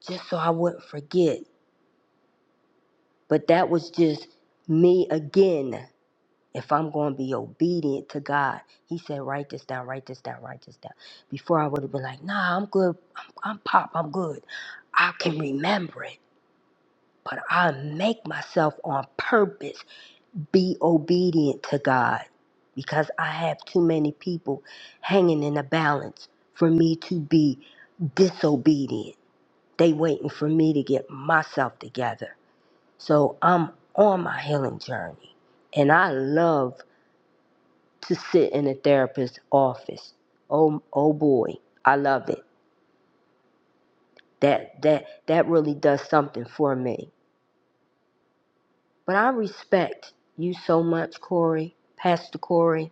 [SPEAKER 10] just so I wouldn't forget. But that was just me again if I'm going to be obedient to God, He said, write this down, write this down, write this down. Before I would have been like, nah, I'm good. I'm, I'm pop. I'm good. I can remember it, but I make myself on purpose be obedient to God because I have too many people hanging in a balance for me to be disobedient. They waiting for me to get myself together. So I'm on my healing journey and I love to sit in a therapist's office. Oh, oh boy, I love it. That that that really does something for me. But I respect you so much, Corey, Pastor Corey.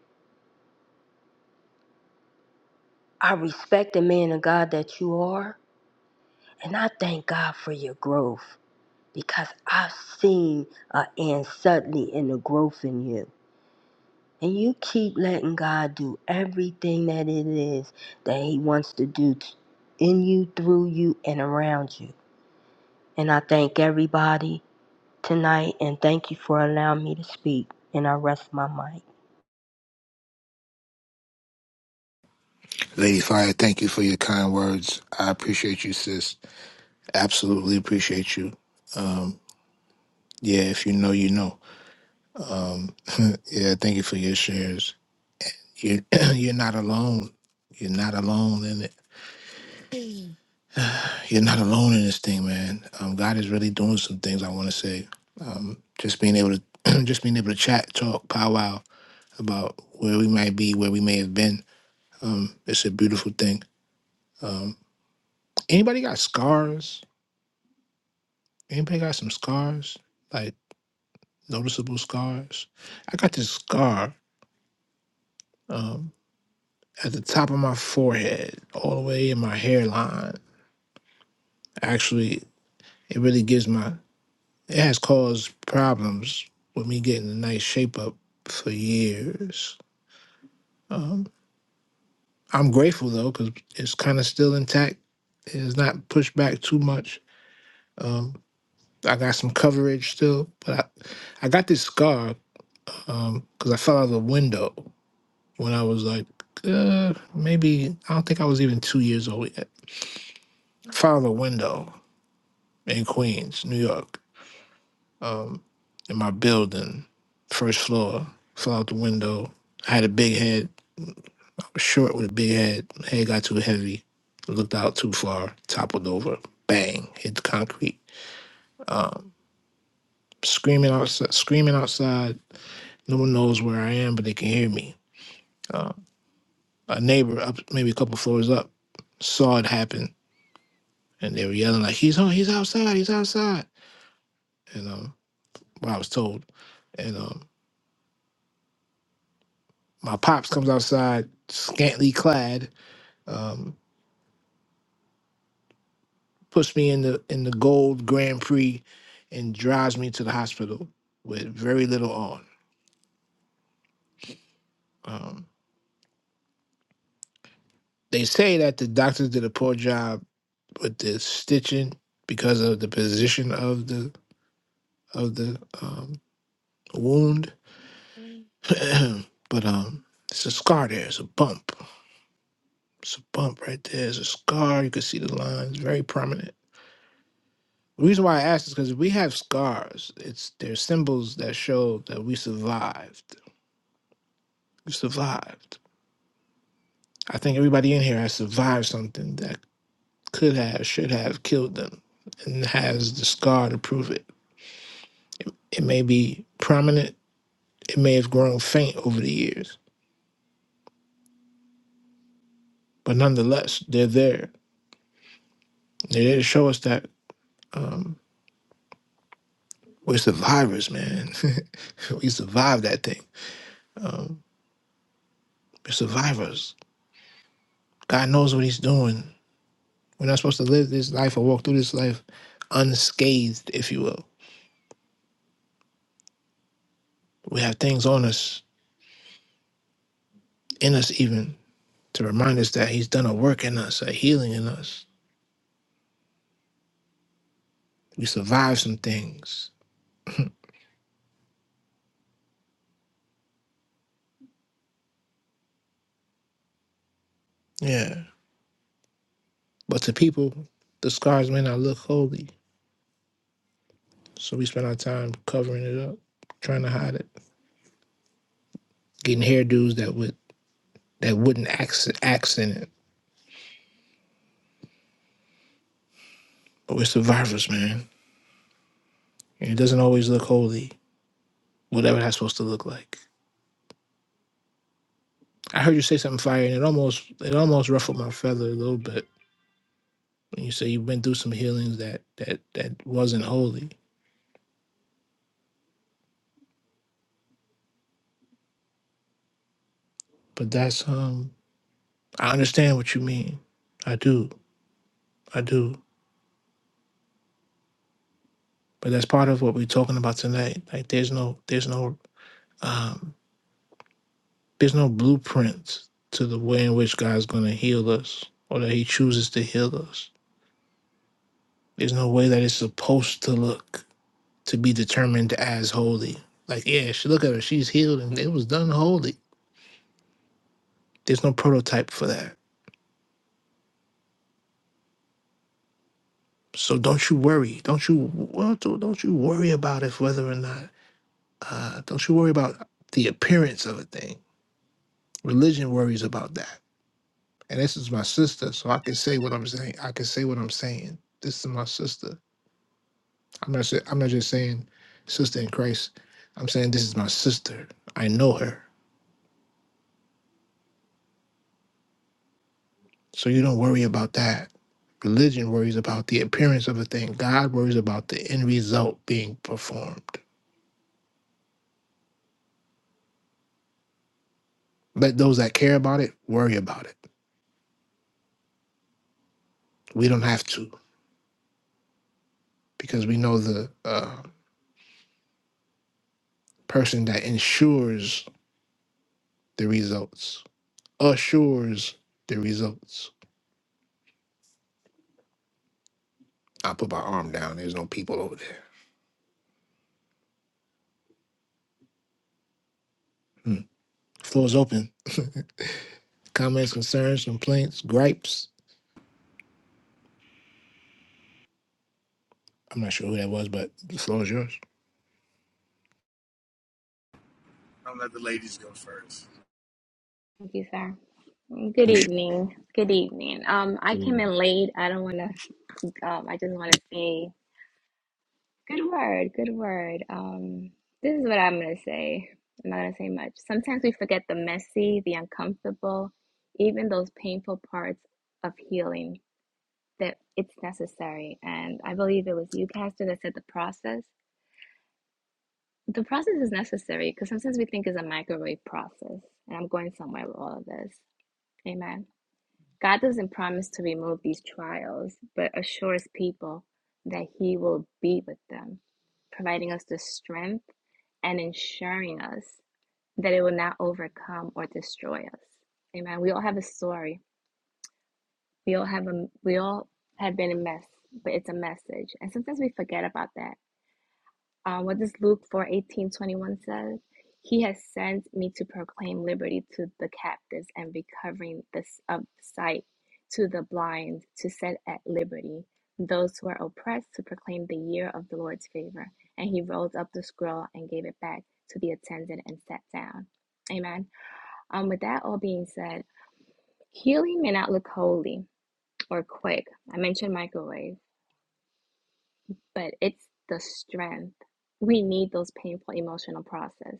[SPEAKER 10] I respect the man of God that you are, and I thank God for your growth because I've seen an end suddenly in the growth in you. And you keep letting God do everything that it is that He wants to do t- in you, through you, and around you. And I thank everybody tonight and thank you for allowing me to speak. And I rest my mic.
[SPEAKER 1] Lady Fire, thank you for your kind words. I appreciate you, sis. Absolutely appreciate you. Um, yeah, if you know, you know. Um, yeah, thank you for your shares. You you're not alone. You're not alone in it. You're not alone in this thing, man. Um, God is really doing some things. I want to say, um, just being able to just being able to chat, talk, powwow about where we might be, where we may have been. Um, it's a beautiful thing. Um, anybody got scars? Anybody got some scars? Like noticeable scars? I got this scar um, at the top of my forehead, all the way in my hairline actually it really gives my it has caused problems with me getting a nice shape up for years um, i'm grateful though because it's kind of still intact it's not pushed back too much um, i got some coverage still but i, I got this scar because i fell out of a window when i was like uh, maybe i don't think i was even two years old yet I fell out of a window in queens new york Um, in my building, first floor, fell out the window. I had a big head, I was short with a big head. Head got too heavy, looked out too far, toppled over, bang, hit the concrete. Screaming outside, screaming outside. No one knows where I am, but they can hear me. A neighbor up, maybe a couple floors up, saw it happen, and they were yelling like, "He's on, he's outside, he's outside." And um, what I was told, and um, my pops comes outside, scantily clad. Um, puts me in the in the gold Grand Prix and drives me to the hospital with very little on. Um, they say that the doctors did a poor job with the stitching because of the position of the of the um, wound, but um, it's a scar there. It's a bump. It's a bump right there. It's a scar. You can see the lines, very prominent. The reason why I ask is because we have scars. It's they're symbols that show that we survived. We survived. I think everybody in here has survived something that could have, should have killed them and has the scar to prove it. It may be prominent, it may have grown faint over the years, but nonetheless, they're there. They're there to show us that um, we're survivors, man. we survived that thing. Um, we're survivors. God knows what He's doing. We're not supposed to live this life or walk through this life unscathed, if you will. We have things on us, in us even, to remind us that he's done a work in us, a healing in us. We survived some things. Yeah. But to people, the scars may not look holy. So we spend our time covering it up, trying to hide it, getting hairdos that would that wouldn't acc- accent it. But we're survivors, man. And it doesn't always look holy, whatever that's supposed to look like. I heard you say something fire, and it almost it almost ruffled my feather a little bit when you say you've been through some healings that that that wasn't holy. But that's um I understand what you mean. I do. I do. But that's part of what we're talking about tonight. Like there's no there's no um there's no blueprint to the way in which God's gonna heal us or that he chooses to heal us. There's no way that it's supposed to look to be determined as holy. Like, yeah, she look at her, she's healed and it was done holy. There's no prototype for that. So don't you worry. Don't you well, don't don't you worry about if whether or not uh don't you worry about the appearance of a thing Religion worries about that. And this is my sister, so I can say what I'm saying. I can say what I'm saying. This is my sister. I'm not. sa- I'm not just saying sister in Christ. I'm saying this is my sister. I know her. So you don't worry about that. Religion worries about the appearance of a thing. God worries about the end result being performed. Let those that care about it worry about it. We don't have to because we know the uh, person that ensures the results, assures the results. I put my arm down. There's no people over there. Hmm. Floor is open. Comments, concerns, complaints, gripes. I'm not sure who that was, but the floor is yours.
[SPEAKER 9] Don't let the ladies go first.
[SPEAKER 11] Thank you, sir. Good
[SPEAKER 1] You should-
[SPEAKER 11] evening. Good evening. Um, I came in late. I don't want to. Um, I just want to say good word. Good word. Um, this is what I'm gonna say. I'm not gonna say much. Sometimes we forget the messy, the uncomfortable, even those painful parts of healing that it's necessary. And I believe it was you, Pastor, that said the process. The process is necessary because sometimes we think it's a microwave process. And I'm going somewhere with all of this. Amen. God doesn't promise to remove these trials, but assures people that He will be with them, providing us the strength and ensuring us that it will not overcome or destroy us. Amen. We all have a story. We all have a we all have been a mess, but it's a message. And sometimes we forget about that. Um, what does Luke 4 18 twenty-one says? He has sent me to proclaim liberty to the captives and recovering the of sight to the blind, to set at liberty those who are oppressed, to proclaim the year of the Lord's favor. And he rolled up the scroll and gave it back to the attendant and sat down. Amen. Um, with that all being said, healing may not look holy or quick. I mentioned microwave, but it's the strength. We need those painful emotional process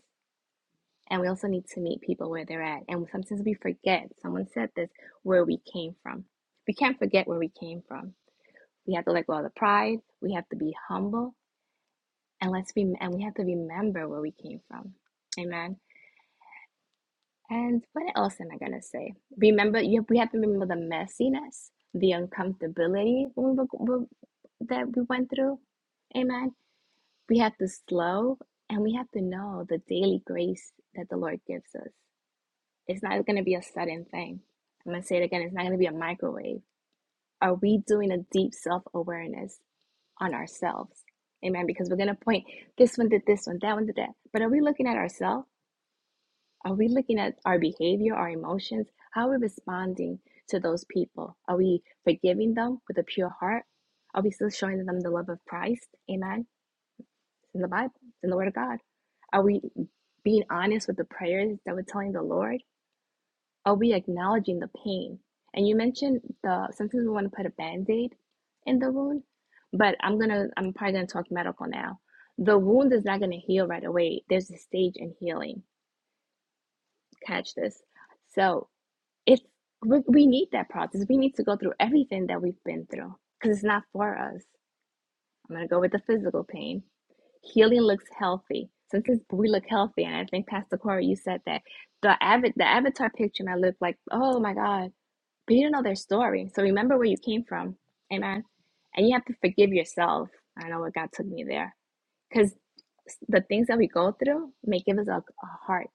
[SPEAKER 11] And we also need to meet people where they're at. And sometimes we forget, someone said this, where we came from. We can't forget where we came from. We have to let go of the pride. We have to be humble. And let's be and we have to remember where we came from. Amen. And what else am I gonna say? Remember, you have, we have to remember the messiness, the uncomfortability we were, we- that we went through. Amen. We have to slow and we have to know the daily grace that the Lord gives us. It's not going to be a sudden thing. I'm going to say it again. It's not going to be a microwave. Are we doing a deep self awareness on ourselves? Amen. Because we're going to point this one did this one, that one did that. But are we looking at ourselves? Are we looking at our behavior, our emotions? How are we responding to those people? Are we forgiving them with a pure heart? Are we still showing them the love of Christ? Amen. It's in the Bible, it's in the Word of God. Are we being honest with the prayers that we're telling the Lord? Are we acknowledging the pain? And you mentioned the sometimes we want to put a band-aid in the wound, but I'm gonna I'm probably gonna talk medical now. The wound is not gonna heal right away. There's a stage in healing. Catch this. So it's we, we need that process. We need to go through everything that we've been through because it's not for us. I'm gonna go with the physical pain healing looks healthy. Sometimes we look healthy, and I think Pastor Corey, you said that the av- the avatar picture might look like, oh my God, but you don't know their story. So remember where you came from. Amen. And you have to forgive yourself. I know what God took me there. Because the things that we go through may give us a, a heart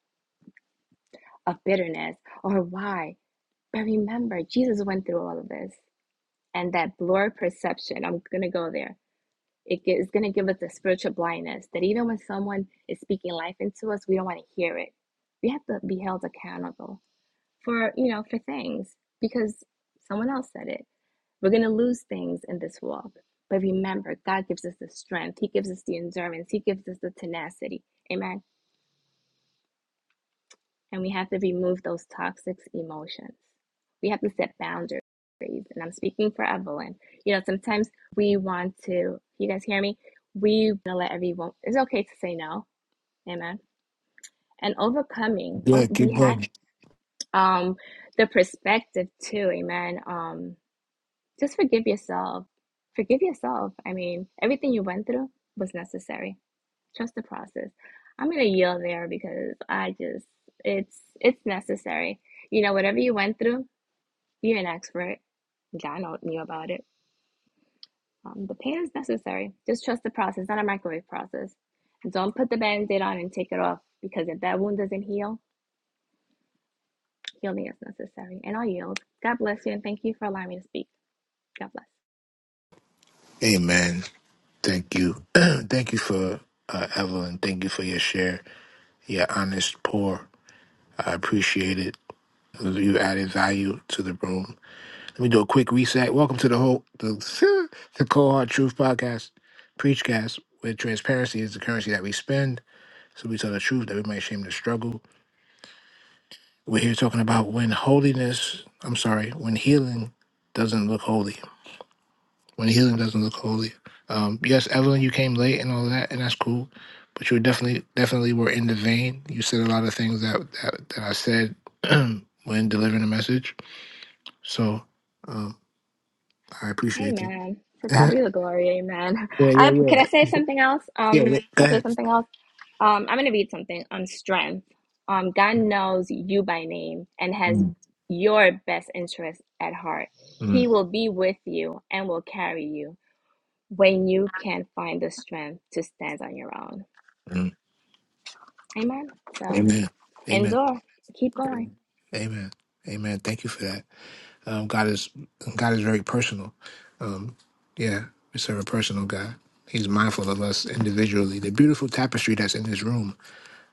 [SPEAKER 11] of bitterness or why. But remember, Jesus went through all of this. And that blurred perception, I'm going to go there. It's going to give us a spiritual blindness that even when someone is speaking life into us, we don't want to hear it. We have to be held accountable for, you know, for things because someone else said it We're going to lose things in this walk. But remember, God gives us the strength. He gives us the endurance. He gives us the tenacity. Amen. And we have to remove those toxic emotions. We have to set boundaries. And I'm speaking for Evelyn. You know, sometimes we want to, you guys hear me? We want to let everyone, it's okay to say no. Amen. And overcoming, oh,
[SPEAKER 1] Good.
[SPEAKER 11] we
[SPEAKER 1] Keep
[SPEAKER 11] had
[SPEAKER 1] going.
[SPEAKER 11] um, the perspective too. Amen. Um, Just forgive yourself. Forgive yourself. I mean, everything you went through was necessary. Trust the process. I'm gonna yield there because I just it's it's necessary. You know, whatever you went through, you're an expert. God knew about it. Um, the pain is necessary. Just trust the process, not a microwave process. And don't put the band-aid on and take it off because if that wound doesn't heal, healing is necessary. And I'll yield. God bless you and thank you for allowing me to speak. God bless.
[SPEAKER 1] Amen. Thank you. Thank you for uh, Evelyn. Thank you for your share, your honest pour. I appreciate it. You added value to the room. Let me do a quick reset. Welcome to the whole the, the Cold Hard Truth Podcast, Preachcast, where transparency is the currency that we spend. So we tell the truth that we may shame the struggle. We're here talking about when holiness, I'm sorry, when healing doesn't look holy. When healing doesn't look holy. Um, yes, Evelyn, you came late and all that, and that's cool. But you were definitely, definitely were in the vein. You said a lot of things that that, that I said when delivering a message. So um, I appreciate that.
[SPEAKER 11] Amen. To God
[SPEAKER 1] yeah,
[SPEAKER 11] be the glory. Amen.
[SPEAKER 1] yeah,
[SPEAKER 11] I,
[SPEAKER 1] yeah,
[SPEAKER 11] can I say something else?
[SPEAKER 1] yeah,
[SPEAKER 11] Um,
[SPEAKER 1] yeah. Go
[SPEAKER 11] can I say
[SPEAKER 1] ahead.
[SPEAKER 11] something else? Um, I'm going to read something on strength. Um, God knows you by name and has
[SPEAKER 1] Mm,
[SPEAKER 11] your best interest at heart.
[SPEAKER 1] mm,
[SPEAKER 11] He will be with you and will carry you when you can find the strength to stand on your own.
[SPEAKER 1] mm.
[SPEAKER 11] Amen. So
[SPEAKER 1] Amen. Amen.
[SPEAKER 11] endure. Keep going.
[SPEAKER 1] Amen. Amen. Thank you for that. Um, God is God is very personal. Um, yeah, we serve a personal God. He's mindful of us individually. The beautiful tapestry that's in this room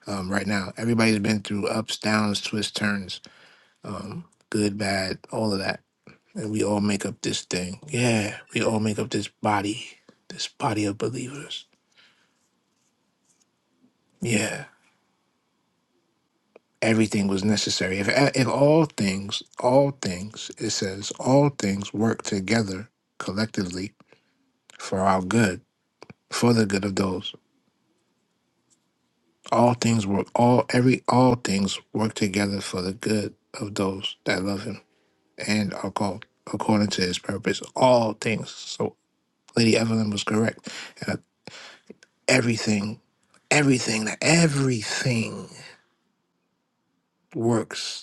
[SPEAKER 1] um, right now. Everybody's been through ups, downs, twists, turns, um, good, bad, all of that, and we all make up this thing. Yeah, we all make up this body, this body of believers. Yeah, everything was necessary. If if all things, all things, it says, all things work together collectively for our good for the good of those. All things work all every all things work together for the good of those that love him and are called according to his purpose. All things. So Lady Evelyn was correct. And everything, everything, everything works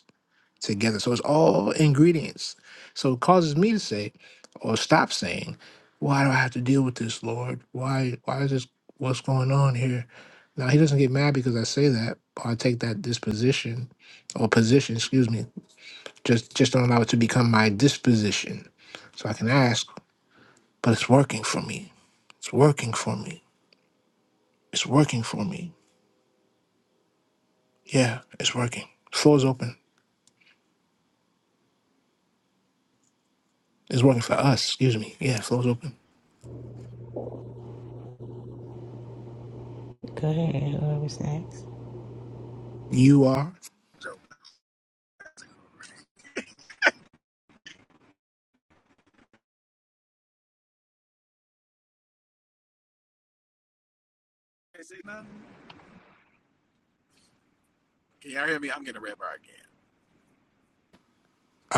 [SPEAKER 1] together. So it's all ingredients. So it causes me to say, or stop saying, why do I have to deal with this, Lord? Why why is this what's going on here? Now he doesn't get mad because I say that, or I take that disposition or position, excuse me, just just don't allow it to become my disposition. So I can ask, but it's working for me. It's working for me. It's working for me. Yeah, it's working. Floor's open. It's working for us, excuse me. Yeah, floor's open.
[SPEAKER 12] Go ahead. whoever was next?
[SPEAKER 1] You are.
[SPEAKER 9] Joke. Can't say nothing. Can y'all hear me? I'm getting a red bar again.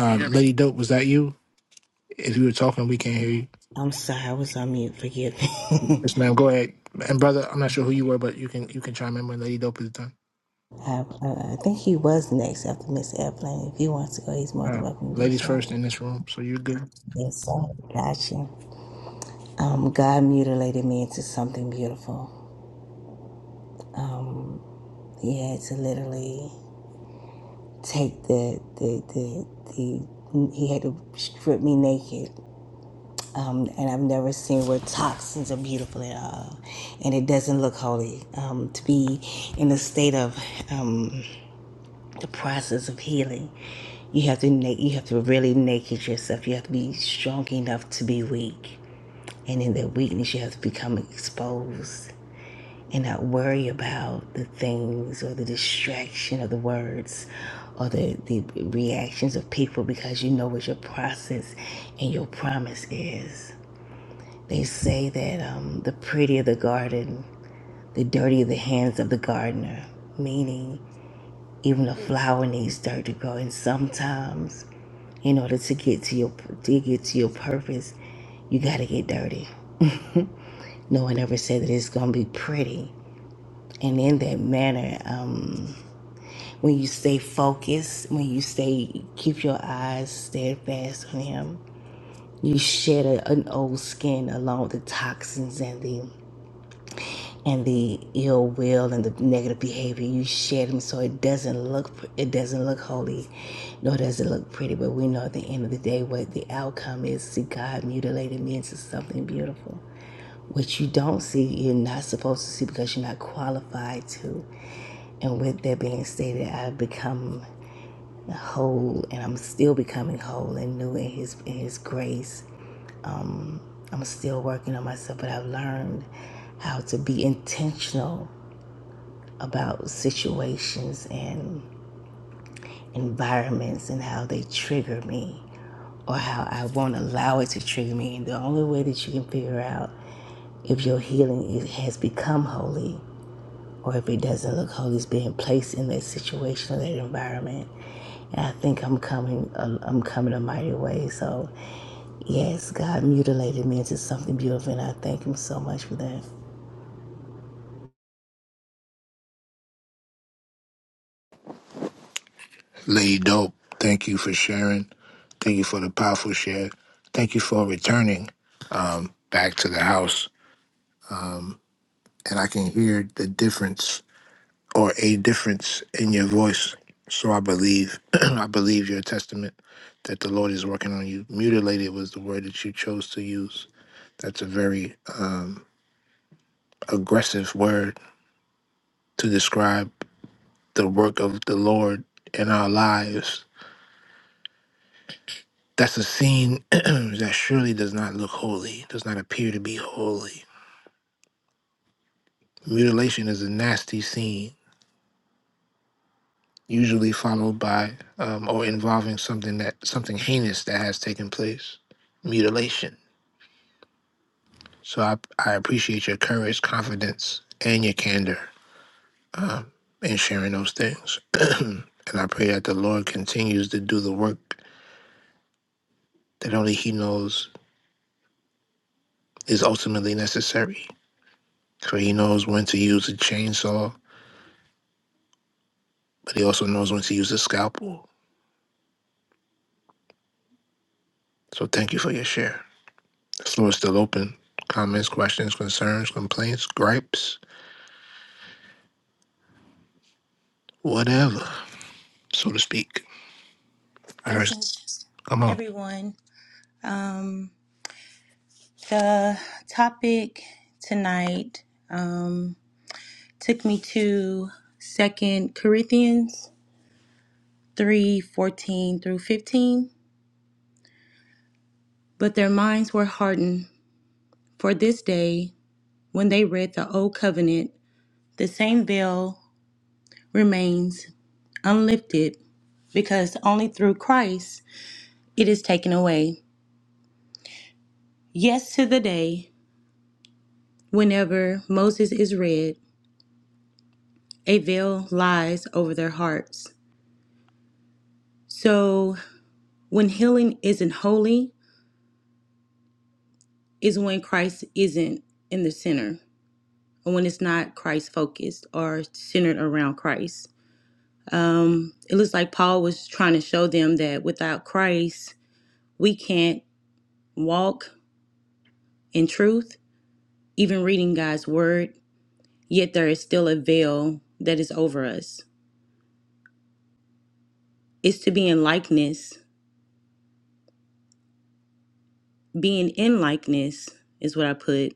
[SPEAKER 9] Can you hear me?
[SPEAKER 1] Lady Dope, was that you? If you were talking, we can't hear you.
[SPEAKER 12] I'm sorry, I was on mute. Forgive me.
[SPEAKER 1] Yes, ma'am. Go ahead. And brother, I'm not sure who you were, but you can you can chime in when Lady Dope is done.
[SPEAKER 12] I, uh, I think he was next after Miss Airplane. If he wants to go, he's more than
[SPEAKER 1] Uh,
[SPEAKER 12] welcome to do
[SPEAKER 1] ladies first
[SPEAKER 12] so.
[SPEAKER 1] in this room, so you're good.
[SPEAKER 12] Yes, sir. Gotcha. Um, God mutilated me into something beautiful. Um, he had to literally take the the the, the he had to strip me naked. Um, and I've never seen where toxins are beautiful at all, and it doesn't look holy. Um, to be in a state of um, the process of healing. You have to na- you have to really naked yourself. You have to be strong enough to be weak. And in that weakness you have to become exposed and not worry about the things or the distraction of the words or the, the reactions of people because you know what your process and your promise is. They say that um, the prettier the garden, the dirtier the hands of the gardener meaning even a flower needs dirt to grow and sometimes In order to get to your to get to your purpose, you got to get dirty. No one ever said that it's gonna be pretty. And in that manner, um, when you stay focused, when you stay keep your eyes steadfast on Him, you shed a, an old skin along with the toxins and the and the ill will and the negative behavior you shed them so it doesn't look it doesn't look holy nor does it look pretty but we know at the end of the day what the outcome is see god mutilated me into something beautiful what you don't see you're not supposed to see because you're not qualified to and with that being stated i've become whole and i'm still becoming whole and new in his in his grace i'm still working on myself but i've learned how to be intentional about situations and environments and how they trigger me or how I won't allow it to trigger me. And the only way that you can figure out if your healing is, has become holy or if it doesn't look holy is being placed in that situation or that environment. And I think I'm coming, uh, I'm coming a mighty way. So, yes, God mutilated me into something beautiful, and I thank Him so much for that.
[SPEAKER 1] Lady Dope, thank you for sharing. Thank you for the powerful share. Thank you for returning um, back to the house. Um, and I can hear the difference or a difference in your voice. So I believe I believe your testament that the Lord is working on you. Mutilated was the word that you chose to use. That's a very um, aggressive word to describe the work of the Lord in our lives. That's a scene that surely does not look holy, does not appear to be holy. Mutilation is a nasty scene, usually followed by um, or involving something that something heinous that has taken place. Mutilation. So I, I appreciate your courage, confidence, and your candor um, in sharing those things. and I pray that the Lord continues to do the work that only He knows is ultimately necessary. For he knows when to use a chainsaw, but he also knows when to use a scalpel. So thank you for your share. The floor is still open. Comments, questions, concerns, complaints, gripes, whatever, so to speak. I heard,
[SPEAKER 13] Blessings,
[SPEAKER 1] come on.
[SPEAKER 13] everyone. Um, the topic tonight um, took me to Second Corinthians three fourteen through fifteen. But their minds were hardened. For this day, when they read the old covenant, the same veil remains unlifted, because only through Christ it is taken away. Yes, to the day whenever Moses is read. A veil lies over their hearts. So when healing isn't holy, is when Christ isn't in the center, or when it's not Christ focused or centered around Christ. Um, it looks like Paul was trying to show them that without Christ, we can't walk in truth, even reading God's word, yet there is still a veil that is over us. It's to be in likeness. Being in likeness is what I put,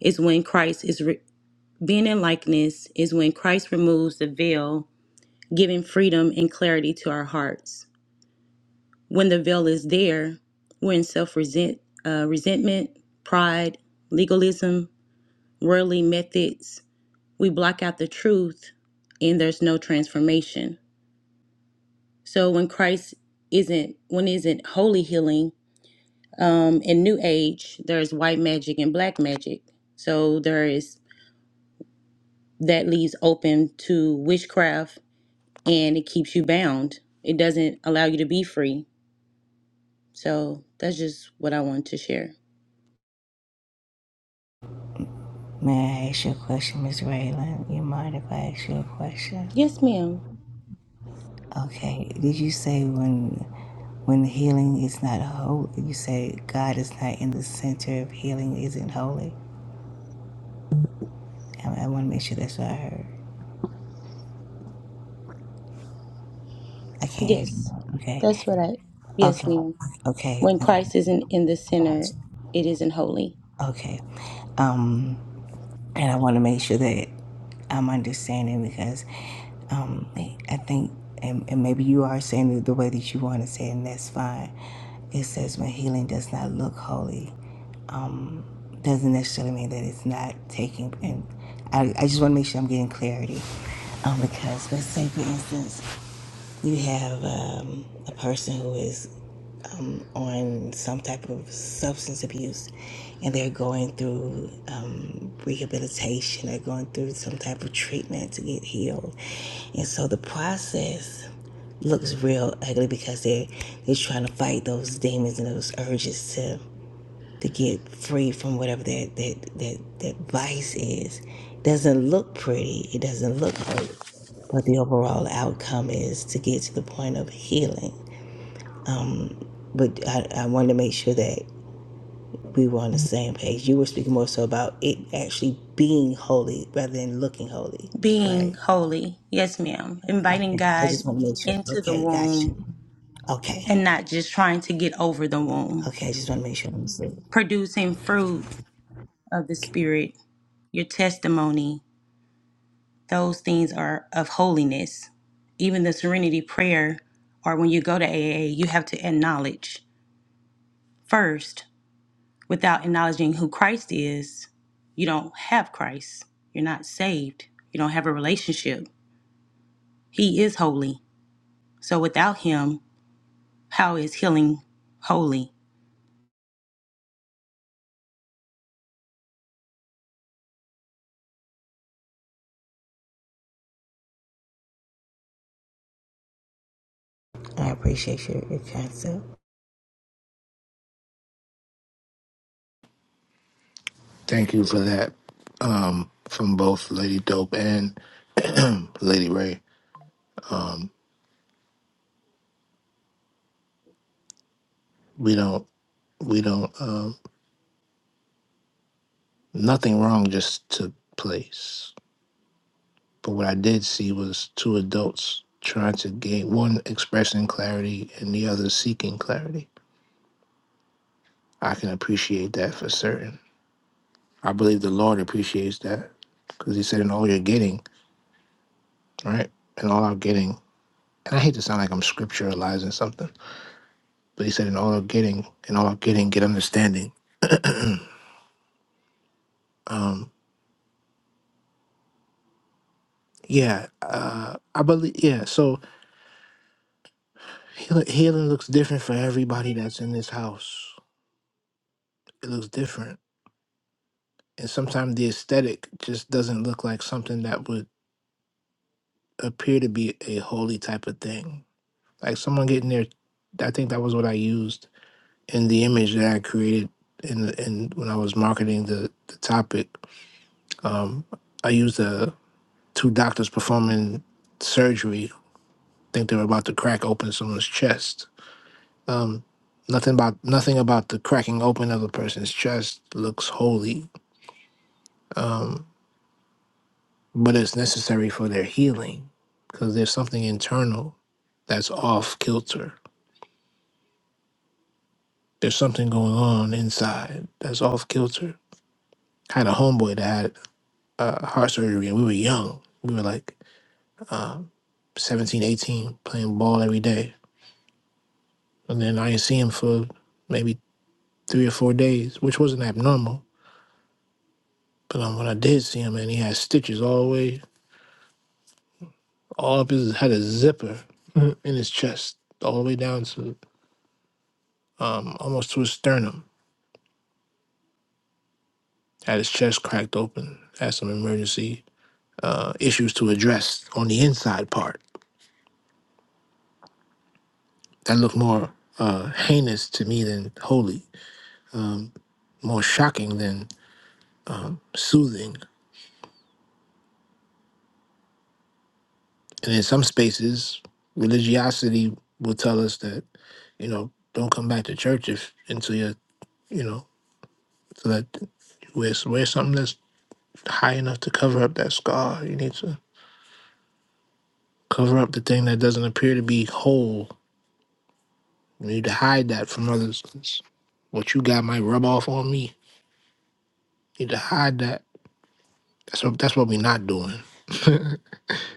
[SPEAKER 13] is when Christ is re- Being in likeness is when Christ removes the veil, giving freedom and clarity to our hearts. When the veil is there, we're in self resent, uh, resentment, pride, legalism, worldly methods. We block out the truth, and there's no transformation. So when Christ isn't, when isn't holy healing um, in New Age, there's white magic and black magic. So there is that leaves open to witchcraft and it keeps you bound. It doesn't allow you to be free. So that's just what I wanted to share.
[SPEAKER 12] May I ask you a question, Miss Raylan? You mind if I ask you a question?
[SPEAKER 13] Yes, ma'am.
[SPEAKER 12] Okay. Did you say when when healing is not holy? You say God is not in the center of healing isn't holy. I, I want to make sure that's what I heard. I can't hear.
[SPEAKER 13] Yes.
[SPEAKER 12] you. Okay.
[SPEAKER 13] That's what I yes,
[SPEAKER 12] Okay.
[SPEAKER 13] ma'am.
[SPEAKER 12] Okay.
[SPEAKER 13] When
[SPEAKER 12] um,
[SPEAKER 13] Christ isn't in the center, it isn't holy.
[SPEAKER 12] Okay. Um, and I want to make sure that I'm understanding because um, I think, and, and maybe you are saying it the way that you want to say, it, and that's fine. It says when healing does not look holy. doesn't necessarily mean that it's not taking. And I, I just want to make sure I'm getting clarity. Um, because let's say, for instance, you have um, a person who is um, on some type of substance abuse and they're going through um, rehabilitation are going through some type of treatment to get healed. And so the process looks real ugly because they're, they're trying to fight those demons and those urges to to get free from whatever that that that, that vice is. It doesn't look pretty. It doesn't look holy. But the overall outcome is to get to the point of healing. But I, I wanted to make sure that we were on the same page. You were speaking more so about it actually being holy rather than looking holy,
[SPEAKER 13] Being
[SPEAKER 12] right?
[SPEAKER 13] holy, yes, ma'am. Inviting
[SPEAKER 12] Okay. I
[SPEAKER 13] God
[SPEAKER 12] just want to make sure.
[SPEAKER 13] into the
[SPEAKER 12] Okay, got
[SPEAKER 13] womb
[SPEAKER 12] you. Okay.
[SPEAKER 13] and not just trying to get over the womb.
[SPEAKER 12] Okay, I just want to make sure I'm safe.
[SPEAKER 13] Producing fruit of the spirit, your testimony, Those things are of holiness. Even the serenity prayer, or when you go to AA, you have to acknowledge first, without acknowledging who Christ is, you don't have Christ. You're not saved. You don't have a relationship. He is holy. So without him, how is healing holy?
[SPEAKER 12] I appreciate your, your concept.
[SPEAKER 1] Thank you for that um, from both Lady Dope and Lady Ray. Um, we don't, we don't, um, nothing wrong just to place. But what I did see was two adults trying to gain one expressing clarity and the other seeking clarity. I can appreciate that for certain. I believe the Lord appreciates that because He said, In all you're getting, right? In all I'm getting, and I hate to sound like I'm scripturalizing something, but He said, In all I'm getting, in all I'm getting, get understanding. um, yeah, uh, I believe, yeah, so heal- healing looks different for everybody that's in this house. It looks different and sometimes the aesthetic just doesn't look like something that would appear to be a holy type of thing. Like someone getting their, I think that was what I used in the image that I created in the, in when I was marketing the the topic. Um, I used uh two doctors performing surgery. I think they were about to crack open someone's chest. Um, nothing about nothing about the cracking open of a person's chest looks holy. Um, but it's necessary for their healing because there's something internal that's off kilter. There's something going on inside that's off kilter. I had a homeboy that had uh, heart surgery and we were young. We were like 17, 18, playing ball every day. And then I didn't see him for maybe three or four days, which wasn't abnormal. But um, when I did see him, man, he had stitches all the way, all up his, had a zipper in his chest, all the way down to um, almost to his sternum had his chest cracked open, had some emergency uh, issues to address on the inside part. That looked more uh, heinous to me than holy, more shocking than soothing. And in some spaces, religiosity will tell us that you know don't come back to church if until you you know so that you wear, wear something that's high enough to cover up that scar. You need to cover up the thing that doesn't appear to be whole You need to hide that from others. 'cause what you got might rub off on me. You need to hide that. That's what that's what we are not doing.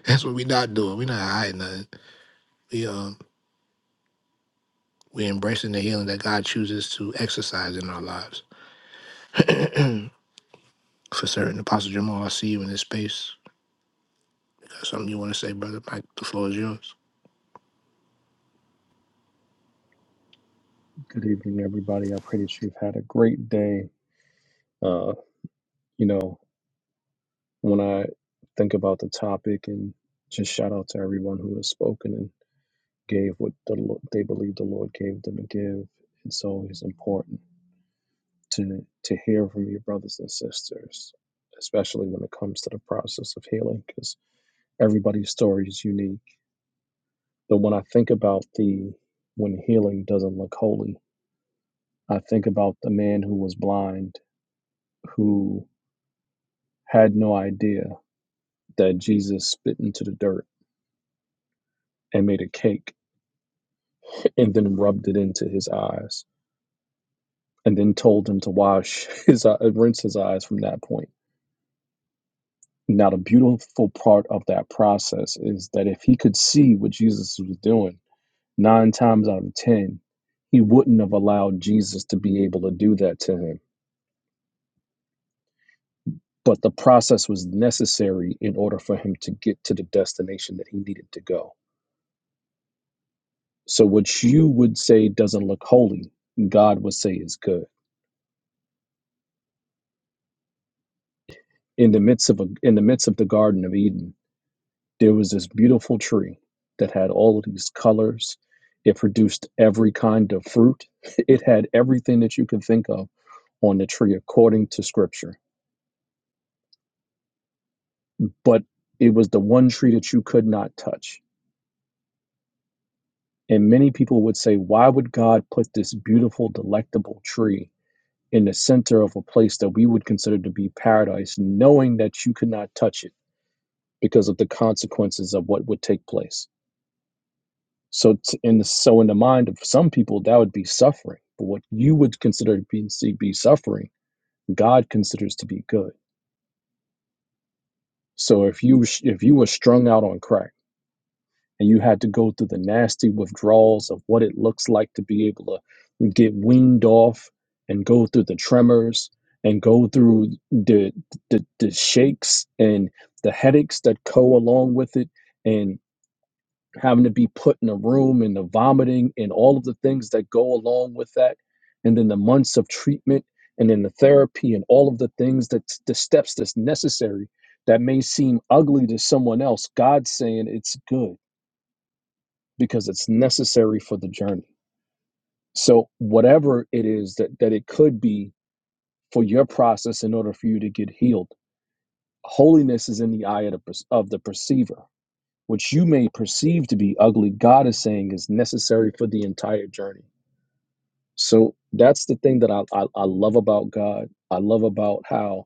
[SPEAKER 1] that's what we are not doing. we are not hiding nothing. We um we embracing the healing that God chooses to exercise in our lives. For certain, Apostle Jamal, I see you in this space. Got something you want to say, brother? Mike, the floor is yours.
[SPEAKER 14] Good evening, everybody. I pray that you've had a great day. Uh, you know, when I think about the topic and just shout out to everyone who has spoken and gave what the, Lo- they believe the Lord gave them to give. It's always important to to hear from your brothers and sisters, especially when it comes to the process of healing, because everybody's story is unique. But when I think about the when healing doesn't look holy, I think about the man who was blind, who. had no idea that Jesus spit into the dirt and made a cake and then rubbed it into his eyes and then told him to wash his eye- rinse his eyes from that point. Now the beautiful part of that process is that if he could see what Jesus was doing, 9 times out of 10, he wouldn't have allowed Jesus to be able to do that to him. But the process was necessary in order for him to get to the destination that he needed to go So what you would say doesn't look holy, God would say is good. In the midst of a, in the midst of the Garden of Eden, there was this beautiful tree that had all of these colors. It produced every kind of fruit. It had everything that you can think of on the tree according to scripture. But it was the one tree that you could not touch. And many people would say, why would God put this beautiful, delectable tree in the center of a place that we would consider to be paradise, knowing that you could not touch it because of the consequences of what would take place. So, t- in the, so in the mind of some people, that would be suffering. But what you would consider to be, be suffering, God considers to be good. So if you if you were strung out on crack and you had to go through the nasty withdrawals of what it looks like to be able to get weaned off and go through the tremors and go through the the, the shakes and the headaches that go along with it and having to be put in a room and the vomiting and all of the things that go along with that and then the months of treatment and then the therapy and all of the things that the steps that's necessary that may seem ugly to someone else god's saying it's good because it's necessary for the journey. So, whatever it is that, that it could be for your process in order for you to get healed, holiness is in the eye of the, of the perceiver, which you may perceive to be ugly. God is saying is necessary for the entire journey. So that's the thing that I, I, I love about God. I love about how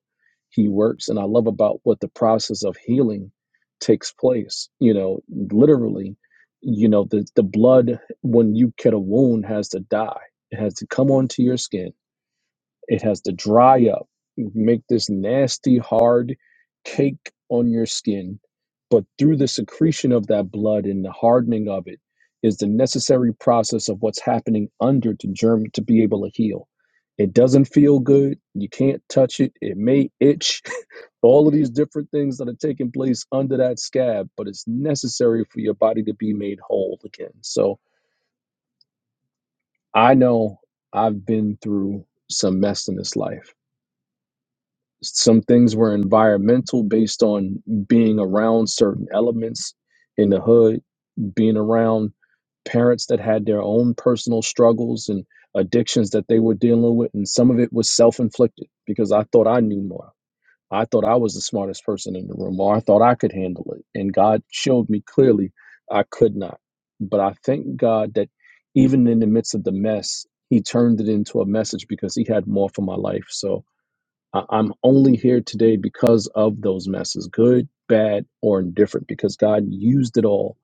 [SPEAKER 14] He works, and I love about what the process of healing takes place. You know, literally, you know, the, the blood when you get a wound has to die. It has to come onto your skin it has to dry up, make this nasty, hard cake on your skin. But through the secretion of that blood and the hardening of it is the necessary process of what's happening under to germ to be able to heal. It doesn't feel good. You can't touch it. It may itch. All of these different things that are taking place under that scab, but it's necessary for your body to be made whole again. So I know I've been through some mess in this life some things were environmental based on being around certain elements in the hood being around parents that had their own personal struggles and addictions that they were dealing with and some of it was self-inflicted because i thought i knew more i thought i was the smartest person in the room or i thought i could handle it and god showed me clearly i could not but i thank god that even in the midst of the mess he turned it into a message because he had more for my life so I- I'm only here today because of those messes, good, bad, or indifferent, because God used it all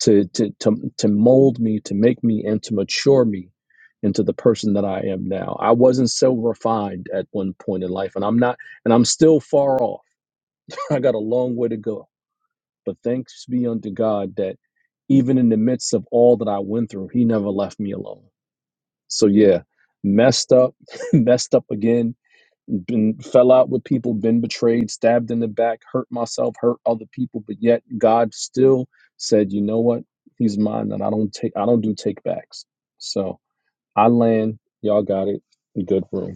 [SPEAKER 14] to, to, to, to mold me, to make me, and to mature me into the person that I am now. I wasn't so refined at one point in life, and I'm not, and I'm still far off. I got a long way to go. But thanks be unto God that even in the midst of all that I went through, He never left me alone. So, yeah, messed up, messed up again, been fell out with people, been betrayed, stabbed in the back, hurt myself, hurt other people, but yet God still said, "You know what? He's mine, and I don't take I don't do take backs." So I land. Y'all got it. Good room.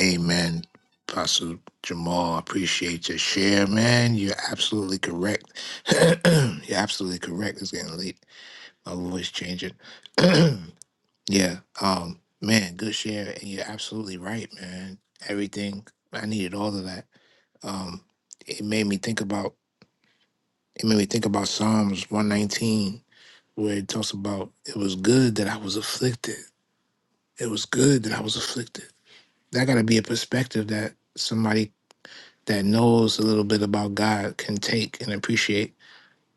[SPEAKER 1] Amen. Apostle Jamal, I appreciate your share, man. You're absolutely correct. You're absolutely correct. It's getting late. I'll always change it. yeah. Um, man, good share. And you're absolutely right, man. Everything I needed all of that. Um, it made me think about it made me think about Psalms one nineteen where it talks about it was good that I was afflicted. It was good that I was afflicted. That gotta be a perspective that somebody that knows a little bit about God can take and appreciate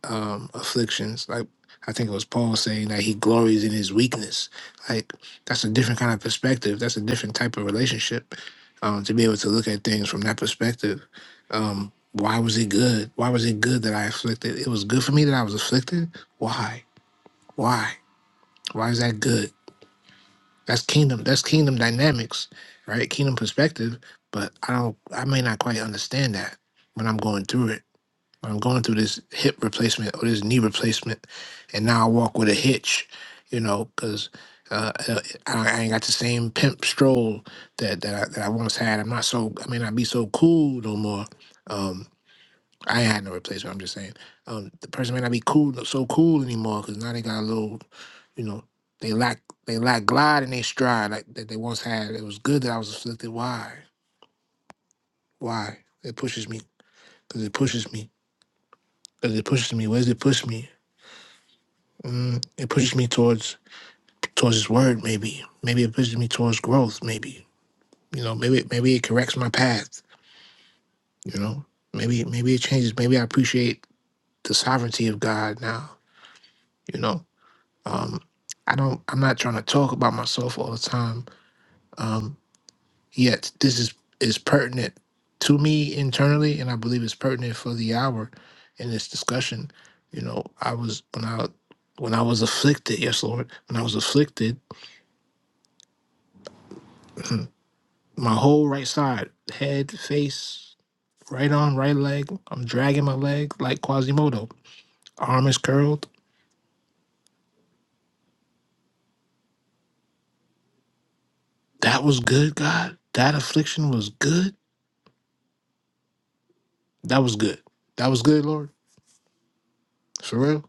[SPEAKER 1] um, afflictions. Like I think it was Paul saying that he glories in his weakness. Like that's a different kind of perspective. That's a different type of relationship. Um, to be able to look at things from that perspective. Um, why was it good? Why was it good that I afflicted? It was good for me that I was afflicted. Why? Why? Why is that good? That's kingdom. That's kingdom dynamics, right? Kingdom perspective. But I don't. I may not quite understand that when I'm going through it. I'm going through this hip replacement or this knee replacement, and now I walk with a hitch, you know, because uh, uh, I, I ain't got the same pimp stroll that that I, that I once had. I'm not so I may not be so cool no more. Um, I ain't had no replacement. I'm just saying, um, the person may not be cool so cool anymore because now they got a little, you know, they lack they lack glide and they stride like that they once had. It was good that I was afflicted. Why? Why? It pushes me because it pushes me because it pushes me. Where's it push me? Mm, it pushes me towards towards His Word. Maybe, maybe it pushes me towards growth. Maybe, you know, maybe maybe it corrects my path. You know, maybe maybe it changes. Maybe I appreciate the sovereignty of God now. You know, um, I don't. I'm not trying to talk about myself all the time. Um, yet this is is pertinent to me internally, and I believe it's pertinent for the hour in this discussion. You know, I was when I when I was afflicted. Yes, Lord, when I was afflicted. My whole right side, head, face, right arm, right leg. I'm dragging my leg like Quasimodo. Arm is curled. That was good, God. That affliction was good. That was good. That was good, Lord. For real.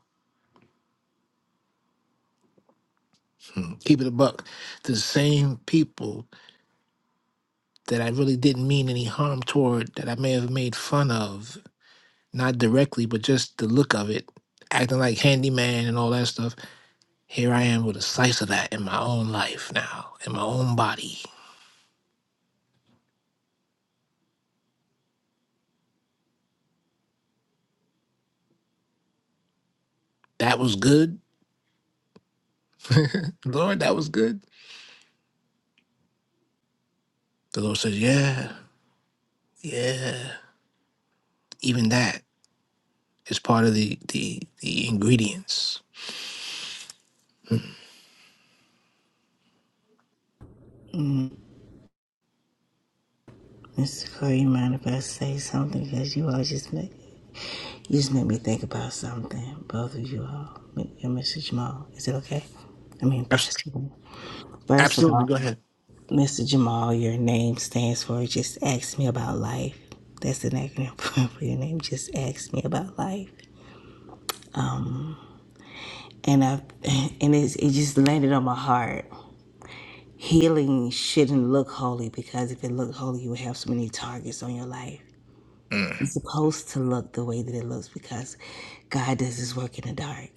[SPEAKER 1] Hmm. Keep it a buck. The same people that I really didn't mean any harm toward, that I may have made fun of, not directly, but just the look of it, acting like handyman and all that stuff. Here I am with a slice of that in my own life now, in my own body. That was good Lord, that was good. The Lord says, Yeah, yeah. Even that is part of the the the ingredients.
[SPEAKER 12] Mm-hmm. Mr. Corey, you mind if I say something? Because you all just make you just make me think about something. Both of you all, M- and Mr. Jamal. Is it okay? I mean,
[SPEAKER 1] Abs-
[SPEAKER 12] Pastor. Jamal. First of
[SPEAKER 1] Absolutely.
[SPEAKER 12] all,
[SPEAKER 1] Go ahead.
[SPEAKER 12] Mr. Jamal, your name stands for just ask me about life. That's an acronym for your name. Just ask me about life. And I and it's, it just landed on my heart. Healing shouldn't look holy because if it looked holy, you would have so many targets on your life.
[SPEAKER 1] Mm.
[SPEAKER 12] It's supposed to look the way that it looks because God does his work in the dark.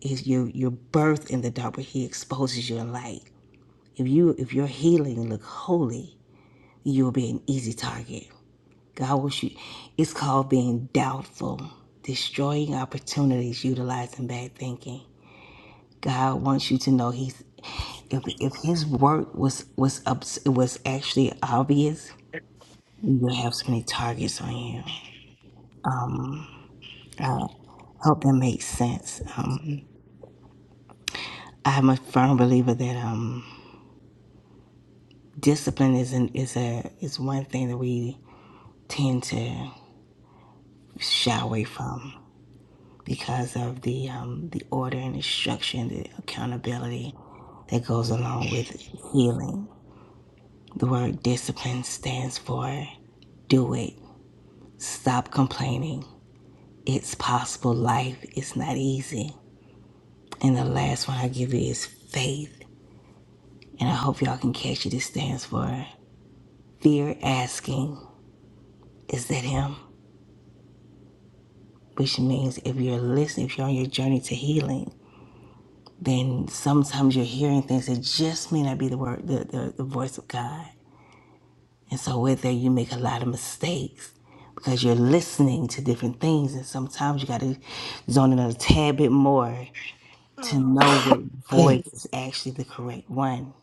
[SPEAKER 12] Is your your birth in the dark but he exposes you in light. If you if your healing look holy, you will be an easy target. God will shoot it's called being doubtful, destroying opportunities, utilizing bad thinking. God wants you to know he's if, if his work was was up was actually obvious, you would have so many targets on you. I hope that makes sense. Um, I'm a firm believer that um, discipline is an, is a is one thing that we tend to shy away from because of the um, the order and the structure and the accountability that goes along with healing. The word discipline stands for do it, stop complaining. It's possible. Life is not easy. And the last one I give you is faith. And I hope y'all can catch it. It stands for fear asking. Is that him? which means if you're listening, if you're on your journey to healing, then sometimes you're hearing things that just may not be the word, the, the, the voice of God. And so with that, you make a lot of mistakes because you're listening to different things. And sometimes you got to zone in a tad bit more to know what
[SPEAKER 1] Mm.
[SPEAKER 12] voice is actually the correct one.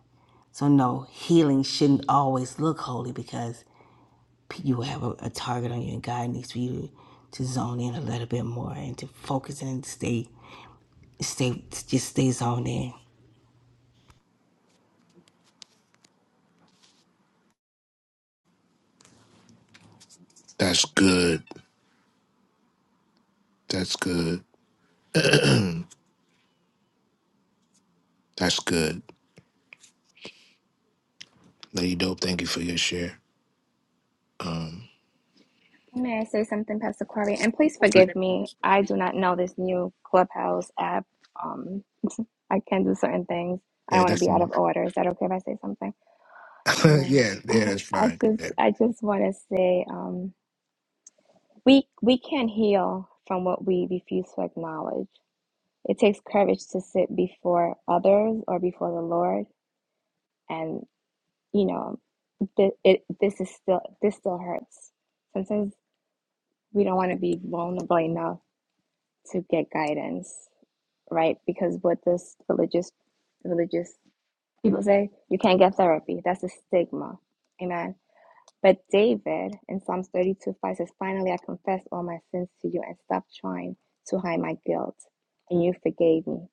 [SPEAKER 12] So no, healing shouldn't always look holy because you will have a, a target on you and God needs for you to, to zone in a little bit more and to focus and stay It stay just stays on there.
[SPEAKER 1] That's good. That's good. That's good. Lady Dope, thank you for your share. Um
[SPEAKER 11] May I say something, Pastor Corey? And please forgive me. I do not know this new Clubhouse app. Um, I can do certain things. I
[SPEAKER 1] yeah,
[SPEAKER 11] don't want to
[SPEAKER 1] that's
[SPEAKER 11] be out of order. Is that okay if I say something?
[SPEAKER 1] yeah,
[SPEAKER 11] Amen.
[SPEAKER 1] yeah, that's
[SPEAKER 11] I
[SPEAKER 1] fine. Go
[SPEAKER 11] just,
[SPEAKER 1] ahead.
[SPEAKER 11] I just want to say, um, we we can heal from what we refuse to acknowledge. It takes courage to sit before others or before the Lord, and you know, th- it this is still this still hurts. Sometimes we don't want to be vulnerable enough to get guidance, right? Because what this religious religious people say, you can't get therapy. That's a stigma. Amen. But David in Psalms 32 5 says, Finally I confess all my sins to you and stop trying to hide my guilt. And you forgave me.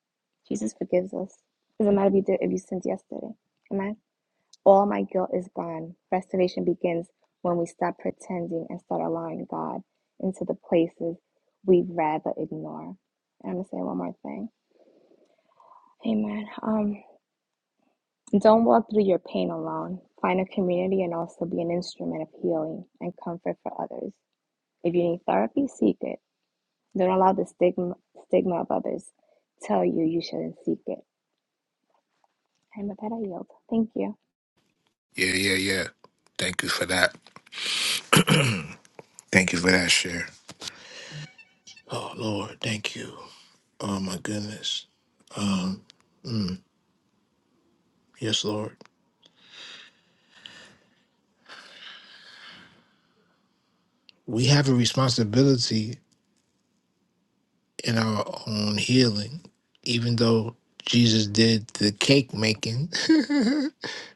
[SPEAKER 11] Jesus forgives us. Doesn't matter if you did if you sinned yesterday. Amen. All my guilt is gone. Restoration begins when we stop pretending and start allowing God into the places we'd rather ignore. I'm gonna say one more thing. Amen. Um, don't walk through your pain alone. Find a community and also be an instrument of healing and comfort for others. If you need therapy, seek it. Don't allow the stigma stigma of others tell you you shouldn't seek it. And with that, I yield. Thank you.
[SPEAKER 1] Yeah, yeah, yeah. Thank you for that. Thank you for that share. Oh Lord, thank you. Oh my goodness. Um, yes, Lord. We have a responsibility in our own healing, even though Jesus did the cake making,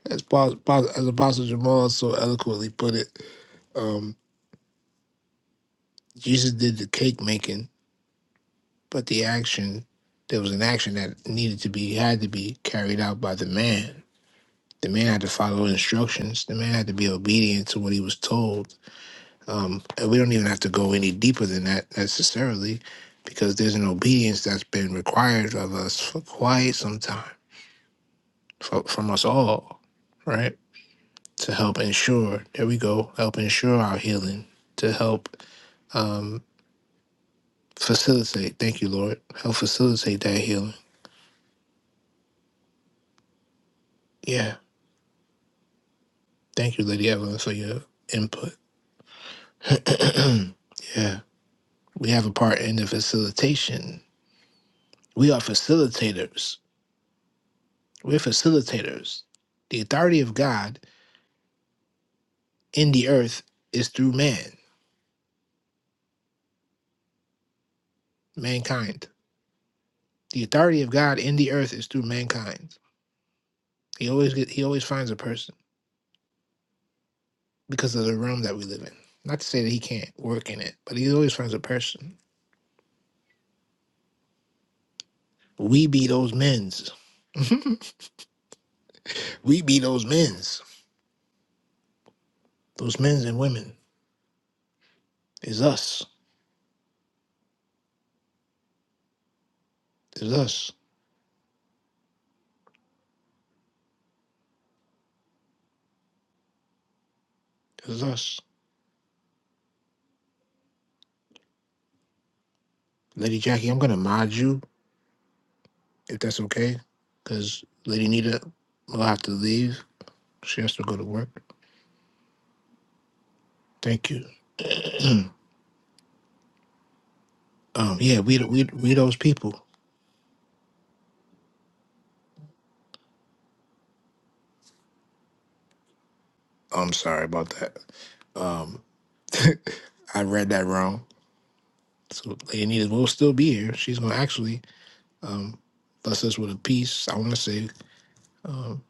[SPEAKER 1] as, Paul, Paul- as Apostle Jamal so eloquently put it. Um, Jesus did the cake making, but the action there was an action that needed to be had to be carried out by the man. The man had to follow instructions. The man had to be obedient to what he was told. Um, and we don't even have to go any deeper than that necessarily, because there's an obedience that's been required of us for quite some time from, from us all, right? To help ensure, there we go, help ensure our healing, to help um, facilitate, thank you, Lord, help facilitate that healing. Yeah. Thank you, Lady Evelyn, for your input. yeah. We have a part in the facilitation. We are facilitators. We're facilitators. The authority of God in the earth is through man, mankind. The authority of God in the earth is through mankind. He always get, he always finds a person. because of the realm that we live in. Not to say that he can't work in it, but he always finds a person. We be those men's. we be those men's. Those men's and women is us. Is us. Is us. Lady Jackie, I'm gonna mod you if that's okay, because Lady Nita will have to leave. She has to go to work. Thank you. um, yeah, we we we those people. I'm sorry about that. Um, I read that wrong. So Lady Nita will still be here. She's gonna actually um, bless us with a peace. I want to say um,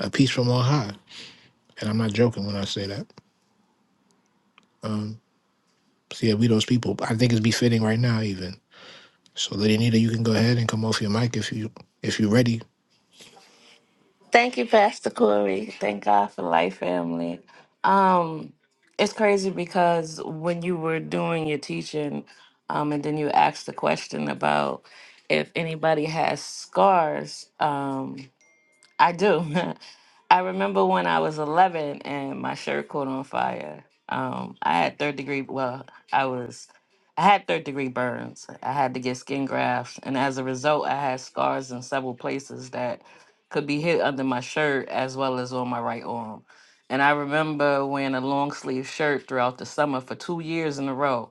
[SPEAKER 1] a peace from on high, and I'm not joking when I say that. Um, so yeah, we those people. I think it's befitting right now, even. So, Lady Nita, you can go ahead and come off your mic if you if you're ready.
[SPEAKER 2] Thank you, Pastor Corey. Thank God for life, family. Um, it's crazy because when you were doing your teaching, um, and then you asked the question about if anybody has scars, um, I do. I remember when I was 11 and my shirt caught on fire. Um, I had third degree. Well, I was. I had third degree burns. I had to get skin grafts, and as a result, I had scars in several places that could be hid under my shirt as well as on my right arm. And I remember wearing a long sleeve shirt throughout the summer for two years in a row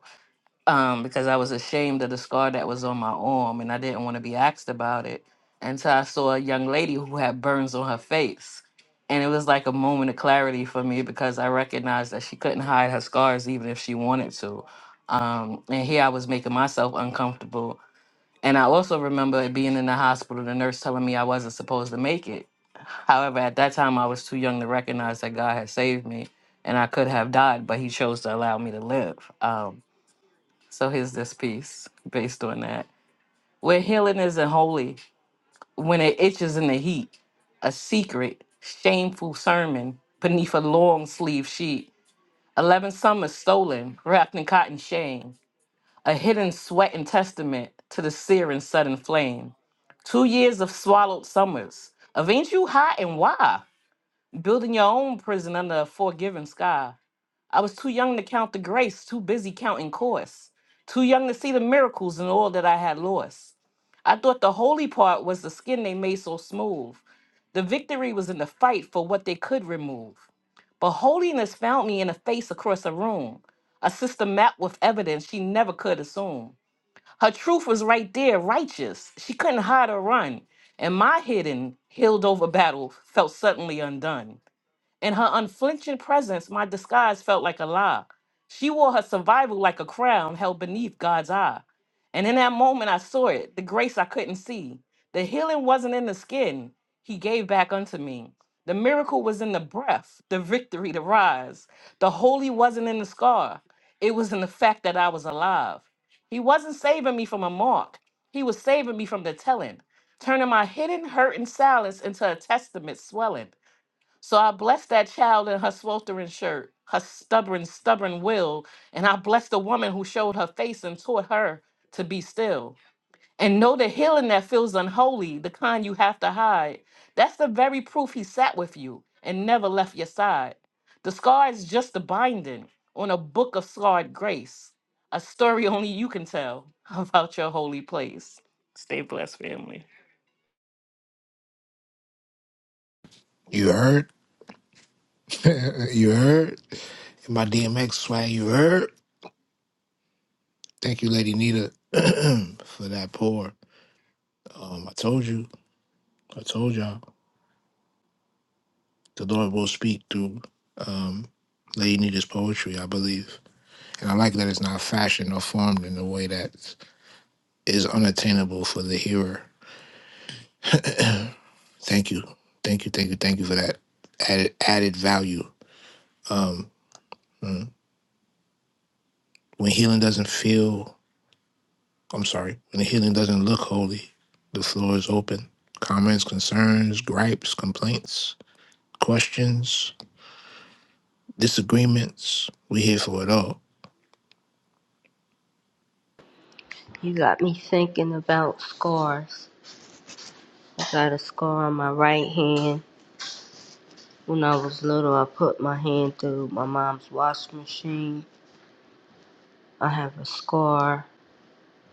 [SPEAKER 2] um, because I was ashamed of the scar that was on my arm and I didn't want to be asked about it until I saw a young lady who had burns on her face. And it was like a moment of clarity for me because I recognized that she couldn't hide her scars even if she wanted to. Um, and here I was making myself uncomfortable. And I also remember it being in the hospital, the nurse telling me I wasn't supposed to make it. However, at that time, I was too young to recognize that God had saved me and I could have died, but He chose to allow me to live. Um, so here's this piece based on that. Where healing isn't holy, when it itches in the heat, a secret, shameful sermon beneath a long sleeve sheet, 11 summers stolen, wrapped in cotton shame, a hidden sweat and testament to the searing sudden flame. Two years of swallowed summers. Of ain't you hot and why? Building your own prison under a forgiving sky. I was too young to count the grace, too busy counting costs, too young to see the miracles and all that I had lost. I thought the holy part was the skin they made so smooth. The victory was in the fight for what they could remove. But holiness found me in a face across a room, a sister mapped with evidence she never could assume. Her truth was right there, righteous. She couldn't hide or run. And my hidden, healed over battle felt suddenly undone. In her unflinching presence, my disguise felt like a lie. She wore her survival like a crown held beneath God's eye. And in that moment, I saw it the grace I couldn't see. The healing wasn't in the skin, He gave back unto me. The miracle was in the breath, the victory, the rise. The holy wasn't in the scar, it was in the fact that I was alive. He wasn't saving me from a mark, He was saving me from the telling, turning my hidden hurt and silence into a testament swelling. So I bless that child in her sweltering shirt, her stubborn, stubborn will, and I bless the woman who showed her face and taught her to be still. And know the healing that feels unholy, the kind you have to hide. That's the very proof he sat with you and never left your side. The scar is just a binding on a book of scarred grace, a story only you can tell about your holy place. Stay blessed, family.
[SPEAKER 1] You heard, you heard my DMX swag. You heard. Thank you, Lady Nita, for that pour. Um, I told you, I told y'all, the Lord will speak through um, Lady Nita's poetry, I believe. And I like that it's not fashioned or formed in a way that is unattainable for the hearer. Thank you. Thank you. Thank you. Thank you for that added added value. Um mm. when healing doesn't feel I'm sorry, when the healing doesn't look holy, the floor is open. Comments, concerns, gripes, complaints, questions, disagreements. We here for it all.
[SPEAKER 10] You got me thinking about scars. I got a scar on my right hand. When I was little, I put my hand through my mom's washing machine. I have a scar.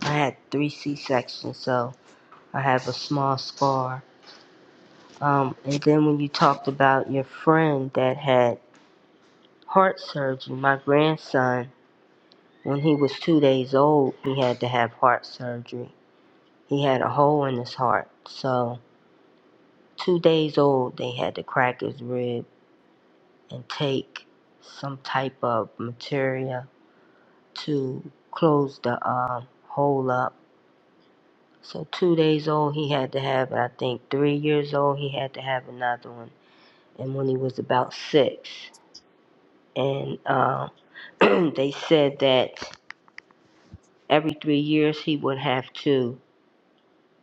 [SPEAKER 10] I had three C sections, so I have a small scar. Um, and then when you talked about your friend that had heart surgery, my grandson, When he was two days old, he had to have heart surgery. He had a hole in his heart. So, two days old, they had to crack his rib and take some type of material to close the um, hole up. So, two days old, he had to have it. I think three years old, he had to have another one. And when he was about six, and um, they said that every three years he would have to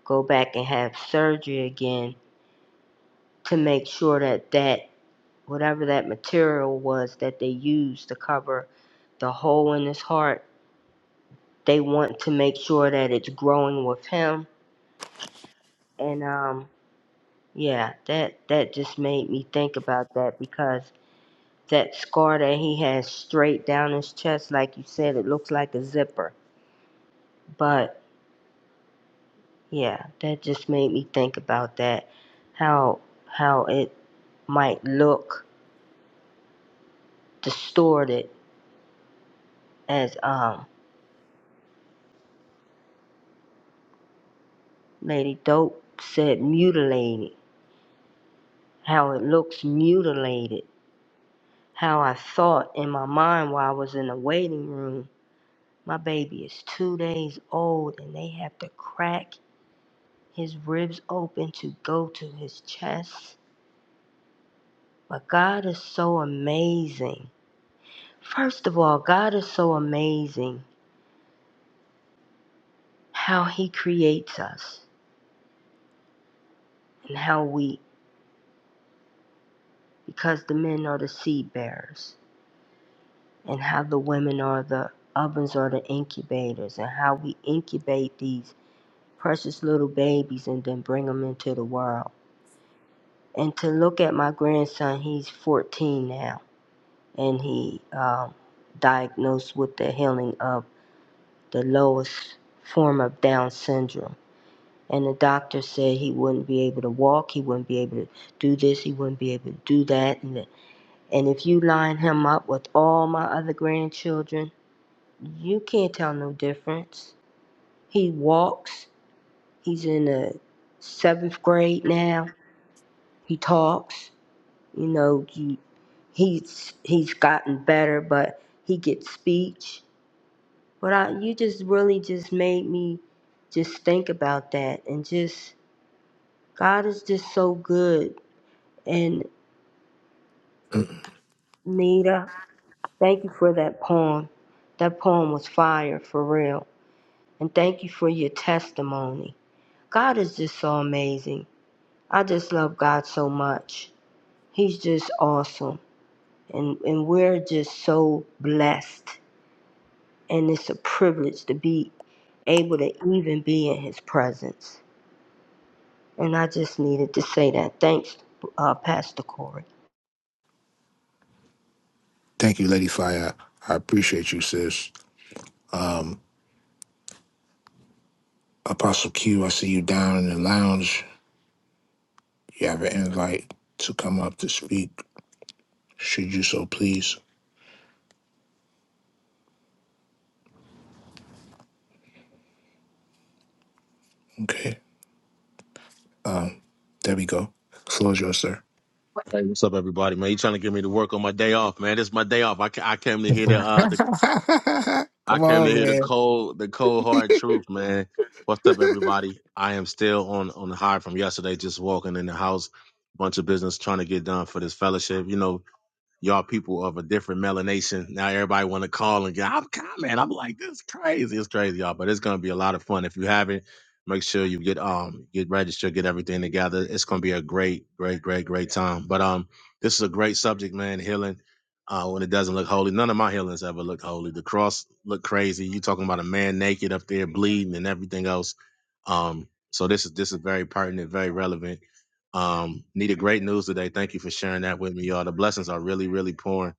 [SPEAKER 10] go back and have surgery again to make sure that that whatever that material was that they used to cover the hole in his heart, they want to make sure that it's growing with him. And um, yeah, that that just made me think about that because that scar that he has straight down his chest, like you said, it looks like a zipper. But yeah, that just made me think about that, how how it might look distorted as um Lady Dope said mutilated, how it looks mutilated, how I thought in my mind while I was in the waiting room. My baby is two days old and they have to crack his ribs open to go to his chest. But God is so amazing. First of all, God is so amazing how He creates us and how we, because the men are the seed bearers. and how the women are the ovens are the incubators and how we incubate these precious little babies and then bring them into the world and to look at my grandson he's 14 now and he um, diagnosed with the healing of the lowest form of down syndrome and the doctor said he wouldn't be able to walk he wouldn't be able to do this he wouldn't be able to do that and, and if you line him up with all my other grandchildren You can't tell no difference. He walks. He's in the seventh grade now. He talks. You know, he he's he's gotten better, but he gets speech. But I, you just really just made me just think about that and just God is just so good. And Nita, thank you for that poem. That poem was fire for real. And thank you for your testimony. God is just so amazing. I just love God so much. He's just awesome. And, and we're just so blessed. And it's a privilege to be able to even be in his presence. And I just needed to say that. Thanks, uh, Pastor Corey.
[SPEAKER 1] Thank you, Lady Fire. I appreciate you, sis. Apostle Q, I see you down in the lounge. You have an invite to come up to speak, should you so please. Okay. Um, there we go. Floor's yours, sir.
[SPEAKER 15] Hey, what's up, everybody? Man, you trying to get me to work on my day off, man? This is my day off. I, ca- I came to
[SPEAKER 1] Yes,
[SPEAKER 15] hear
[SPEAKER 1] sir.
[SPEAKER 15] the uh the I
[SPEAKER 1] Come
[SPEAKER 15] came to
[SPEAKER 1] on,
[SPEAKER 15] hear the
[SPEAKER 1] man.
[SPEAKER 15] cold the cold hard truth, man. What's up, everybody? I am still on on the high from yesterday, just walking in the house, bunch of business trying to get done for this fellowship. You know, y'all people of a different melanation. Now everybody want to call and get. I'm man. I'm like this is crazy. It's crazy, y'all. But it's gonna be a lot of fun. If you haven't, make sure you get um get registered, get everything together. It's gonna be a great, great, great, great time. But um, this is a great subject, man. Healing. Uh, when it doesn't look holy, none of my healings ever look holy. The cross looked crazy. You talking about a man naked up there bleeding and everything else. Um, so this is this is very pertinent, very relevant. Um, Nita, great news today. Thank you for sharing that with me, y'all. The blessings are really, really pouring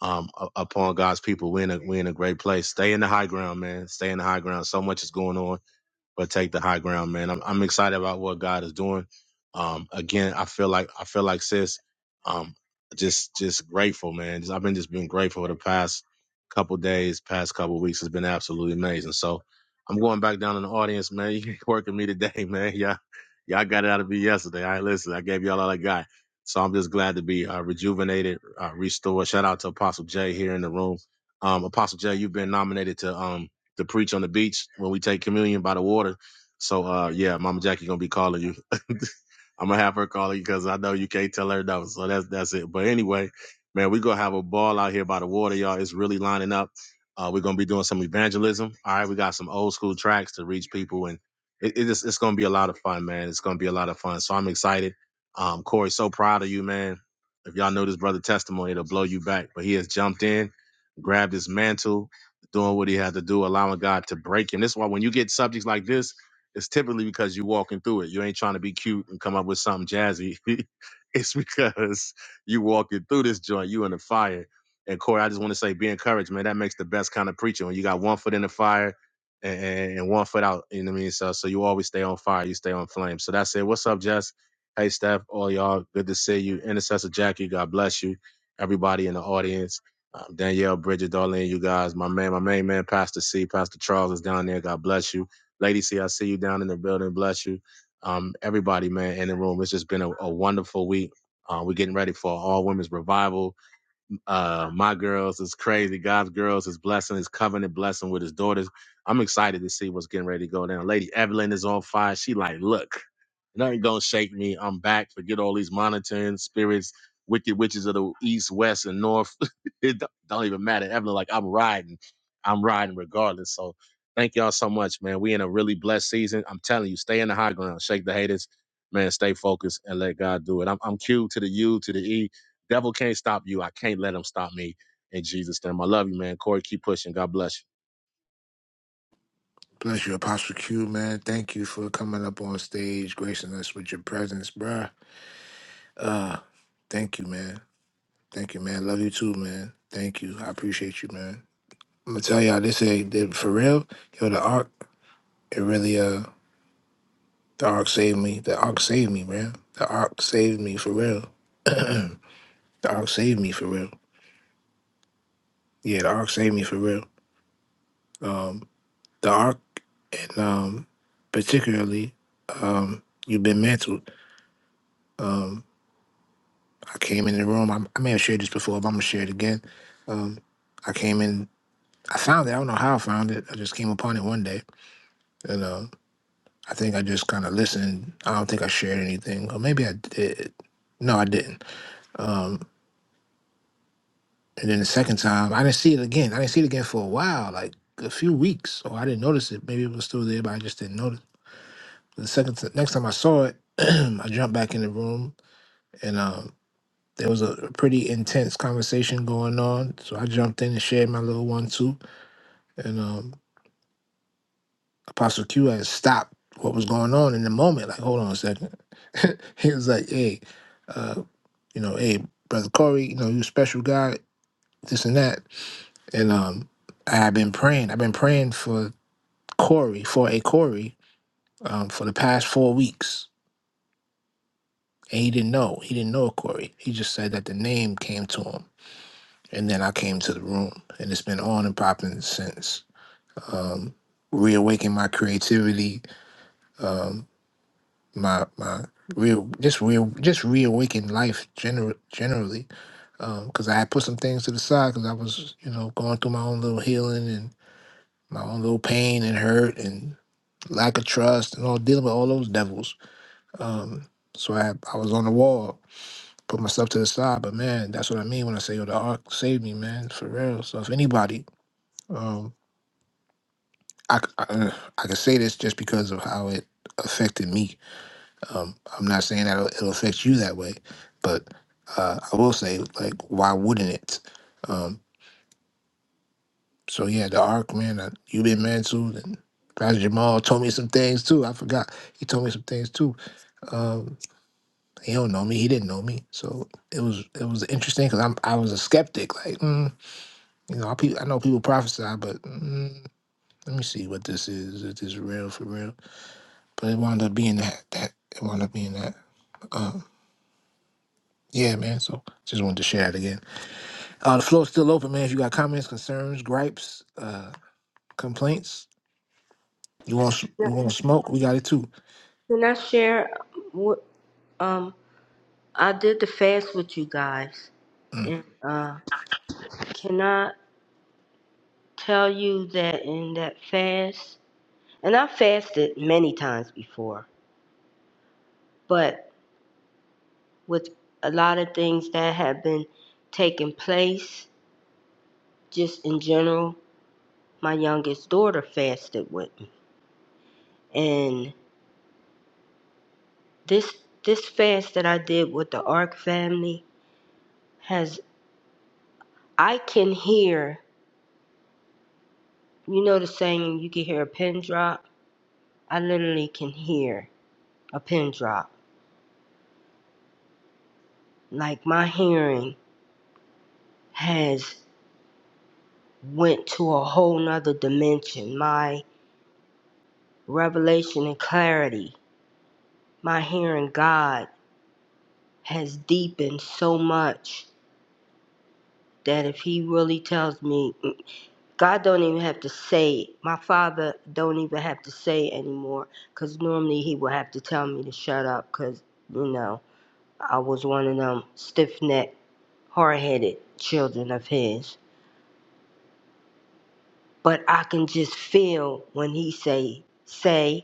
[SPEAKER 15] um, u- upon God's people. We're in, a, we're in a great place. Stay in the high ground, man. Stay in the high ground. So much is going on but take the high ground, man. I'm I'm excited about what God is doing. Um, again, I feel like I feel like sis, um, just just grateful, man. Just, I've been just been grateful the past couple days, past couple weeks has been absolutely amazing. So I'm going back down in the audience, man. You working me today, man. Yeah, y'all y'all got it out of me yesterday. I listen, I gave y'all all I got. So I'm just glad to be uh, rejuvenated, uh, restored. Shout out to Apostle Jay here in the room. Um, Apostle Jay, you've been nominated to um to preach on the beach when we take communion by the water. So uh yeah, Mama Jackie gonna be calling you. I'm gonna have her call you because I know you can't tell her no. So that's that's it. But anyway, man, we gonna have a ball out here by the water, y'all. It's really lining up. Uh, we're gonna be doing some evangelism. All right, we got some old school tracks to reach people, and it, it is, it's gonna be a lot of fun, man. It's gonna be a lot of fun. So I'm excited. Um, Corey, so proud of you, man. If y'all know this brother testimony, it'll blow you back. But he has jumped in, grabbed his mantle, doing what he had to do, allowing God to break him. This is why when you get subjects like this, it's typically because you're walking through it. You ain't trying to be cute and come up with something jazzy. it's because you walking through this joint, you in the fire. And Corey, I just want to say, be encouraged, man. That makes the best kind of preaching when you got one foot in the fire and, and and one foot out. You know what I mean? So, so you always stay on fire, you stay on flame. So that's it. What's up, Jess? Hey, Steph, all y'all, good to see you. Intercessor Jackie, God bless you. Everybody in the audience. Um, Danielle, Bridget, Darlene, you guys, my man, my main man, Pastor C, Pastor Charles is down there. God bless you. Lady C, I see you down in the building. Bless you. Um, everybody, man, in the room. It's just been a, a wonderful week. Uh, we're getting ready for all women's revival. Uh, my girls is crazy. God's girls is blessing, his covenant blessing with his daughters. I'm excited to see what's getting ready to go down. Lady Evelyn is on fire. She like, look. Nothing gonna shake me. I'm back. Forget all these monitoring spirits, wicked witches of the east, west, and north. it don't, don't even matter. Evelyn, like I'm riding. I'm riding regardless. So thank y'all so much, man. We in a really blessed season. I'm telling you, stay in the high ground. Shake the haters, man. Stay focused and let God do it. I'm I'm Q to the U to the E. Devil can't stop you. I can't let him stop me. In Jesus' name. I love you, man. Corey, keep pushing. God bless you.
[SPEAKER 1] Bless you, Apostle Q, man. Thank you for coming up on stage, gracing us with your presence, bruh. Uh, thank you, man. Thank you, man. Love you too, man. Thank you. I appreciate you, man. I'm gonna tell y'all this ain't that- for real. Yo, the arc, it really uh, the arc saved me. The arc saved me, man. The arc saved me for real. the arc saved me for real. Yeah, the arc saved me for real. Um, the ark, and um, particularly, um, you've been mantled. Um, I came in the room. I, I may have shared this before, but I'm gonna share it again. Um, I came in. I found it. I don't know how I found it. I just came upon it one day, and um, I think I just kind of listened. I don't think I shared anything, or maybe I did. No, I didn't. Um, and then the second time, I didn't see it again. I didn't see it again for a while, like a few weeks, or I didn't notice it. Maybe it was still there, but I just didn't notice. The second t- next time I saw it, I jumped back in the room and um, there was a pretty intense conversation going on. So I jumped in and shared my little one too. And um, Apostle Q had stopped what was going on in the moment. Like, hold on a second. he was like, hey, uh, you know, hey, brother Corey, you know, you a special guy, this and that. And um, I've been praying. I've been praying for Corey, for a Corey, um, for the past four weeks. And he didn't know. He didn't know Corey. He just said that the name came to him. And then I came to the room, and it's been on and popping since. Um, reawaken my creativity, um, my my real just real just reawaken life gener- generally. Because I had put some things to the side because I was you know going through my own little healing and my own little pain and hurt and lack of trust and all dealing with all those devils. Um, so I I was on the wall put myself to the side. But man, that's what I mean when I say, yo, the arc saved me, man, for real. So if anybody, um, I, c- I, uh, I can say this just because of how it affected me. Um, I'm not saying that it'll, it'll affect you that way, but uh, I will say, like, why wouldn't it? Um, so yeah, the arc, man, uh, you've been mentored and Pastor Jamal told me some things too. I forgot. He told me some things too. Um, he don't know me. He didn't know me. So it was it was interesting because I'm I was a skeptic. Like, mm, You know, I, pe- I know people prophesy, but mm, let me see what this is. Is this real for real? But it wound up being that. That it wound up being that. Uh, yeah, man. So just wanted to share it again. Uh, the floor's still open, man. If you got comments, concerns, gripes, uh, complaints, you want s-
[SPEAKER 10] Yeah.
[SPEAKER 1] you want smoke, we got it too.
[SPEAKER 10] Can I share what um, I did the fast with you guys?
[SPEAKER 1] Mm.
[SPEAKER 10] And uh, can I tell you that in that fast, and I fasted many times before, but with a lot of things that have been taking place just in general my youngest daughter fasted with me and this this fast that i did with the ark family has i can hear you know the saying you can hear a pin drop i literally can hear a pin drop like my hearing has went to a whole nother dimension my revelation and clarity my hearing god has deepened so much that if he really tells me "Mm, god don't even have to say it my father don't even have to say it anymore because normally he would have to tell me to shut up because you know i was one of them stiff-necked hard-headed children of his but i can just feel when he say say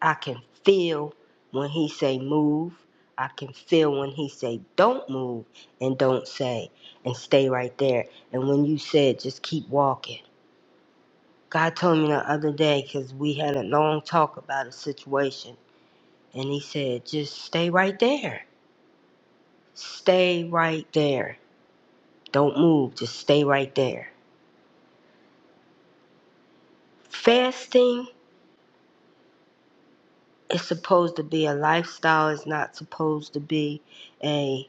[SPEAKER 10] I can feel when he say move. I can feel when he say don't move and don't say and stay right there. And when you said just keep walking. God told me the other day because we had a long talk about a situation and he said just stay right there. Stay right there. Don't move. Just stay right there. Fasting is supposed to be a lifestyle. It's not supposed to be a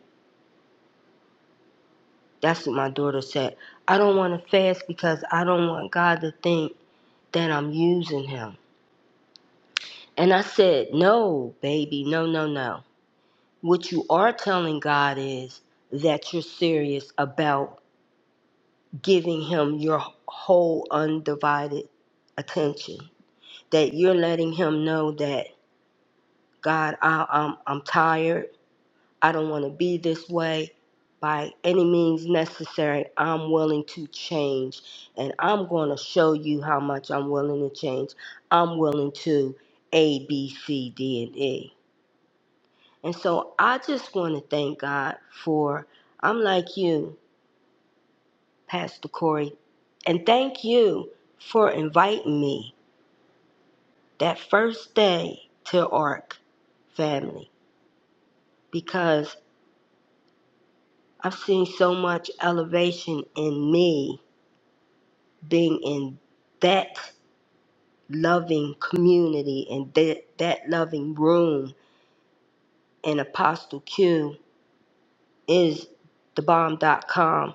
[SPEAKER 10] That's what my daughter said. I don't want to fast because I don't want God to think that I'm using him. And I said, No, baby, no, no, no. What you are telling God is that you're serious about giving him your whole undivided attention, that you're letting him know that, God, I, I'm, I'm tired. I don't want to be this way by any means necessary. I'm willing to change and I'm going to show you how much I'm willing to change. I'm willing to A, B, C, D, and E. And so I just want to thank God for, I'm like you, Pastor Corey, and thank you for inviting me that first day to ARC family because I've seen so much elevation in me being in that loving community and that, that loving room in Apostle Q is the bomb. Dot com.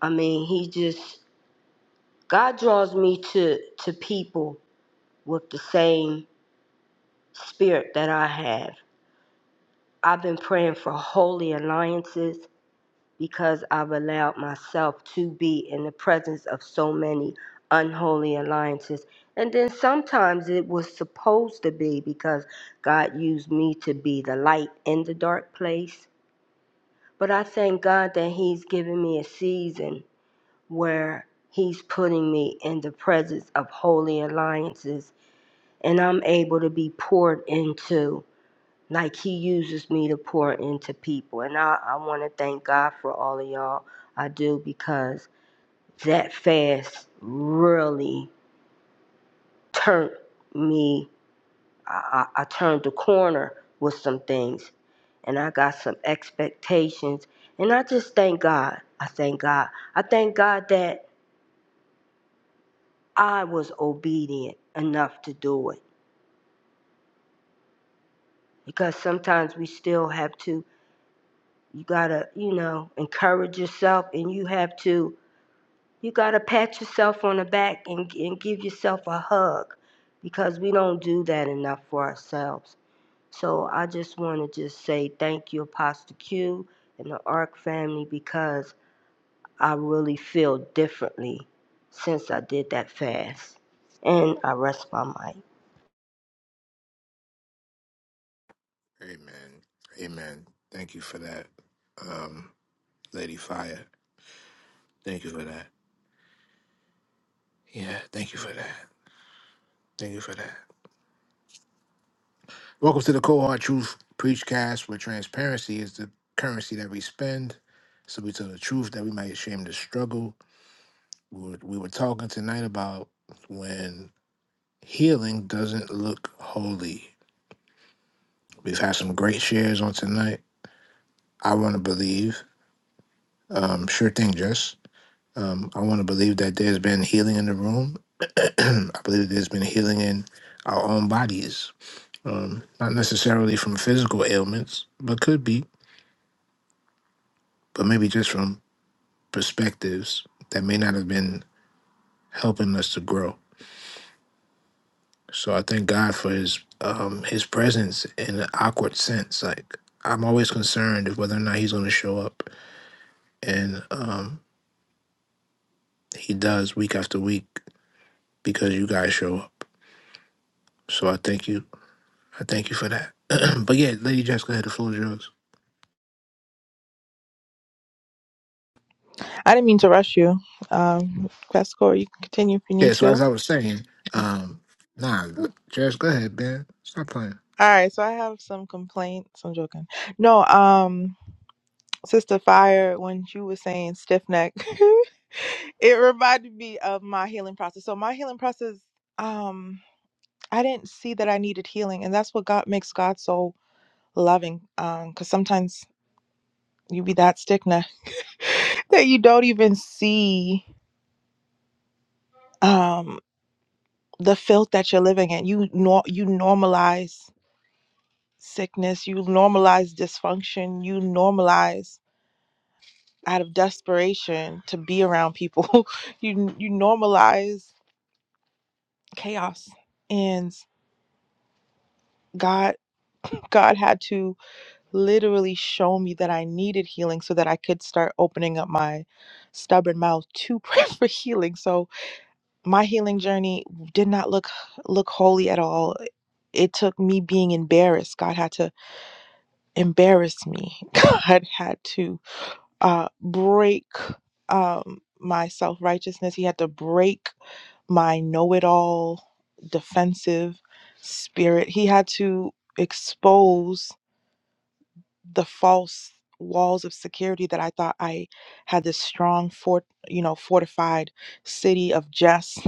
[SPEAKER 10] I mean, he just God draws me to to people with the same spirit that I have. I've been praying for holy alliances. because I've allowed myself to be in the presence of so many unholy alliances. And then sometimes it was supposed to be because God used me to be the light in the dark place. But I thank God that He's given me a season where He's putting me in the presence of holy alliances and I'm able to be poured into like he uses me to pour into people and i, I want to thank god for all of y'all i do because that fast really turned me i, I, I turned the corner with some things and i got some expectations and i just thank god i thank god i thank god that i was obedient enough to do it because sometimes we still have to you gotta you know encourage yourself and you have to You gotta pat yourself on the back and, and give yourself a hug because we don't do that enough for ourselves. So I just want to just say thank you, Apostle Q and the ARC family, because I really feel differently since I did that fast. And I rest my mic.
[SPEAKER 1] Amen. Amen. Thank you for that, um, Lady Fire. Thank you for that. Yeah. Thank you for that. Thank you for that. Welcome to the Cohort Truth Preachcast, where transparency is the currency that we spend. So we tell the truth that we might shame the struggle. We were, we were talking tonight about when healing doesn't look holy. We've had some great shares on tonight. I want to believe, um, sure thing, Jess. Um, I want to believe that there's been healing in the room. I believe that there's been healing in our own bodies, um, not necessarily from physical ailments, but could be, but maybe just from perspectives that may not have been helping us to grow. So I thank God for His um, His presence in an awkward sense. Like I'm always concerned of whether or not He's going to show up, and um, He does week after week because you guys show up. So I thank you. I thank you for that. but yeah, Lady Jess, go ahead. The floor is yours.
[SPEAKER 4] I didn't mean to rush you. Um, Pastor Corey, you can continue if you
[SPEAKER 1] Yeah.
[SPEAKER 4] need
[SPEAKER 1] So
[SPEAKER 4] to.
[SPEAKER 1] as
[SPEAKER 4] All
[SPEAKER 1] I was saying, um, nah, l- Jess, go ahead, man. Stop playing.
[SPEAKER 4] right, so I have some complaints. I'm joking. No, um, Sister Fire, when you were saying stiff neck, it reminded me of my healing process. So my healing process, um, I didn't see that I needed healing, and that's what God makes God so loving. Um, because sometimes you be that stiff neck that you don't even see um the filth that you're living in. You nor you normalize sickness, you normalize dysfunction, you normalize out of desperation to be around people. you you normalize chaos. And God God had to literally show me that I needed healing so that I could start opening up my stubborn mouth to pray for healing. So my healing journey did not look look holy at all. It took me being embarrassed. God had to embarrass me. God had to uh, break um, my self righteousness. He had to break my know it all defensive spirit. He had to expose the false walls of security that I thought I had this strong fort, you know, fortified city of just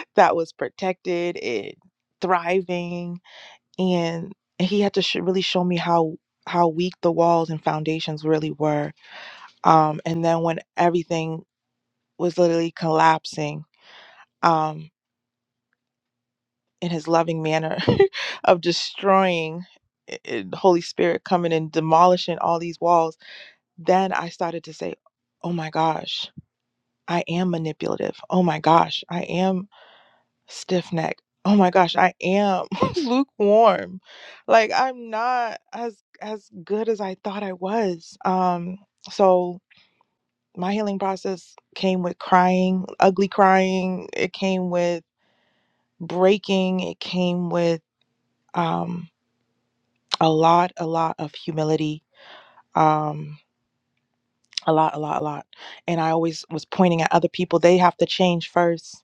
[SPEAKER 4] that was protected and thriving. And he had to sh- really show me how how weak the walls and foundations really were um, and then when everything was literally collapsing um, in his loving manner of destroying i- i- Holy Spirit coming and demolishing all these walls, then I started to say, oh my gosh, I am manipulative. Oh my gosh, I am stiff necked. Oh my gosh, I am lukewarm. Like I'm not as as good as I thought I was. Um so my healing process came with crying, ugly crying. It came with breaking it came with um a lot a lot of humility um a lot a lot a lot and i always was pointing at other people they have to change first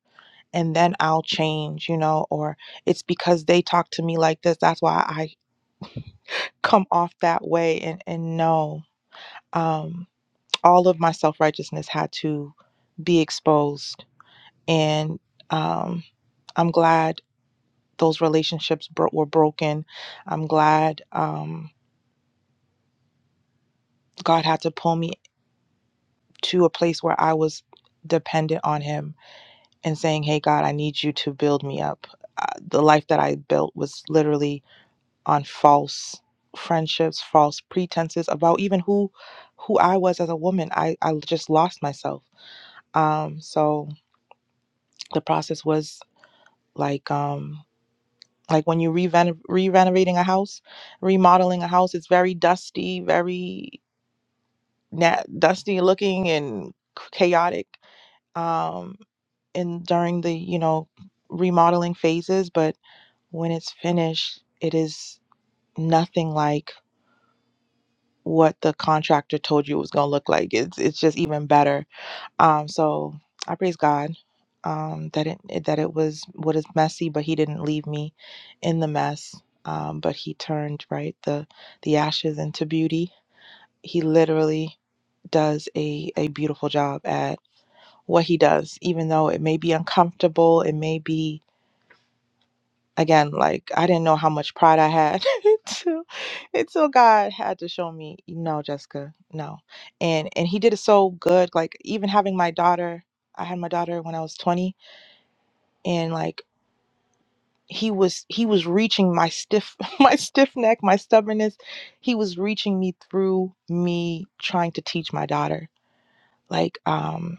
[SPEAKER 4] and then i'll change you know or it's because they talk to me like this that's why i come off that way and and no um all of my self-righteousness had to be exposed and um i'm glad those relationships bro- were broken i'm glad Um, God had to pull me to a place where I was dependent on Him and saying, Hey, God, I need you to build me up. Uh, the life that I built was literally on false friendships, false pretenses about even who who I was as a woman. I, I just lost myself. Um, so the process was like um, like when you re-reno- re-renovating a house, remodeling a house, it's very dusty, very na- dusty looking and chaotic. Um, in during the you know remodeling phases but when it's finished it is nothing like what the contractor told you it was going to look like it's it's just even better um so i praise god um that it it- that it was what is messy but he didn't leave me in the mess um but he turned right the the ashes into beauty he literally does a, a beautiful job at what he does, even though it may be uncomfortable, it may be again, like I didn't know how much pride I had until, until God had to show me, no, Jessica, no. And and he did it so good. Like even having my daughter, I had my daughter when I was 20, and like he was he was reaching my stiff my stiff neck, my stubbornness. He was reaching me through me trying to teach my daughter. Like um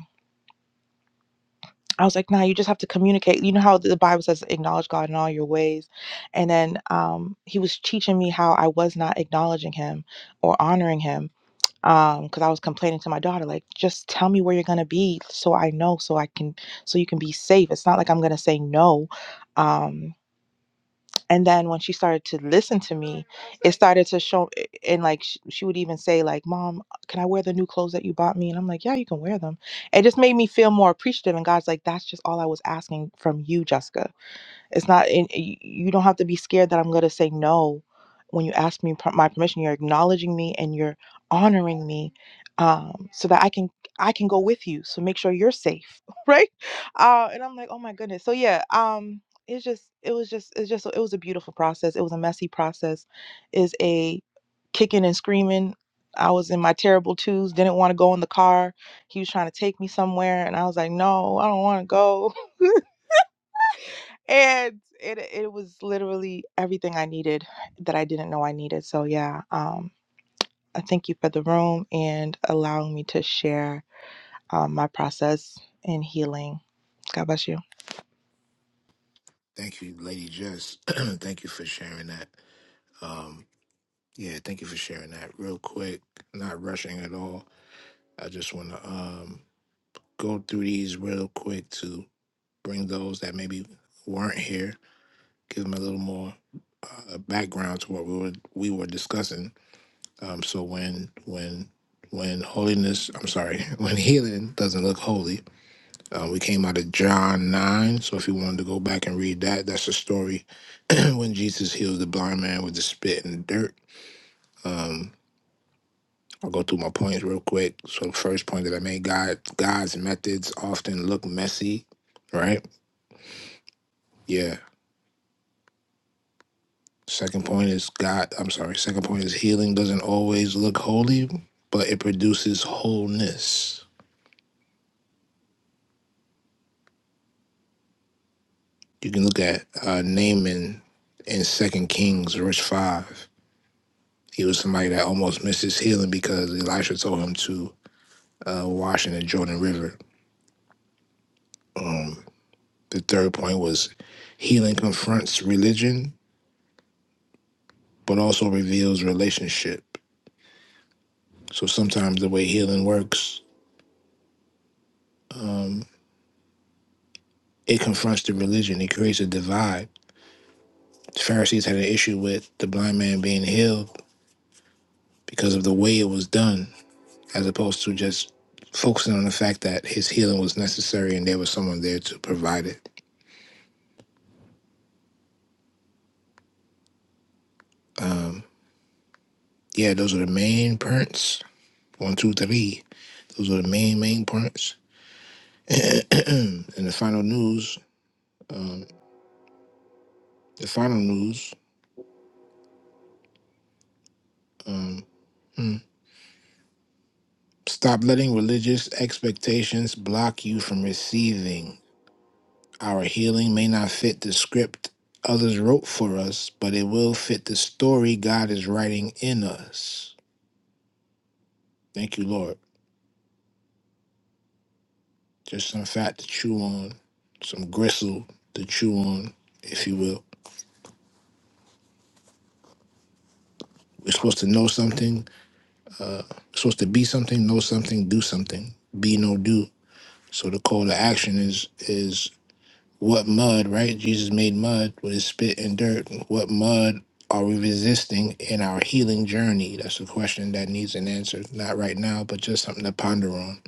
[SPEAKER 4] I was like, nah, you just have to communicate. You know how the Bible says, acknowledge God in all your ways. And then um, he was teaching me how I was not acknowledging him or honoring him because I was complaining to my daughter, like, just tell me where you're going to be so I know, so I can, so you can be safe. It's not like I'm going to say no. Um, and then when she started to listen to me it started to show eh, eh, and like she, she would even say like mom can i wear the new clothes that you bought me and i'm like yeah you can wear them it just made me feel more appreciative and god's like that's just all i was asking from you jessica it's not, and you don't have to be scared that I'm going to say no when you ask me per- my permission. You're acknowledging me and you're honoring me, um, so that I can I can go with you. So make sure you're safe, right? Uh, and I'm like, oh my goodness. So yeah, um, it's just it was just it's just it was a beautiful process. It was a messy process. Is a kicking and screaming. I was in my terrible twos. Didn't want to go in the car. He was trying to take me somewhere, and I was like, no, I don't want to go and it it was literally everything I needed that I didn't know I needed. So yeah, um, I thank you for the room and allowing me to share um, my process in healing. God bless you.
[SPEAKER 1] Thank you, Lady Jess. thank you for sharing that. Um, Yeah, thank you for sharing that real quick. Not rushing at all. I just want to um, go through these real quick to bring those that maybe weren't here, give them a little more uh, background to what we were we were discussing. Um, so when when when holiness, I'm sorry, when healing doesn't look holy, uh, we came out of John nine. So if you wanted to go back and read that, that's the story when Jesus healed the blind man with the spit and dirt. Um, I'll go through my points real quick. So first point that I made, God God's methods often look messy, right? Yeah. Second point is God I'm sorry, second point is healing doesn't always look holy, but it produces wholeness. You can look at uh Naaman in Second Kings, verse five. He was somebody that almost missed his healing because Elisha told him to uh, wash in the Jordan River. Um, the third point was healing confronts religion but also reveals relationship. So sometimes the way healing works, um, it confronts the religion, it creates a divide. The Pharisees had an issue with the blind man being healed because of the way it was done, as opposed to just focusing on the fact that his healing was necessary and there was someone there to provide it. Um, yeah, those are the main points. One, two, three. Those are the main, main points. and the final news, um, the final news. Um, hmm. Stop letting religious expectations block you from receiving. Our healing may not fit the script others wrote for us, but it will fit the story God is writing in us. Thank you, Lord. Just some fat to chew on, some gristle to chew on, if you will. We're supposed to know something, we're supposed to be something, know something, do something, be no do. So the call to action is is What mud, right? Jesus made mud with his spit and dirt. What mud are we resisting in our healing journey? That's a question that needs an answer. Not right now, but just something to ponder on.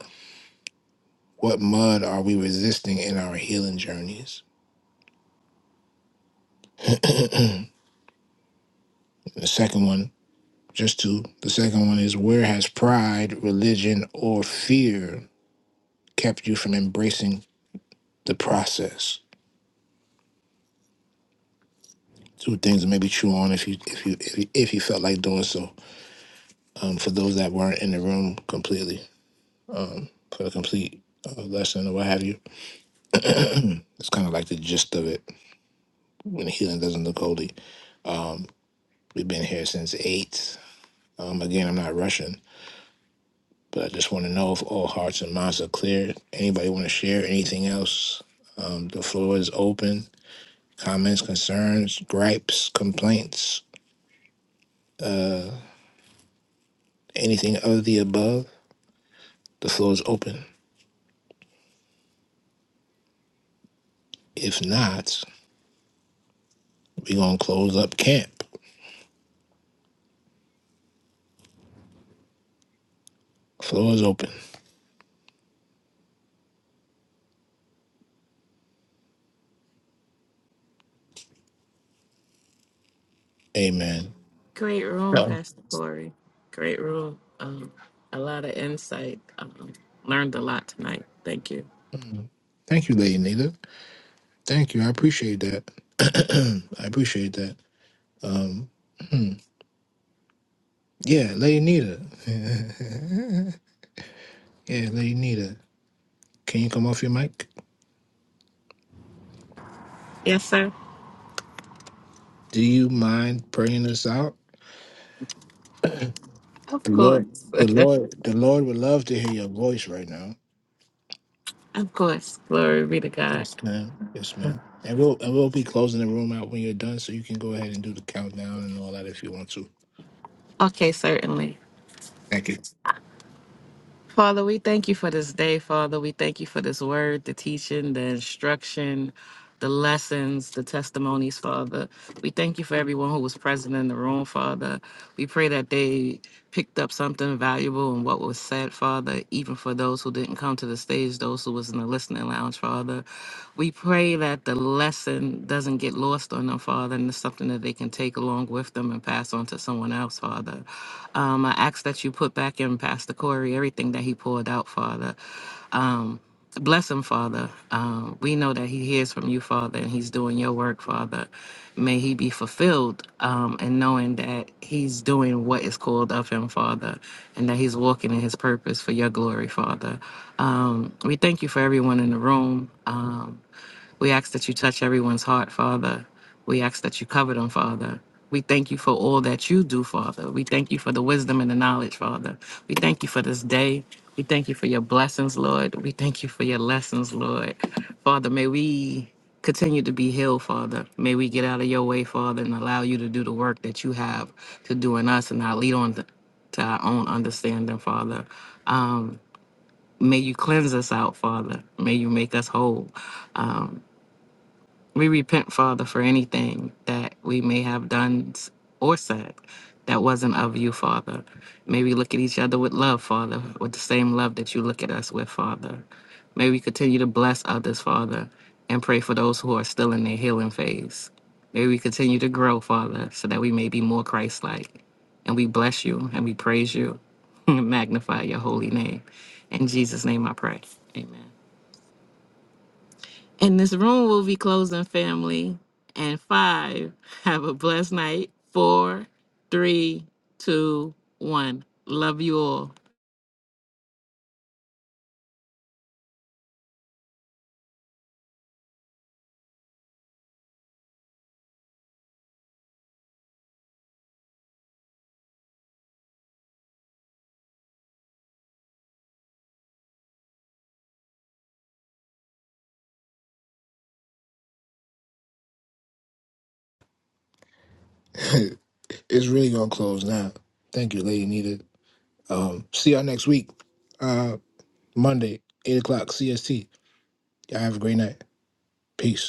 [SPEAKER 1] What mud are we resisting in our healing journeys? The second one, just two. The second one is where has pride, religion, or fear kept you from embracing the process? Two things to maybe chew on if you if you if you, if you felt like doing so. Um, for those that weren't in the room completely. a complete uh, lesson or what have you. It's kind of like the gist of it when the healing doesn't look holy. We've been here since eight. Um, again, I'm not rushing, but I just want to know if all hearts and minds are clear. Anybody want to share anything else? Um, the floor is open. Comments, concerns, gripes, complaints, anything of the above. The floor is open. If not, we're gonna close up camp. Floor is open. Amen.
[SPEAKER 2] Great room, Pastor Corey. Great room. Um, a lot of insight. Um, learned a lot tonight. Thank you.
[SPEAKER 1] Thank you, Lady Nita. Thank you. I appreciate that. I appreciate that. Um, hmm. yeah, Lady Nita. yeah, Lady Nita. Can you come off your mic?
[SPEAKER 2] Yes, sir.
[SPEAKER 1] Do you mind praying us out?
[SPEAKER 2] Of
[SPEAKER 1] The Lord,
[SPEAKER 2] course.
[SPEAKER 1] the Lord, the Lord would love to hear your voice right now.
[SPEAKER 2] of course. Glory be to God.
[SPEAKER 1] Yes, ma'am. Yes, ma'am. And we'll and we'll be closing the room out when you're done, so you can go ahead and do the countdown and all that if you want to.
[SPEAKER 2] Okay, certainly.
[SPEAKER 1] Thank you.
[SPEAKER 2] Father, we thank you for this day, Father. We thank you for this word, the teaching, the instruction. the lessons, the testimonies, Father. We thank you for everyone who was present in the room, Father. We pray that they picked up something valuable in what was said, Father, even for those who didn't come to the stage, those who was in the listening lounge, Father. We pray that the lesson doesn't get lost on them, Father, and it's something that they can take along with them and pass on to someone else, Father. Um, I ask that you put back in Pastor Corey everything that he poured out, Father. Um, Bless him, Father. Um, we know that he hears from you, Father, and he's doing your work, Father. May he be fulfilled um, and knowing that he's doing what is called of him, Father, and that he's walking in his purpose for your glory, Father. Um, we thank you for everyone in the room. Um, we ask that you touch everyone's heart, Father. We ask that you cover them, Father. We thank you for all that you do, Father. We thank you for the wisdom and the knowledge, Father. We thank you for this day. We thank you for your blessings, Lord. We thank you for your lessons, Lord. Father, may we continue to be healed, Father. May we get out of your way, Father, and allow you to do the work that you have to do in us and not lead on to to our own understanding, Father. Um, may you cleanse us out, Father. May you make us whole. Um, we repent, Father, for anything that we may have done or said that wasn't of you, Father. May we look at each other with love, Father, with the same love that you look at us with, Father. May we continue to bless others, Father, and pray for those who are still in their healing phase. May we continue to grow, Father, so that we may be more Christ like. And we bless you and we praise you and magnify your holy name. In Jesus' name I pray. Amen. And this room will be closing, family. And five, have a blessed night. Four, three, two, one. Love you all.
[SPEAKER 1] it's really gonna close now. Thank you, Lady Nita. Um, see y'all next week. Uh, Monday, 8 o'clock CST. Y'all have a great night. Peace.